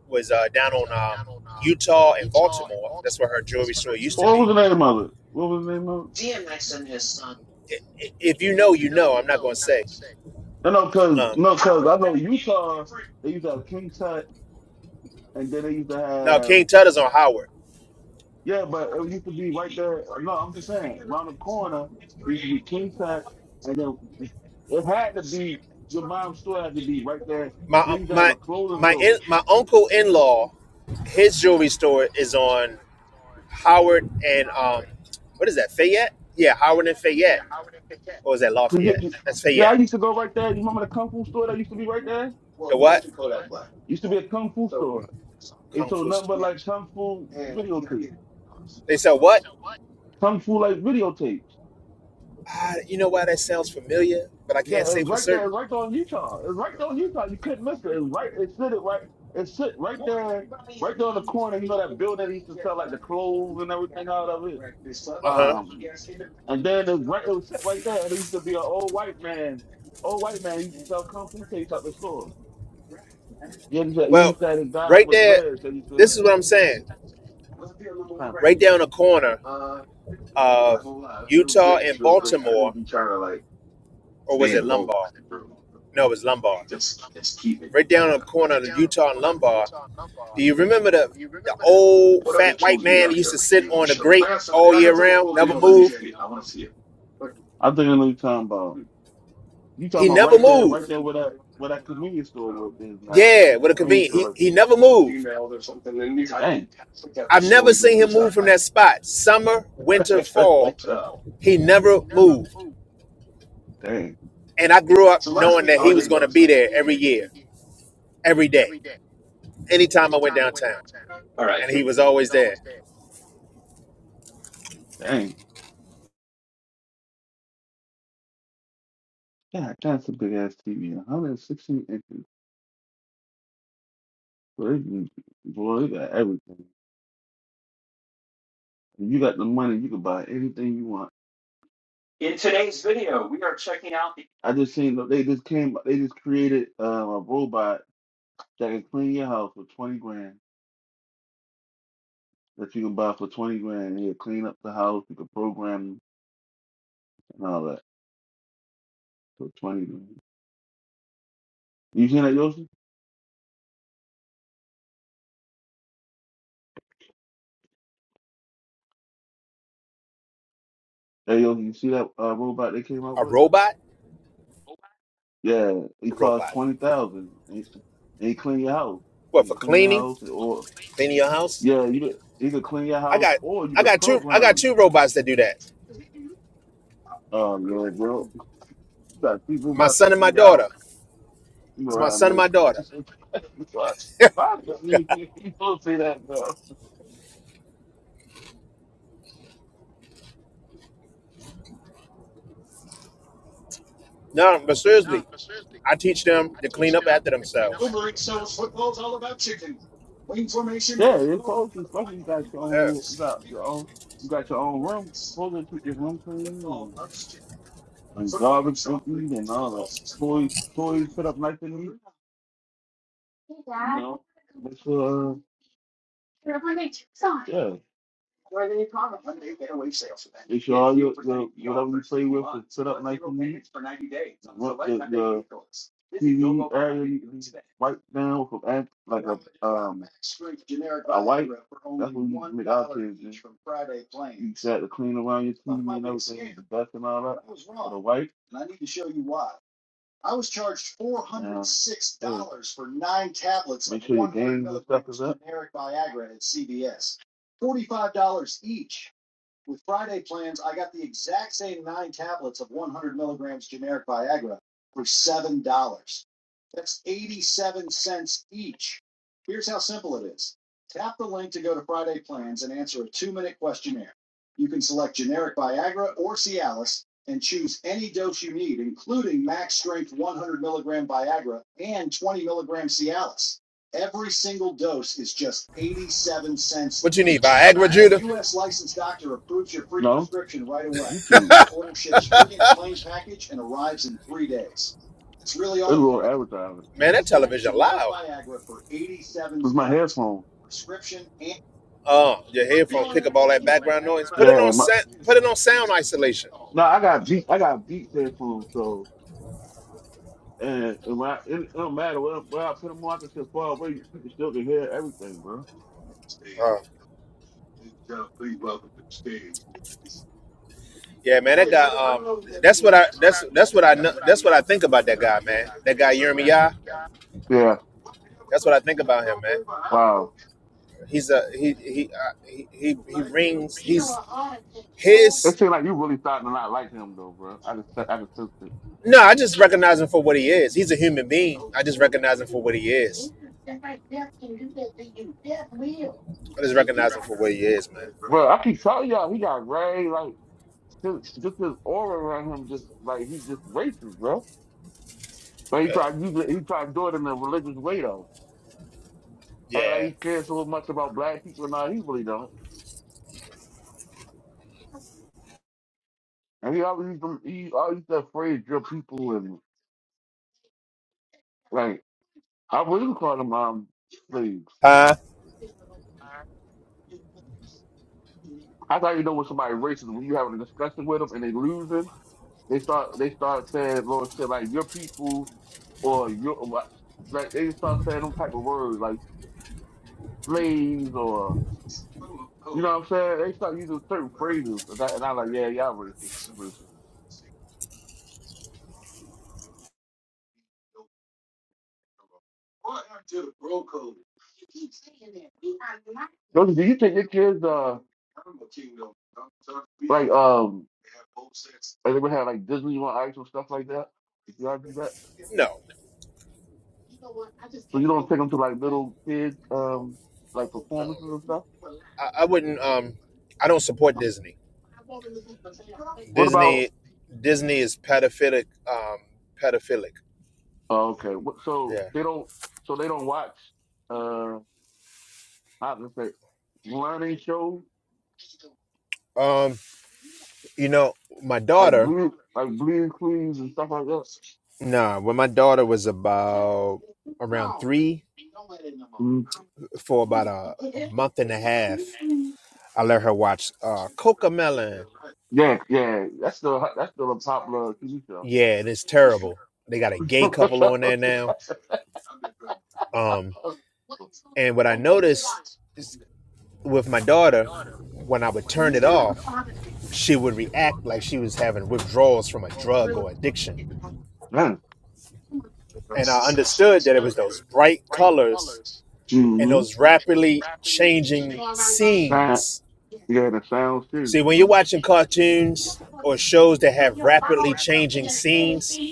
S18: was uh, down on um, Utah and Baltimore. That's where her jewelry store used to
S5: What was
S18: be.
S5: the name of it? What was the name of it?
S18: If you know, you know. I'm not going to say.
S5: No, no, cause
S18: Um,
S5: no, cause I know Utah. They used to have King Tut, and then they used to
S18: no,
S5: have
S18: King Tutter's on Howard.
S5: Yeah, but it used to be right there. No, I'm just saying, around the corner, it used to be King Tut, and then it had to be your mom's store had to be right there.
S18: My
S5: So they
S18: uh,
S5: used to have
S18: my
S5: a clothing
S18: my in,
S5: store.
S18: my uncle in law, his jewelry store is on Howard and um, what is that? Fayette? Yeah, Howard and Fayette. Or is that
S5: 'Cause you-
S18: Lafayette?
S5: you-
S18: That's
S5: yeah, I
S18: Fayette.
S5: used to go right there. You remember the kung fu store that used to be right there?
S18: The what?
S5: Used to be a kung fu store. It
S18: Kung
S5: sold
S18: Fu
S5: nothing
S18: store.
S5: but like kung fu videotape,
S18: They sell what?
S5: kung fu like videotapes.
S18: Ah, you know why that sounds familiar, but I can't
S5: Yeah, it
S18: say
S5: was
S18: for
S5: right there, it
S18: certain.
S5: was right there on Utah. It was right there on Utah. You couldn't miss it. It was right. It sit it right. It sit right there, right there on the corner. You know that building that used to sell like the clothes and everything out of it.
S18: Uh huh.
S5: Um, and then it was right. It was sit right there. And It used to be an old white man. Old white man used to sell kung fu tapes at the store. He used to, he
S18: Well,
S5: used to have a guy
S18: right
S5: with
S18: there,
S5: dreads that used to.
S18: this is what I'm saying.
S5: I think
S18: Right there on the corner of Utah and Baltimore, or was it Lombard? No, it was Lombard. Right down on the corner of Utah and Lombard. Do you remember the the old fat white man that used to sit on the grate all year round, never moved?
S5: I know what you're talking about. You
S18: He
S5: talking about
S18: never
S5: right there, right
S18: moved.
S5: there where that where that convenience store is now.
S18: Yeah,
S5: It's
S18: what a
S5: a convenience
S18: convenient.
S5: store right there.
S18: He he never moved.
S5: Dang.
S18: I've never seen him move from that spot. Summer, winter, fall, he never moved.
S5: dang.
S18: And I grew up knowing that he was going to be there every year every day, anytime I went downtown, and he was always there.
S5: Dang. yeah, that's a big ass TV. 116 inches. Boy, you boy, you got everything. You got the money, you can buy anything you want. I just seen that they just came, they just created uh, a robot that can clean your house for 20 grand. That you can buy for 20 grand. And He'll clean up the house, you can program and all that for 20 grand. You seen that, Yoshi? Hey, Yoshi, you see that uh, robot they came out
S18: A
S5: with?
S18: robot,
S5: Yeah, it
S18: a
S5: costs
S18: robot.
S5: twenty thousand, and you clean your house. You
S18: What
S5: can
S18: for
S5: clean your
S18: cleaning,
S5: house, or
S18: cleaning your house?
S5: yeah, you could, you could clean your
S18: I
S5: house,
S18: got,
S5: or you
S18: I
S5: can
S18: got two, I got
S5: program. it.
S18: two robots that do that.
S5: Oh Lord, bro, you got people
S18: My
S5: about to
S18: son and my
S5: clean your house.
S18: daughter.
S5: You
S18: It's my
S5: gonna have
S18: son and
S5: mercy.
S18: my daughter.
S5: What? Why the- fuck you you supposed to say that, bro?
S18: No, but seriously, I teach them to clean up after themselves.
S5: Yeah, you're supposed to. Especially you got your own,
S18: Yeah.
S5: you got your own, you got your own room. You're supposed to keep your room clean and, and garbage emptied and all that. Toys, toys put up nice and neat. Make sure, uh, yeah, make sure all your, the, whatever you play with is set up nice and neat. Look at the TV area, you wipe down from, ad- like a, um, a wipe. That's what we make our kids do. You set to clean around your TV and everything, the dust and all that, with a wipe. I was charged four hundred and six dollars yeah, for nine tablets make of sure your games generic Viagra at CVS.
S18: What you need, Viagra, Judah?
S5: No, YouTube. real takes. advertising.
S18: Man, that television loud.
S5: It's my headphones.
S18: Uh, your headphones pick up all that background noise. Put it on
S5: Yeah, my
S18: set. Put it on sound isolation.
S5: no, I got beat. I got beat headphones. So and, and when I, it, it don't matter where, where I put them on, I can just far away. You can still can hear everything, bro.
S18: Uh. Yeah, man, that guy. Um, that's what I. That's that's what I know. That's what I think about that guy, man. That guy Yirmiya.
S5: Yeah,
S18: That's what I think about him, man.
S5: wow.
S18: He's a he he uh, he, he he rings. He's
S5: It
S18: his.
S5: seems like you really starting to not like him though, bro. I just I just sense it,
S18: No, I just recognize him for what he is. He's a human being. I just recognize him for what he is. I just recognize him for what he is, man.
S5: bro. I keep telling y'all he got Ray like. Just, just this aura around him, just like he's just racist, bro. But he tried, he, he tried doing it in a religious way though. Act like
S18: Yeah.
S5: he cares so much about black people, now he really don't. And he always used to, he always used to afraid your people and like I wouldn't call them um slaves.
S18: Huh?
S5: I thought you know when somebody racist when you having a discussion with them and they losing, they start they start saying Lord said like your people or your like they start saying them type of words like slaves or You know what I'm saying? They start using certain phrases, and, I, and I'm like, yeah, y'all racist. You racist. Joseph, do you think your kids, uh, like, um, like they would have like Disney on Ice or stuff like that? Y'all do that?
S18: No,
S5: So you don't take them to like little kids, um, like performances and stuff.
S18: I, I wouldn't. Um, I don't support Disney.
S5: What about?
S18: Disney, Disney is pedophilic. Um, pedophilic.
S5: Oh, okay, what, so
S18: Yeah.
S5: they don't. So they don't watch. Uh, how to say, learning shows
S18: Um, you know, my
S5: like
S18: daughter.
S5: Blue, like Blue and Queens and stuff like that.
S18: Nah, when my daughter was about around three, for about a, a month and a half, I let her watch uh Coca Melon.
S5: Yeah, yeah, that's still that's still a popular TV show.
S18: Yeah, and it's terrible. They got a gay couple on there
S5: mm-hmm.
S18: now. Um, and what I noticed is with my daughter, when I would turn it off, she would react like she was having withdrawals from a drug or addiction. And I understood that it was those bright colors and those rapidly changing
S5: Sound,
S18: scenes
S5: yeah, the sounds too.
S18: See, when you're
S5: Mhm.
S18: watching cartoons or shows that have rapidly changing scenes,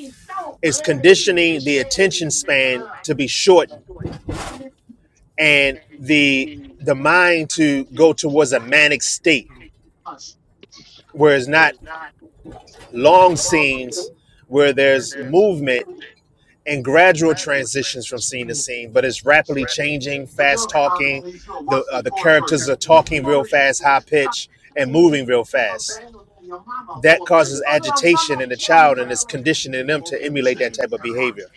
S18: it's conditioning the attention span to be shortened and the the mind to go towards a manic state where it's not long scenes where there's movement and gradual transitions from scene to scene, but it's rapidly changing, fast talking. The uh, the characters are talking real fast, high pitch, and moving real fast. that causes agitation in the child and is conditioning them to emulate that type of behavior.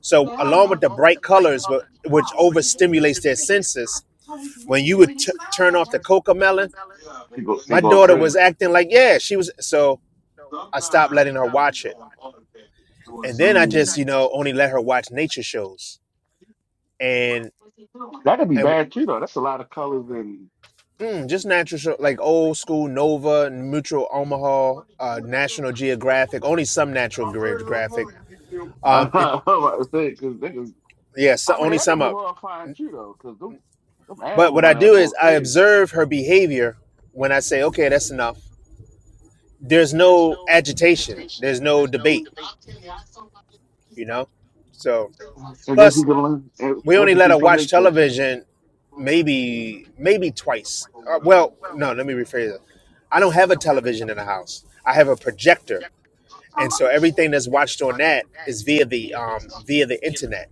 S18: So, along with the bright colors, wh- which overstimulates their senses, when you would t- turn off the coca melon,
S5: They go, they
S18: my
S5: go
S18: daughter
S5: crazy.
S18: was acting like, yeah, she was. So, I stopped letting her watch it. And then I just,
S5: Mhm.
S18: you know, only let her watch nature shows and,
S5: That could be
S18: and,
S5: bad too, though. That's a lot of colors and
S18: Mm, just natural show like old school Nova, Mutual Omaha, uh, National Geographic, only some Natural Geographic.
S5: I
S18: Um, it,
S5: uh, because niggas.
S18: yeah, so
S5: I mean,
S18: only
S5: that
S18: some
S5: could be
S18: up.
S5: horrifying too, though, because them, them
S18: But
S5: animals
S18: what
S5: on
S18: I
S5: that
S18: do
S5: boy
S18: is I
S5: crazy.
S18: observe her behavior when I say, okay, that's enough. There's no agitation, there's no debate, you know? So,
S5: And then you
S18: plus,
S5: can learn em-
S18: we only let
S5: empathy
S18: her
S5: for
S18: watch
S5: nature.
S18: television maybe, maybe twice. Uh, well, no, let me rephrase it. I don't have a television in the house, I have a projector. And so everything that's watched on that is via the um, via the internet.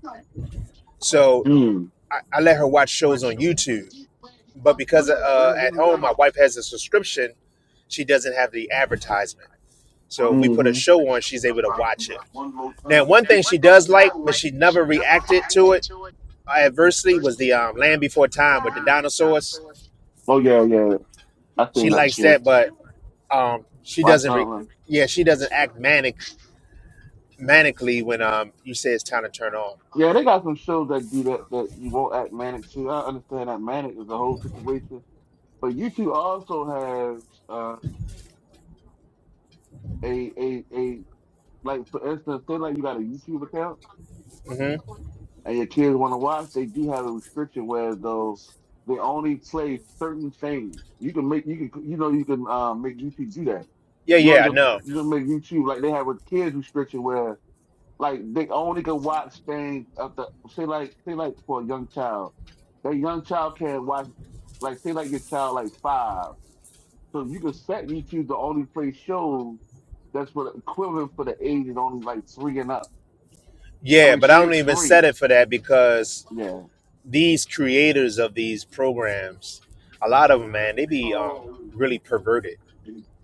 S18: So
S5: Mm.
S18: I, I let her watch shows on YouTube. But because uh, at home my wife has a subscription she doesn't have the advertisement. So if we put a
S5: hmm
S18: show on, she's able to watch it. Now, one thing she does like, but she never reacted to it adversely, was the um, Land Before Time with the dinosaurs.
S5: Oh yeah, yeah. I
S18: She
S5: think that
S18: likes
S5: too.
S18: that, but um, she
S5: Watch
S18: doesn't. Re-
S5: out,
S18: yeah, she doesn't act manic manically when um, you say it's time to turn on.
S5: Yeah, they got some shows that do that that you won't act manic to. I understand that manic is a whole situation, but YouTube also has uh, a a a like for instance, say like you got a YouTube account
S18: hmm
S5: and your kids want to watch, they do have a restriction where though they only play certain things. You can make you can you know you can um, make YouTube do that.
S18: Yeah,
S5: You
S18: yeah,
S5: only
S18: I
S5: can,
S18: know.
S5: you can make YouTube like they have a kids restriction where like they only can watch things up the say like say like for a young child. That young child can watch like say like your child like five. So you can set YouTube to only play shows that's for the equivalent for the age is only like three and up. I
S18: Yeah,
S5: mean
S18: but I
S5: three
S18: don't even
S5: three.
S18: set it for that because
S5: yeah.
S18: these creators of these programs, a lot of them, man, they be um, really perverted.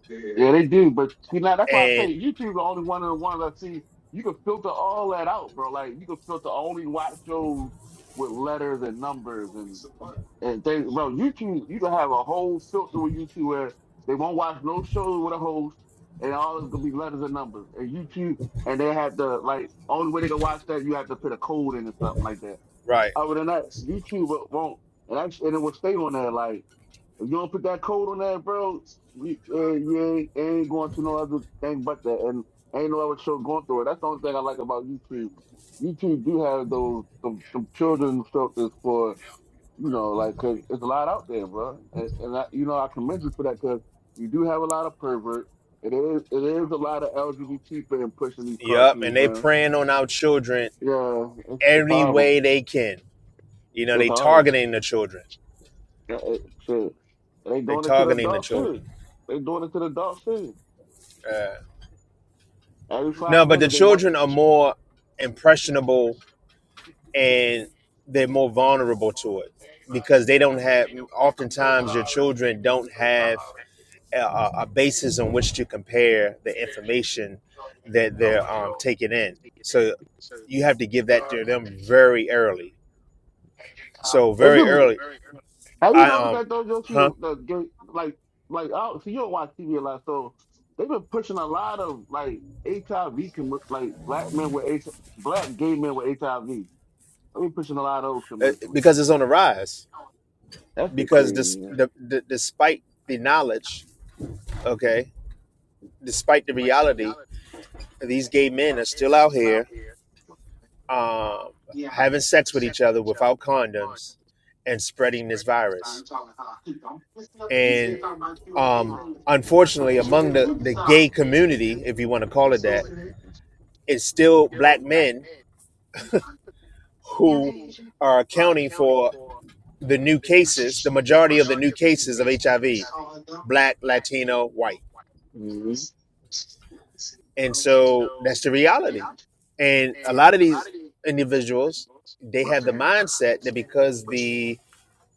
S5: Yeah, they do. But see, now that's why I
S18: And
S5: say YouTube the only one of the ones I see. You can filter all that out, bro. Like you can filter only watch shows with letters and numbers and and they, bro. YouTube, you can have a whole filter with YouTube where they won't watch no shows with a host, and all it's gonna be letters and numbers. And YouTube, and they have to like only way they can watch that you have to put a code in or something like that.
S18: right.
S5: Other than that, YouTube won't, and, that's, and it will stay on there. like, if you don't put that code on that, bro, you, uh, you ain't, ain't going to no other thing but that, and ain't no other show going through it. That's the only thing I like about YouTube. YouTube do have those some, some children's shows for you know, like 'cause it's a lot out there, bro. And, and I, you know, I commend you for that because you do have a lot of pervert. It is it is a lot of LGBT and pushing these
S18: Yep, and
S5: cartoons,
S18: they
S5: man.
S18: preying on our children
S5: Yeah, it's, it's
S18: any
S5: horrible.
S18: way they can. You know,
S5: It's
S18: they
S5: horrible.
S18: targeting the children.
S5: Yeah, it- shit, they
S18: They
S5: doing it to the
S18: targeting the
S5: adult shit.
S18: children.
S5: They doing it to the adult shit.
S18: Uh,
S5: Every
S18: no,
S5: five
S18: but the
S5: minutes they want.
S18: children are more impressionable and they're more vulnerable to it because they don't have. Oftentimes, your children don't have a, a a basis on which to compare the information that they're um, taking in. So you have to give that to them very early. So
S5: It's
S18: very
S5: a,
S18: early,
S5: have you
S18: I
S5: noticed
S18: um,
S5: that though, Yoshi?
S18: huh?
S5: That gay, like, like, oh, so you don't watch TV a lot, so they've been pushing a lot of like HIV com- like black men with H- black gay men with HIV. I've been pushing a lot of those
S18: Uh,
S5: commercials.
S18: because it's on the rise.
S5: That's the
S18: Because
S5: crazy.
S18: this,
S5: Man.
S18: the, the, despite the knowledge, okay, despite the reality, these gay men are still out here um, having sex with each other without condoms and spreading this virus. And um, unfortunately, among the, the gay community, if you want to call it that, it's still black men who are accounting for the new cases, the majority of the new cases of HIV, black, Latino, white. And so that's the reality. And a lot of these individuals, they have the mindset that because the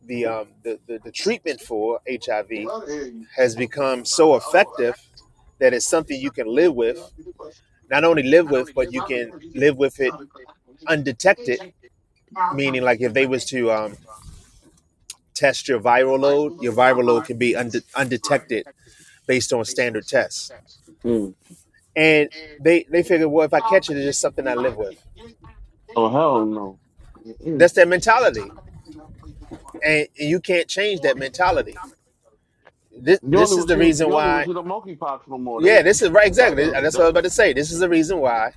S18: the um the, the, the treatment for HIV has become so effective that it's something you can live with, not only live with, but you can live with it undetected, meaning like if they was to um, test your viral load, your viral load can be unde- undetected based on standard tests.
S5: Mm.
S18: And they they figure, well, if I catch it, it's just something I live with.
S5: Oh hell no. Mm-mm.
S18: That's their mentality and, and you can't change that mentality. This
S5: You only
S18: this is
S5: will
S18: the
S5: see
S18: reason
S5: you only will
S18: why.
S5: see the monkeypox no more.
S18: Yeah,
S5: They
S18: this is right.
S5: that
S18: Exactly.
S5: don't
S18: That's what I
S5: that.
S18: was about to say. This is the reason why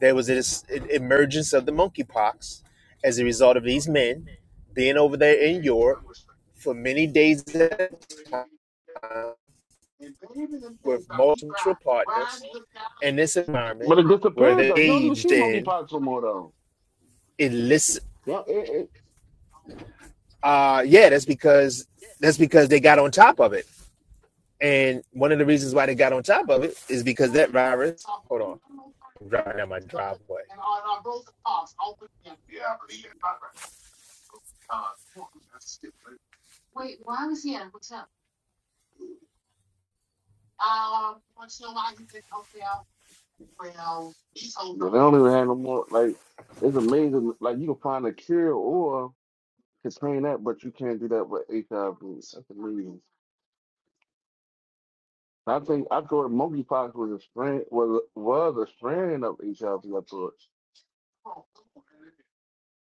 S18: there was this e- emergence of the monkeypox as a result of these men being over there in Europe for many days at a time with multiple partners in this environment
S5: But it
S18: where
S5: disappeared
S18: they
S5: though. You don't even
S18: engaged
S5: see
S18: in
S5: monkeypox no more though.
S18: illicit.
S5: Yeah, it, it,
S18: Uh, yeah, that's because that's because they got on top of it. And one of the reasons why they got on top of it is because that virus. Hold on. driving down my driveway.
S5: But they don't even have no more. Like it's amazing. Like you can find a cure or contain that, but you can't do that with HIV. That's amazing. I think I thought monkeypox was a strand was was a strand of HIV. I V. I thought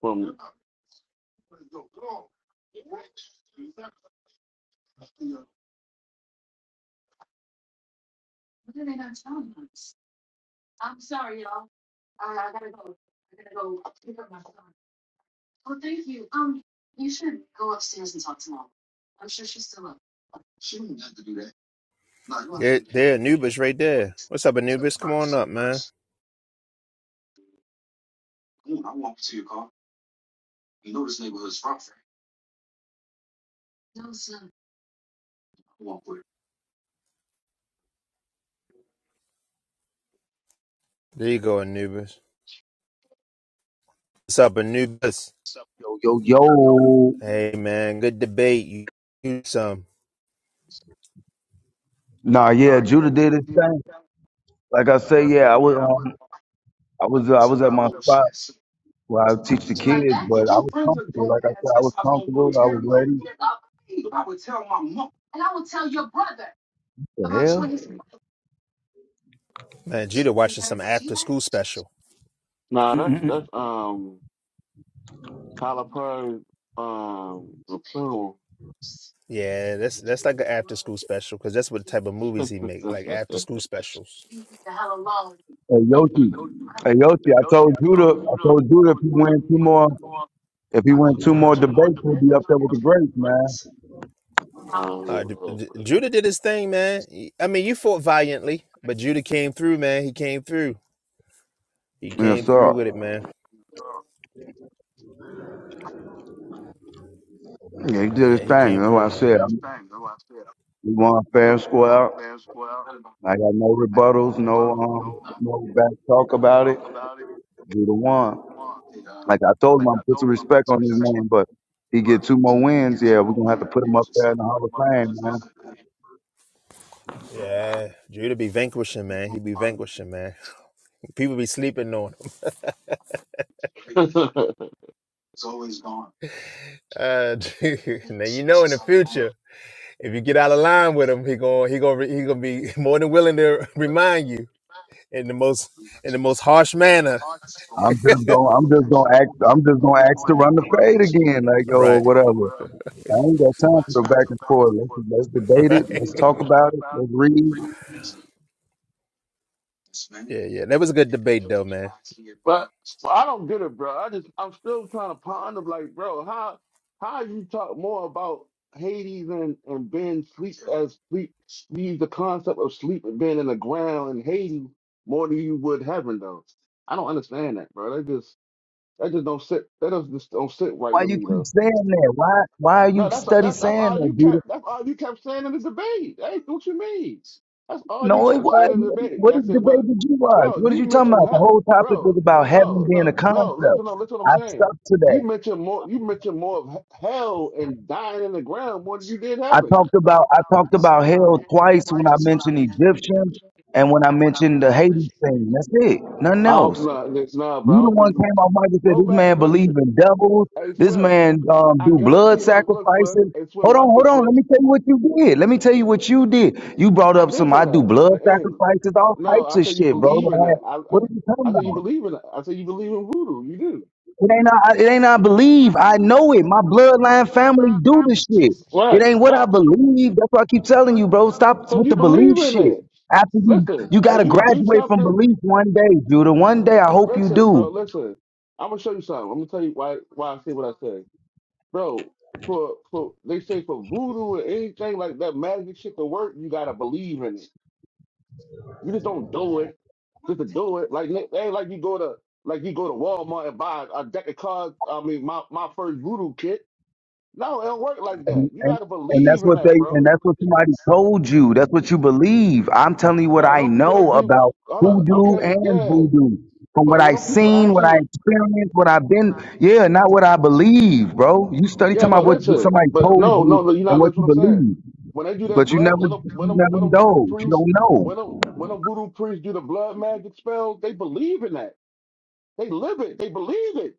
S5: from
S18: There, there, Anubis right there. What's up, Anubis? Come on up, man. There you go, Anubis. What's up, Anubis?
S14: Yo, yo, yo.
S18: Hey, man, good debate. You, you some
S14: Nah, yeah, Judah did his thing. Like I say, yeah, I was. um, I was I was at my spot where I teach the kids, but I was comfortable. Like I said, I was comfortable. I was ready. The hell,
S18: man, Judah watching some after school special.
S5: nah, that's
S14: Mm-mm-mm.
S5: that's um Tyler Perry um referral.
S18: Yeah, that's that's like an after school special because that's what type of movies he make, like after school specials.
S14: hey Yoshi, hey Yoshi, I told Judah, I told Judah if he win two more, if he win two more debates, he'll be up there with the greats, man.
S18: Uh, D-
S5: um,
S18: D- Judah did his thing, man. He- I mean, you fought valiantly, but Judah came through, man. He came through. He
S14: Yeah,
S18: came through
S14: sir.
S18: with it, man.
S14: Yeah, he did his
S18: Yeah, he
S14: thing.
S18: came
S14: That's what
S18: through,
S14: I
S18: man.
S14: said. I'm- He won fair and square. I got no rebuttals, no um, no back talk about it. Judah won. Like I told him, I'm put some respect on his name, but he get two more wins. Yeah, we're gonna have to put him up there in the Hall of Fame, man.
S18: Yeah, Judah be vanquishing, man. He be vanquishing, man. People be sleeping on him. Uh, Judah, now you know in the future, if you get out of line with him, he going he going he going to be more than willing to remind you in the most in the most harsh manner.
S14: I'm just gonna, I'm just gonna act, I'm just gonna ask to run the fade again, like or
S18: Right,
S14: whatever. I ain't got time for the back and forth. Let's, let's debate it.
S18: right.
S14: Let's talk about it. Let's read.
S18: Yeah, yeah. That was a good debate, though, man.
S5: But but I don't get it, bro. I just I'm still trying to ponder, like, bro, how how you talk more about Hades and and being sleep as sleep leave the concept of sleep and being in the ground and Hades more than you would heaven though. I don't understand that, bro. That just that just don't sit that does just don't sit right
S14: Why
S5: with
S14: you
S5: me though.
S14: keep saying that? Why, why are
S5: No,
S14: you
S5: that's
S14: study
S5: that's that's
S14: saying
S5: all you
S14: that, dude?
S5: kept that's all you kept saying in the debate. Hey, what you mean? That's all you
S14: No, it
S5: kept saying in the
S14: wasn't.
S5: debate.
S14: What
S5: I said, well,
S14: debate did you watch?
S5: bro,
S14: What are
S5: you
S14: you talking
S5: mentioned
S14: about? The
S5: her,
S14: whole topic
S5: bro.
S14: was about heaven
S5: No,
S14: being
S5: no,
S14: a concept.
S5: no. Listen, no, listen. What I'm
S14: I
S5: saying.
S14: stuck to that.
S5: You mentioned more. You mentioned more of he- hell and dying in the ground more than you did
S14: I
S5: heaven.
S14: talked about I talked about hell twice when I mentioned Egyptian and when I mentioned the Hades thing. That's it. Nothing
S5: I don't
S14: else.
S5: no, no, no, bro.
S14: You
S5: I
S14: the
S5: don't think
S14: one
S5: you
S14: came off mic and said
S5: go
S14: this
S5: back.
S14: man believe
S5: Listen,
S14: in devils.
S5: hey
S14: This
S5: Swift.
S14: man um,
S5: I
S14: do blood
S5: guarantee. Look, look, Swift.
S14: sacrifices.
S5: Hey Swift,
S14: Hold on,
S5: watch
S14: hold
S5: this,
S14: on. Let
S5: Swift.
S14: me tell you what you did. Let me tell you what you did. You brought
S5: I
S14: up
S5: did
S14: some
S5: say
S14: I do
S5: that at
S14: blood
S5: the end.
S14: sacrifices, all
S5: No,
S14: types
S5: I
S14: of
S5: said you
S14: shit, bro.
S5: believe in
S14: Like,
S5: that. I I,
S14: What are you talking
S5: I said you
S14: about?
S5: believe in that. I said you believe in voodoo. You do.
S14: It ain't I, it ain't I believe. I know it. My bloodline family do this shit. It
S5: Right,
S14: ain't what
S5: right.
S14: I
S5: Because
S14: believe. That's why I keep telling you, bro. Stop with
S5: you
S14: the belief
S5: believe in
S14: shit.
S5: it.
S14: After you,
S5: Listen,
S14: you
S5: if
S14: gotta
S5: you do
S14: graduate from
S5: something,
S14: belief one day, Judah. One day, I hope you
S5: listen, bro,
S14: do.
S5: listen. I'm gonna show you something. I'm gonna tell you why why I say what I say. Bro, for for they say for voodoo or anything like that magic shit to work, you gotta believe in it. You just don't do it just to do it. Like it ain't like you go to like you go to Walmart and buy a deck of cards. I mean, my my first voodoo kit. No, it don't work like that.
S14: And,
S5: You
S14: and
S5: got to
S14: and that's
S5: believe in
S14: what they
S5: that,
S14: and
S5: bro.
S14: that's what somebody told you. That's what you believe. I'm telling you what
S5: Bro,
S14: I
S5: don't people that
S14: know
S5: do
S14: about
S5: hold up,
S14: hoodoo
S5: okay,
S14: and
S5: yeah.
S14: voodoo. From what
S5: But when
S14: I've
S5: them people
S14: seen, what I
S5: actually
S14: experienced, what I've been, yeah, not what I believe, bro. You study
S5: yeah,
S14: talking about
S5: but
S14: what
S5: listen,
S14: somebody
S5: but
S14: told
S5: no,
S14: you
S5: no, no, you're
S14: and
S5: not
S14: what you
S5: listening to what I'm saying.
S14: believe,
S5: When they do that
S14: but you
S5: blood,
S14: never,
S5: when them
S14: you
S5: when them
S14: never
S5: when them voodoo
S14: indulge. You
S5: priests,
S14: don't know.
S5: when them when them voodoo priests do the blood magic spells, they believe in that. They live it, they believe it.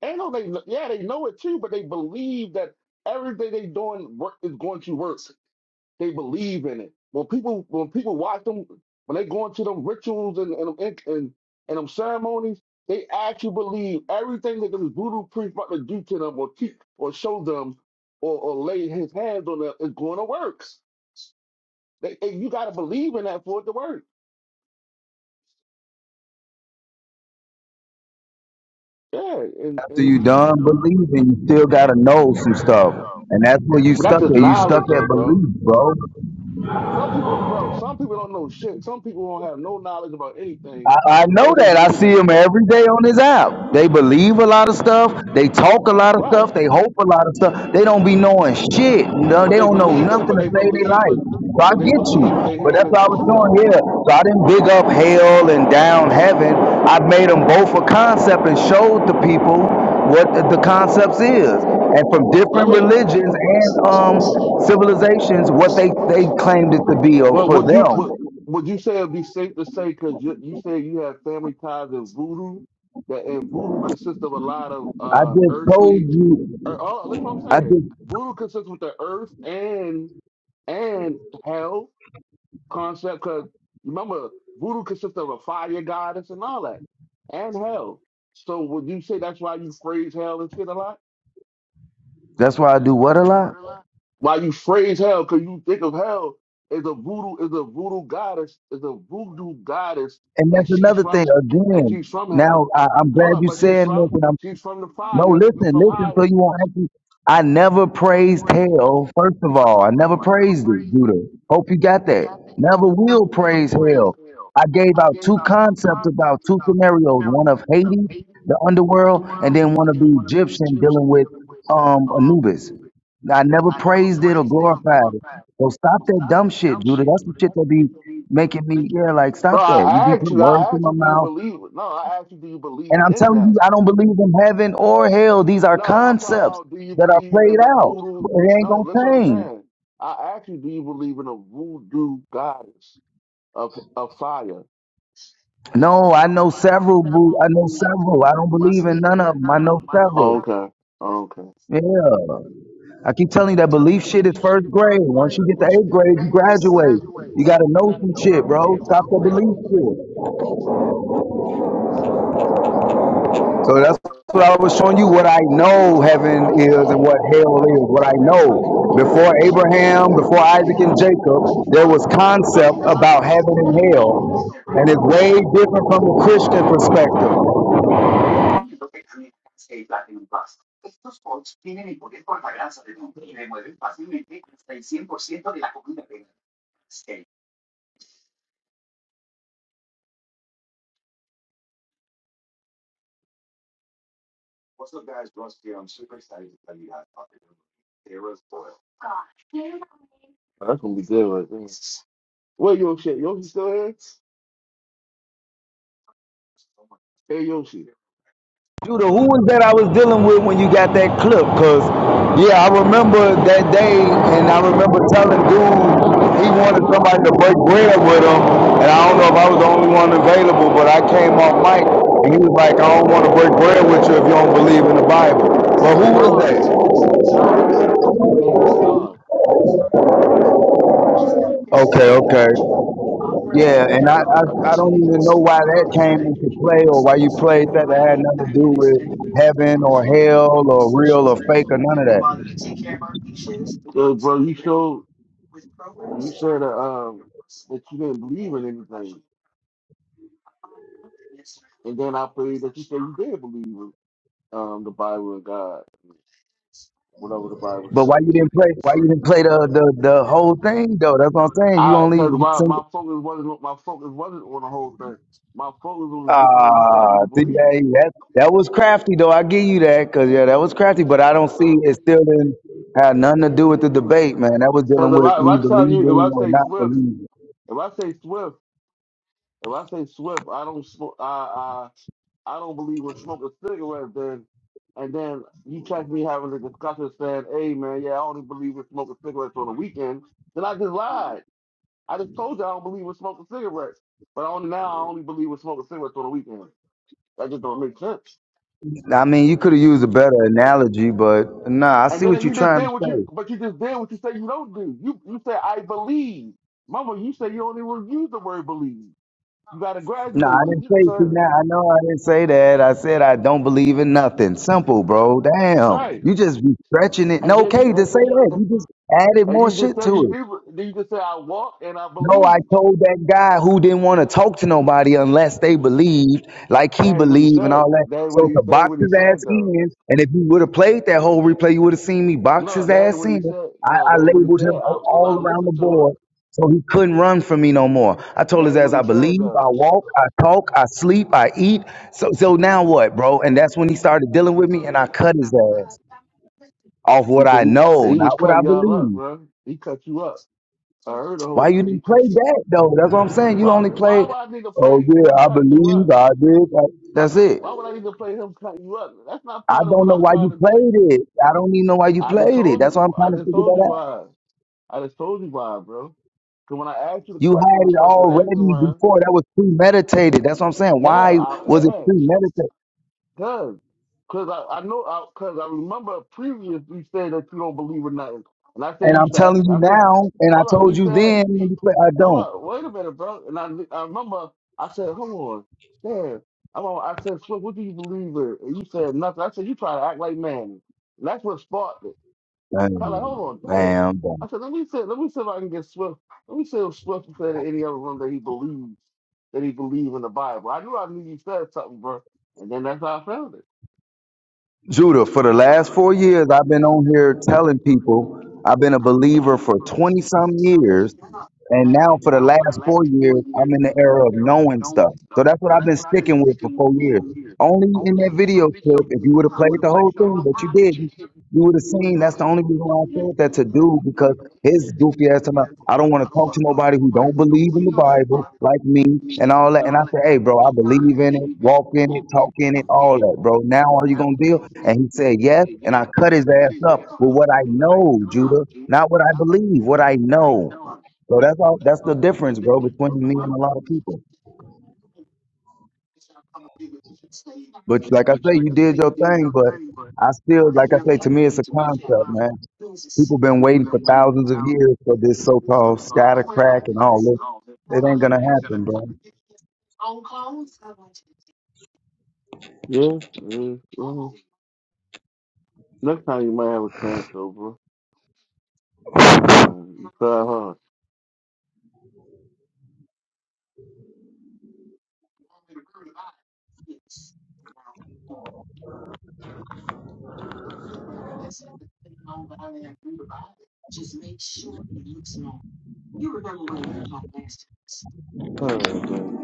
S5: They know they yeah they know it too, but they believe that everything they doing work is going to work. They believe in it. When people when people watch them when they go into them rituals and and and, and, and them ceremonies, they actually believe everything that them voodoo priest about to do to them or keep or show them or, or lay his hands on them is going to work. They, and you got to believe in that for it to work. Yeah, and,
S14: After
S5: and
S14: you done believing, you still gotta know some stuff, and that's where you
S5: that's
S14: stuck
S5: just
S14: at. You stuck
S5: knowledge though,
S14: at
S5: bro.
S14: belief, bro.
S5: Some people, bro, some people don't know shit. Some people don't have no knowledge about anything.
S14: I, I
S5: They
S14: know
S5: just
S14: that. I
S5: believe
S14: see
S5: in
S14: him
S5: it.
S14: every day on his app. They believe a lot of stuff. They talk a lot of
S5: Right.
S14: stuff. They hope a lot of stuff. They don't be knowing shit. No,
S5: But
S14: they
S5: they
S14: don't know
S5: believe that
S14: nothing
S5: but
S14: to
S5: they
S14: save their
S5: believe
S14: life.
S5: but
S14: So I
S5: but they
S14: get you.
S5: believe what they're
S14: But
S5: hearing
S14: that's
S5: is
S14: what I was
S5: true
S14: doing
S5: though.
S14: here. So I didn't big up hell and down heaven. I made them both a concept and showed the people what the, the concepts is. And from
S5: Let
S14: different
S5: me
S14: religions and um, civilizations what they, they claimed it to be or
S5: well
S14: for
S5: would you would,
S14: them.
S5: would you say it'd be safe to say because you, you say you have family ties in voodoo that and voodoo consists of a lot of
S14: I
S5: uh
S14: just told
S5: earthly
S14: you.
S5: or, oh look what I'm
S14: I
S5: saying.
S14: just
S5: Voodoo consists with the earth and and hell concept because remember voodoo consists of a fire goddess and all that and hell so would you say that's why you phrase hell and shit a lot
S14: That's why I do what a lot.
S5: why you phrase hell because you think of hell as a voodoo is a voodoo goddess is a voodoo goddess
S14: And
S5: and
S14: that's
S5: she's
S14: another thing.
S5: from and
S14: Again,
S5: she's from
S14: now
S5: hell
S14: I, I'm glad
S5: hold up
S14: you
S5: but she's
S14: saying this,
S5: from
S14: and
S5: she's from the
S14: No,
S5: fire she's
S14: listen,
S5: from
S14: listen, so
S5: higher
S14: you won't have to. I never praised hell, first of all. I never praised it, Judah. Hope you got that. Never will praise hell. I gave out two concepts about two scenarios one of Hades, the underworld, and then one of the Egyptian dealing with um, Anubis. I never praised it or glorified it. So stop that dumb shit, Judah. That's the shit that be making me, yeah, like,
S5: bro
S14: stop that. You
S5: i
S14: be
S5: asked
S14: putting
S5: you
S14: words
S5: i
S14: in
S5: asked
S14: my
S5: you do you
S14: mouth.
S5: believe no i asked you do you believe
S14: And I'm
S5: in
S14: telling
S5: that
S14: you, I don't believe in heaven or hell. These are
S5: No, I'm talking
S14: concepts
S5: about do you
S14: that are
S5: believe in
S14: played
S5: the
S14: out.
S5: voodoo?
S14: It ain't
S5: No, listen
S14: gonna
S5: what I'm
S14: change.
S5: saying. I asked you, do you believe in a voodoo goddess of of fire?
S14: No, I know several. Boo. I know several. I don't
S5: Well, I
S14: believe
S5: don't
S14: in none
S5: believe
S14: of
S5: in
S14: them. I
S5: none of
S14: know
S5: them. I know
S14: several.
S5: Oh, okay. Oh, okay. Well,
S14: Yeah, I keep telling you that belief shit is first grade. Once you get to eighth grade, you graduate. You gotta know some shit, bro. Stop the belief shit. So that's what I was showing you what I know heaven is and what hell is, what I know. Before Abraham, before Isaac and Jacob, there was concept about heaven and hell. And it's way different from the Christian perspective.
S5: That's gonna be good right there. Where Yoshi? at? Yoshi still here? Hey Yoshi.
S14: Judah, who was that I was dealing with when you got that clip? Cause yeah, I remember that day, and I remember telling dude
S5: That's the
S14: he
S5: guy
S14: wanted somebody
S5: John.
S14: to break bread with him, and I don't know if I was the only one available, but I came off mic,
S5: John.
S14: and he was like, "I don't want to break bread with you if you don't believe in the Bible." But who was that?
S5: John. John. His name was John.
S14: Okay, okay, yeah, and I I, I don't even know why that came into play or why you played that. That had nothing to do with heaven or hell or real or fake or none of
S5: So
S14: that.
S5: bro, you showed when you said that um that you didn't believe in anything. And then I pray that you say you did believe in, um, the Bible and God, whatever the Bible
S14: But why
S5: says.
S14: you didn't play? Why you didn't play the the, the whole thing though? That's what I'm saying. You
S5: I
S14: only
S5: because my,
S14: sing.
S5: my focus wasn't my focus wasn't on the whole thing. My focus was just on you saying
S14: Ah,
S5: you
S14: see,
S5: believe.
S14: that that that was crafty though. I give you that because yeah, that was crafty. But I don't see it still didn't have nothing to do with the debate, man. That was
S5: Because
S14: dealing
S5: if
S14: with
S5: I if
S14: me
S5: I tell you if
S14: believing
S5: I
S14: or
S5: say
S14: not
S5: Swift
S14: believing.
S5: if I say Swift if I say Swift I don't smoke I I I don't believe in smoking cigarettes then and then you catch me having a discussion saying hey man yeah I only believe in smoking cigarettes on the weekend then I just lied. I just told you I don't believe in smoking cigarettes, but on now I only believe in smoking cigarettes on the weekend. That just don't make sense.
S14: I mean, you could have used a better analogy, but nah, I
S5: And
S14: see what
S5: then
S14: you're
S5: you just
S14: trying to
S5: did what you,
S14: say.
S5: but you just did what you say you don't do. You you say I believe, Mama. You say you only want to use the word believe. You got to
S14: No,
S5: graduate,
S14: I
S5: and
S14: didn't
S5: you just say
S14: say that. I know I didn't say that. I said I don't believe in nothing. Simple, bro. Damn.
S5: right.
S14: You just be stretching it.
S5: And
S14: No,
S5: then
S14: okay,
S5: you
S14: to
S5: and
S14: say
S5: then you,
S14: that. You just added
S5: and
S14: more
S5: you just
S14: shit
S5: say
S14: to
S5: you
S14: it.
S5: do. Then you just say I walk and I
S14: No, I
S5: believe.
S14: told that guy who didn't want to talk to nobody unless they believed, like he
S5: That ain't what he
S14: believed and
S5: said.
S14: all that.
S5: That ain't what
S14: So
S5: he.
S14: to
S5: That ain't
S14: box
S5: what he
S14: his ass
S5: said though.
S14: in, and if you would have played that whole replay, you would have seen me box
S5: No,
S14: his
S5: that ain't
S14: ass
S5: what he
S14: in.
S5: said.
S14: I,
S5: No,
S14: I
S5: that ain't what he
S14: labeled
S5: said.
S14: him
S5: I
S14: all
S5: I
S14: all around the
S5: listened to it.
S14: board, so he couldn't run from me no more. I told
S5: That
S14: his
S5: ain't
S14: ass,
S5: what he
S14: I
S5: said
S14: believe, I
S5: though.
S14: walk, I talk, I sleep, I eat. So, so now what, bro? And that's when he started dealing with me, and I cut his ass off what
S5: He,
S14: I
S5: he,
S14: know,
S5: he was
S14: not what I
S5: cutting y'all up,
S14: believe.
S5: bro. He cut you up. I heard the
S14: Why
S5: whole
S14: you
S5: thing. He
S14: didn't play
S5: cut.
S14: that though? That's what I'm saying. You
S5: Why,
S14: only
S5: why
S14: play.
S5: would I need to
S14: Oh
S5: play
S14: yeah,
S5: him
S14: I
S5: cutting you
S14: believe
S5: up?
S14: I did. I-" That's it.
S5: Why would I need to play him cutting you up? That's not
S14: I
S5: part of
S14: don't
S5: what
S14: know
S5: I'm
S14: why
S5: trying
S14: you
S5: to do.
S14: played it. I don't even know why you
S5: I just
S14: played it.
S5: told
S14: That's why
S5: you.
S14: I'm
S5: I
S14: trying to
S5: just
S14: figure
S5: told you
S14: that out.
S5: why. I just told you why, bro. Because when I asked you the
S14: You
S5: question,
S14: had
S5: the
S14: it
S5: question answer,
S14: already
S5: man.
S14: before. That was premeditated. That's what I'm saying.
S5: Yeah,
S14: Why was it
S5: I, yeah.
S14: premeditated?
S5: Cause, cause I, I know, I, cause I remember previously you saying that you don't believe in nothing, and I said
S14: And
S5: you
S14: I'm
S5: should. act-
S14: telling you
S5: I said,
S14: now, and I
S5: hold on,
S14: told
S5: you
S14: you
S5: said
S14: then. When
S5: you,
S14: you play, I
S5: hold
S14: don't.
S5: on, wait a minute, bro. And I, I remember I said, hold on, yeah, I'm on. I said, Swift, what do you believe in? And you said nothing. I said, you try to act like man. And that's what sparked it.
S14: Damn.
S5: Kind of, hold on, damn.
S14: Damn. Damn.
S5: I said, let me see, let me see if I can get Swift. Let me see if Swift said in any other room that he believes that he believe in the Bible. I knew I knew you said something, bro. And then that's how I found it.
S14: Judah, for the last four years, I've been on here telling people I've been a believer for 20 some years. And now, for the last four years, I'm in the era of knowing stuff. So that's what I've been sticking with for four years. Only in that video clip, if you would have played the whole thing, but you didn't, you would have seen that's the only reason why I said that to do because his goofy ass talking about I don't want to talk to nobody who don't believe in the Bible like me and all that. And I said, hey, bro, I believe in it, walk in it, talk in it, all that, bro. Now are you gonna deal? And he said yes, and I cut his ass up with what I know, Judah, not what I believe, what I know. So that's all. That's the difference, bro, between me and a lot of people. But like I say, you did your thing, but I still, like I say, to me, it's a concept, man. People been waiting for thousands of years for this so-called scatter crack and all this. It ain't gonna happen, bro.
S5: Yeah, yeah. Next time you might have a chance over. Next time. You try hard. Alright, man.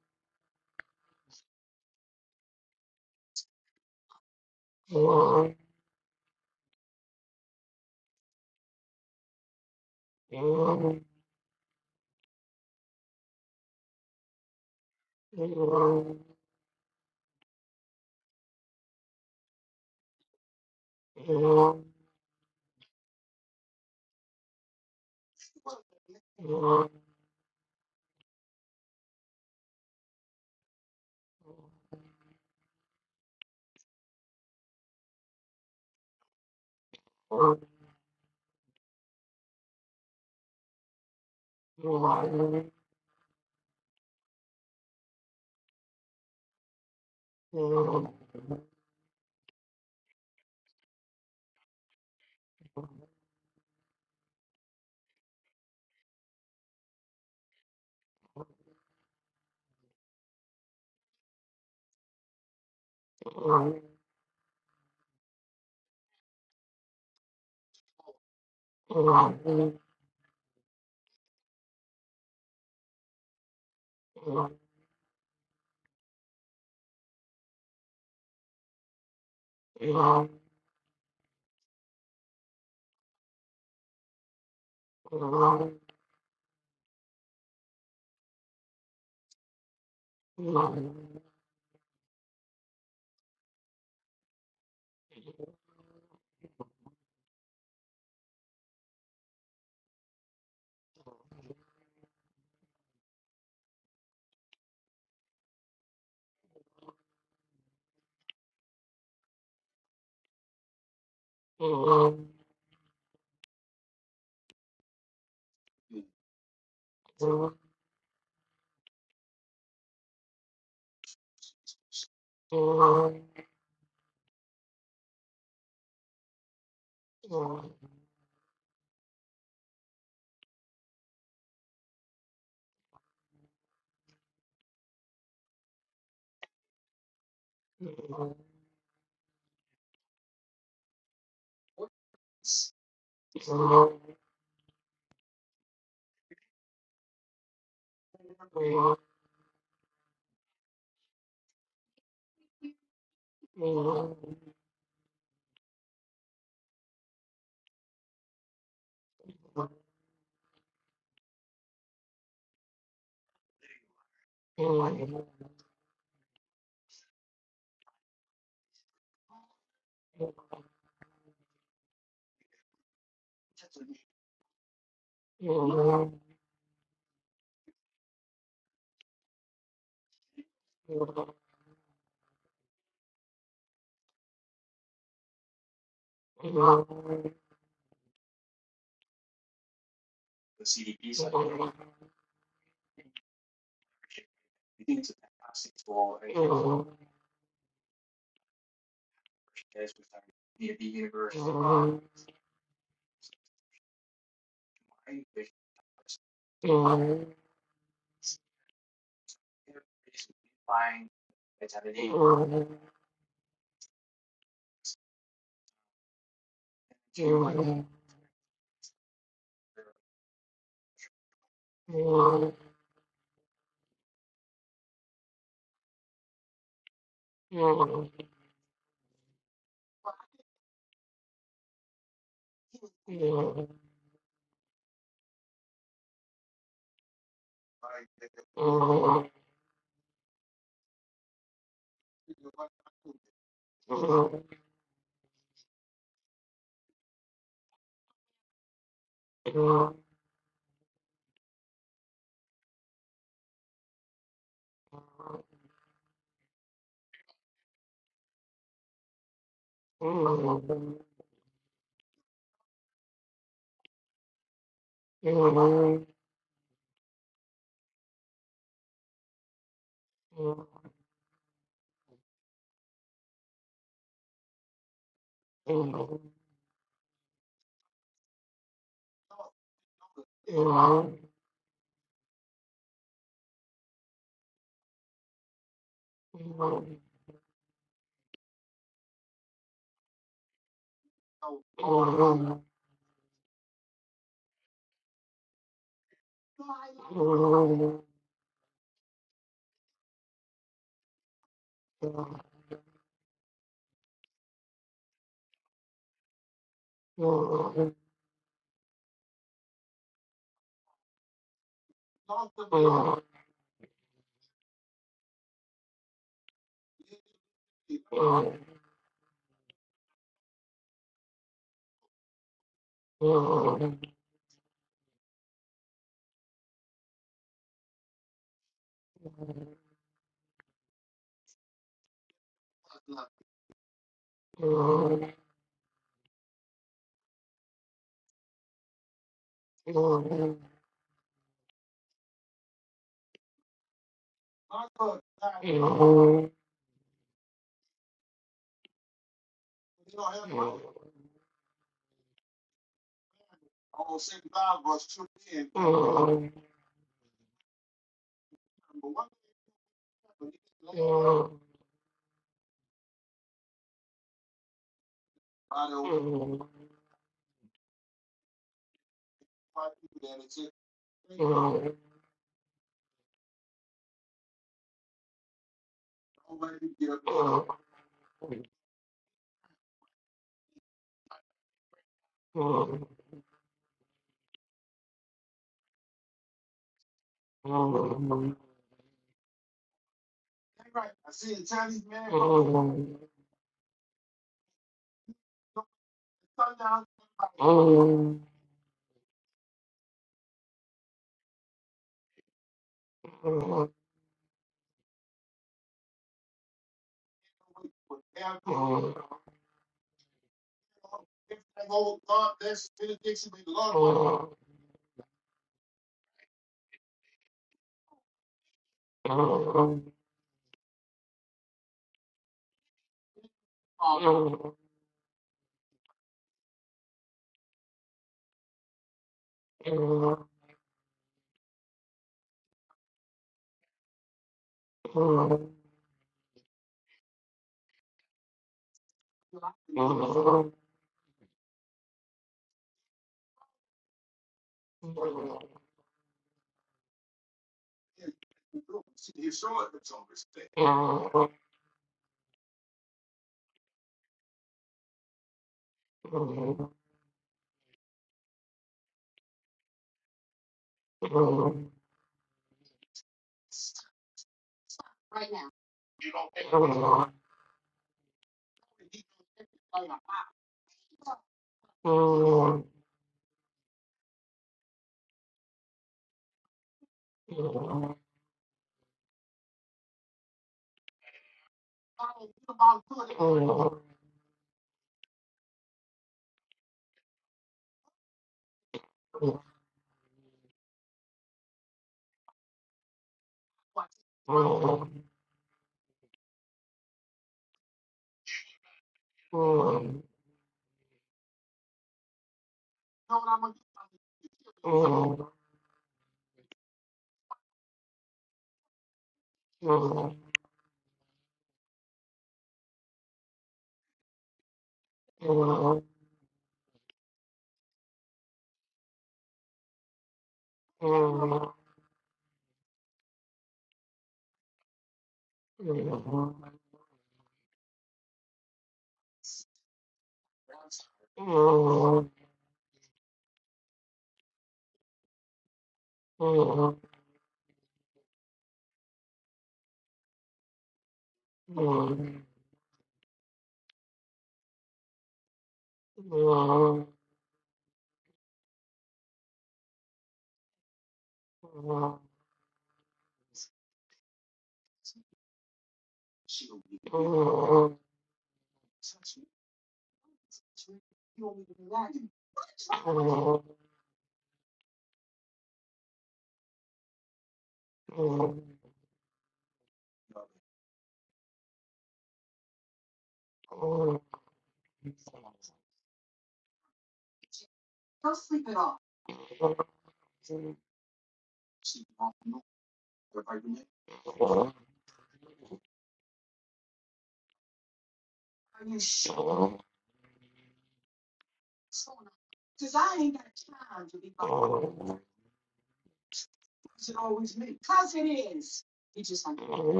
S5: Look.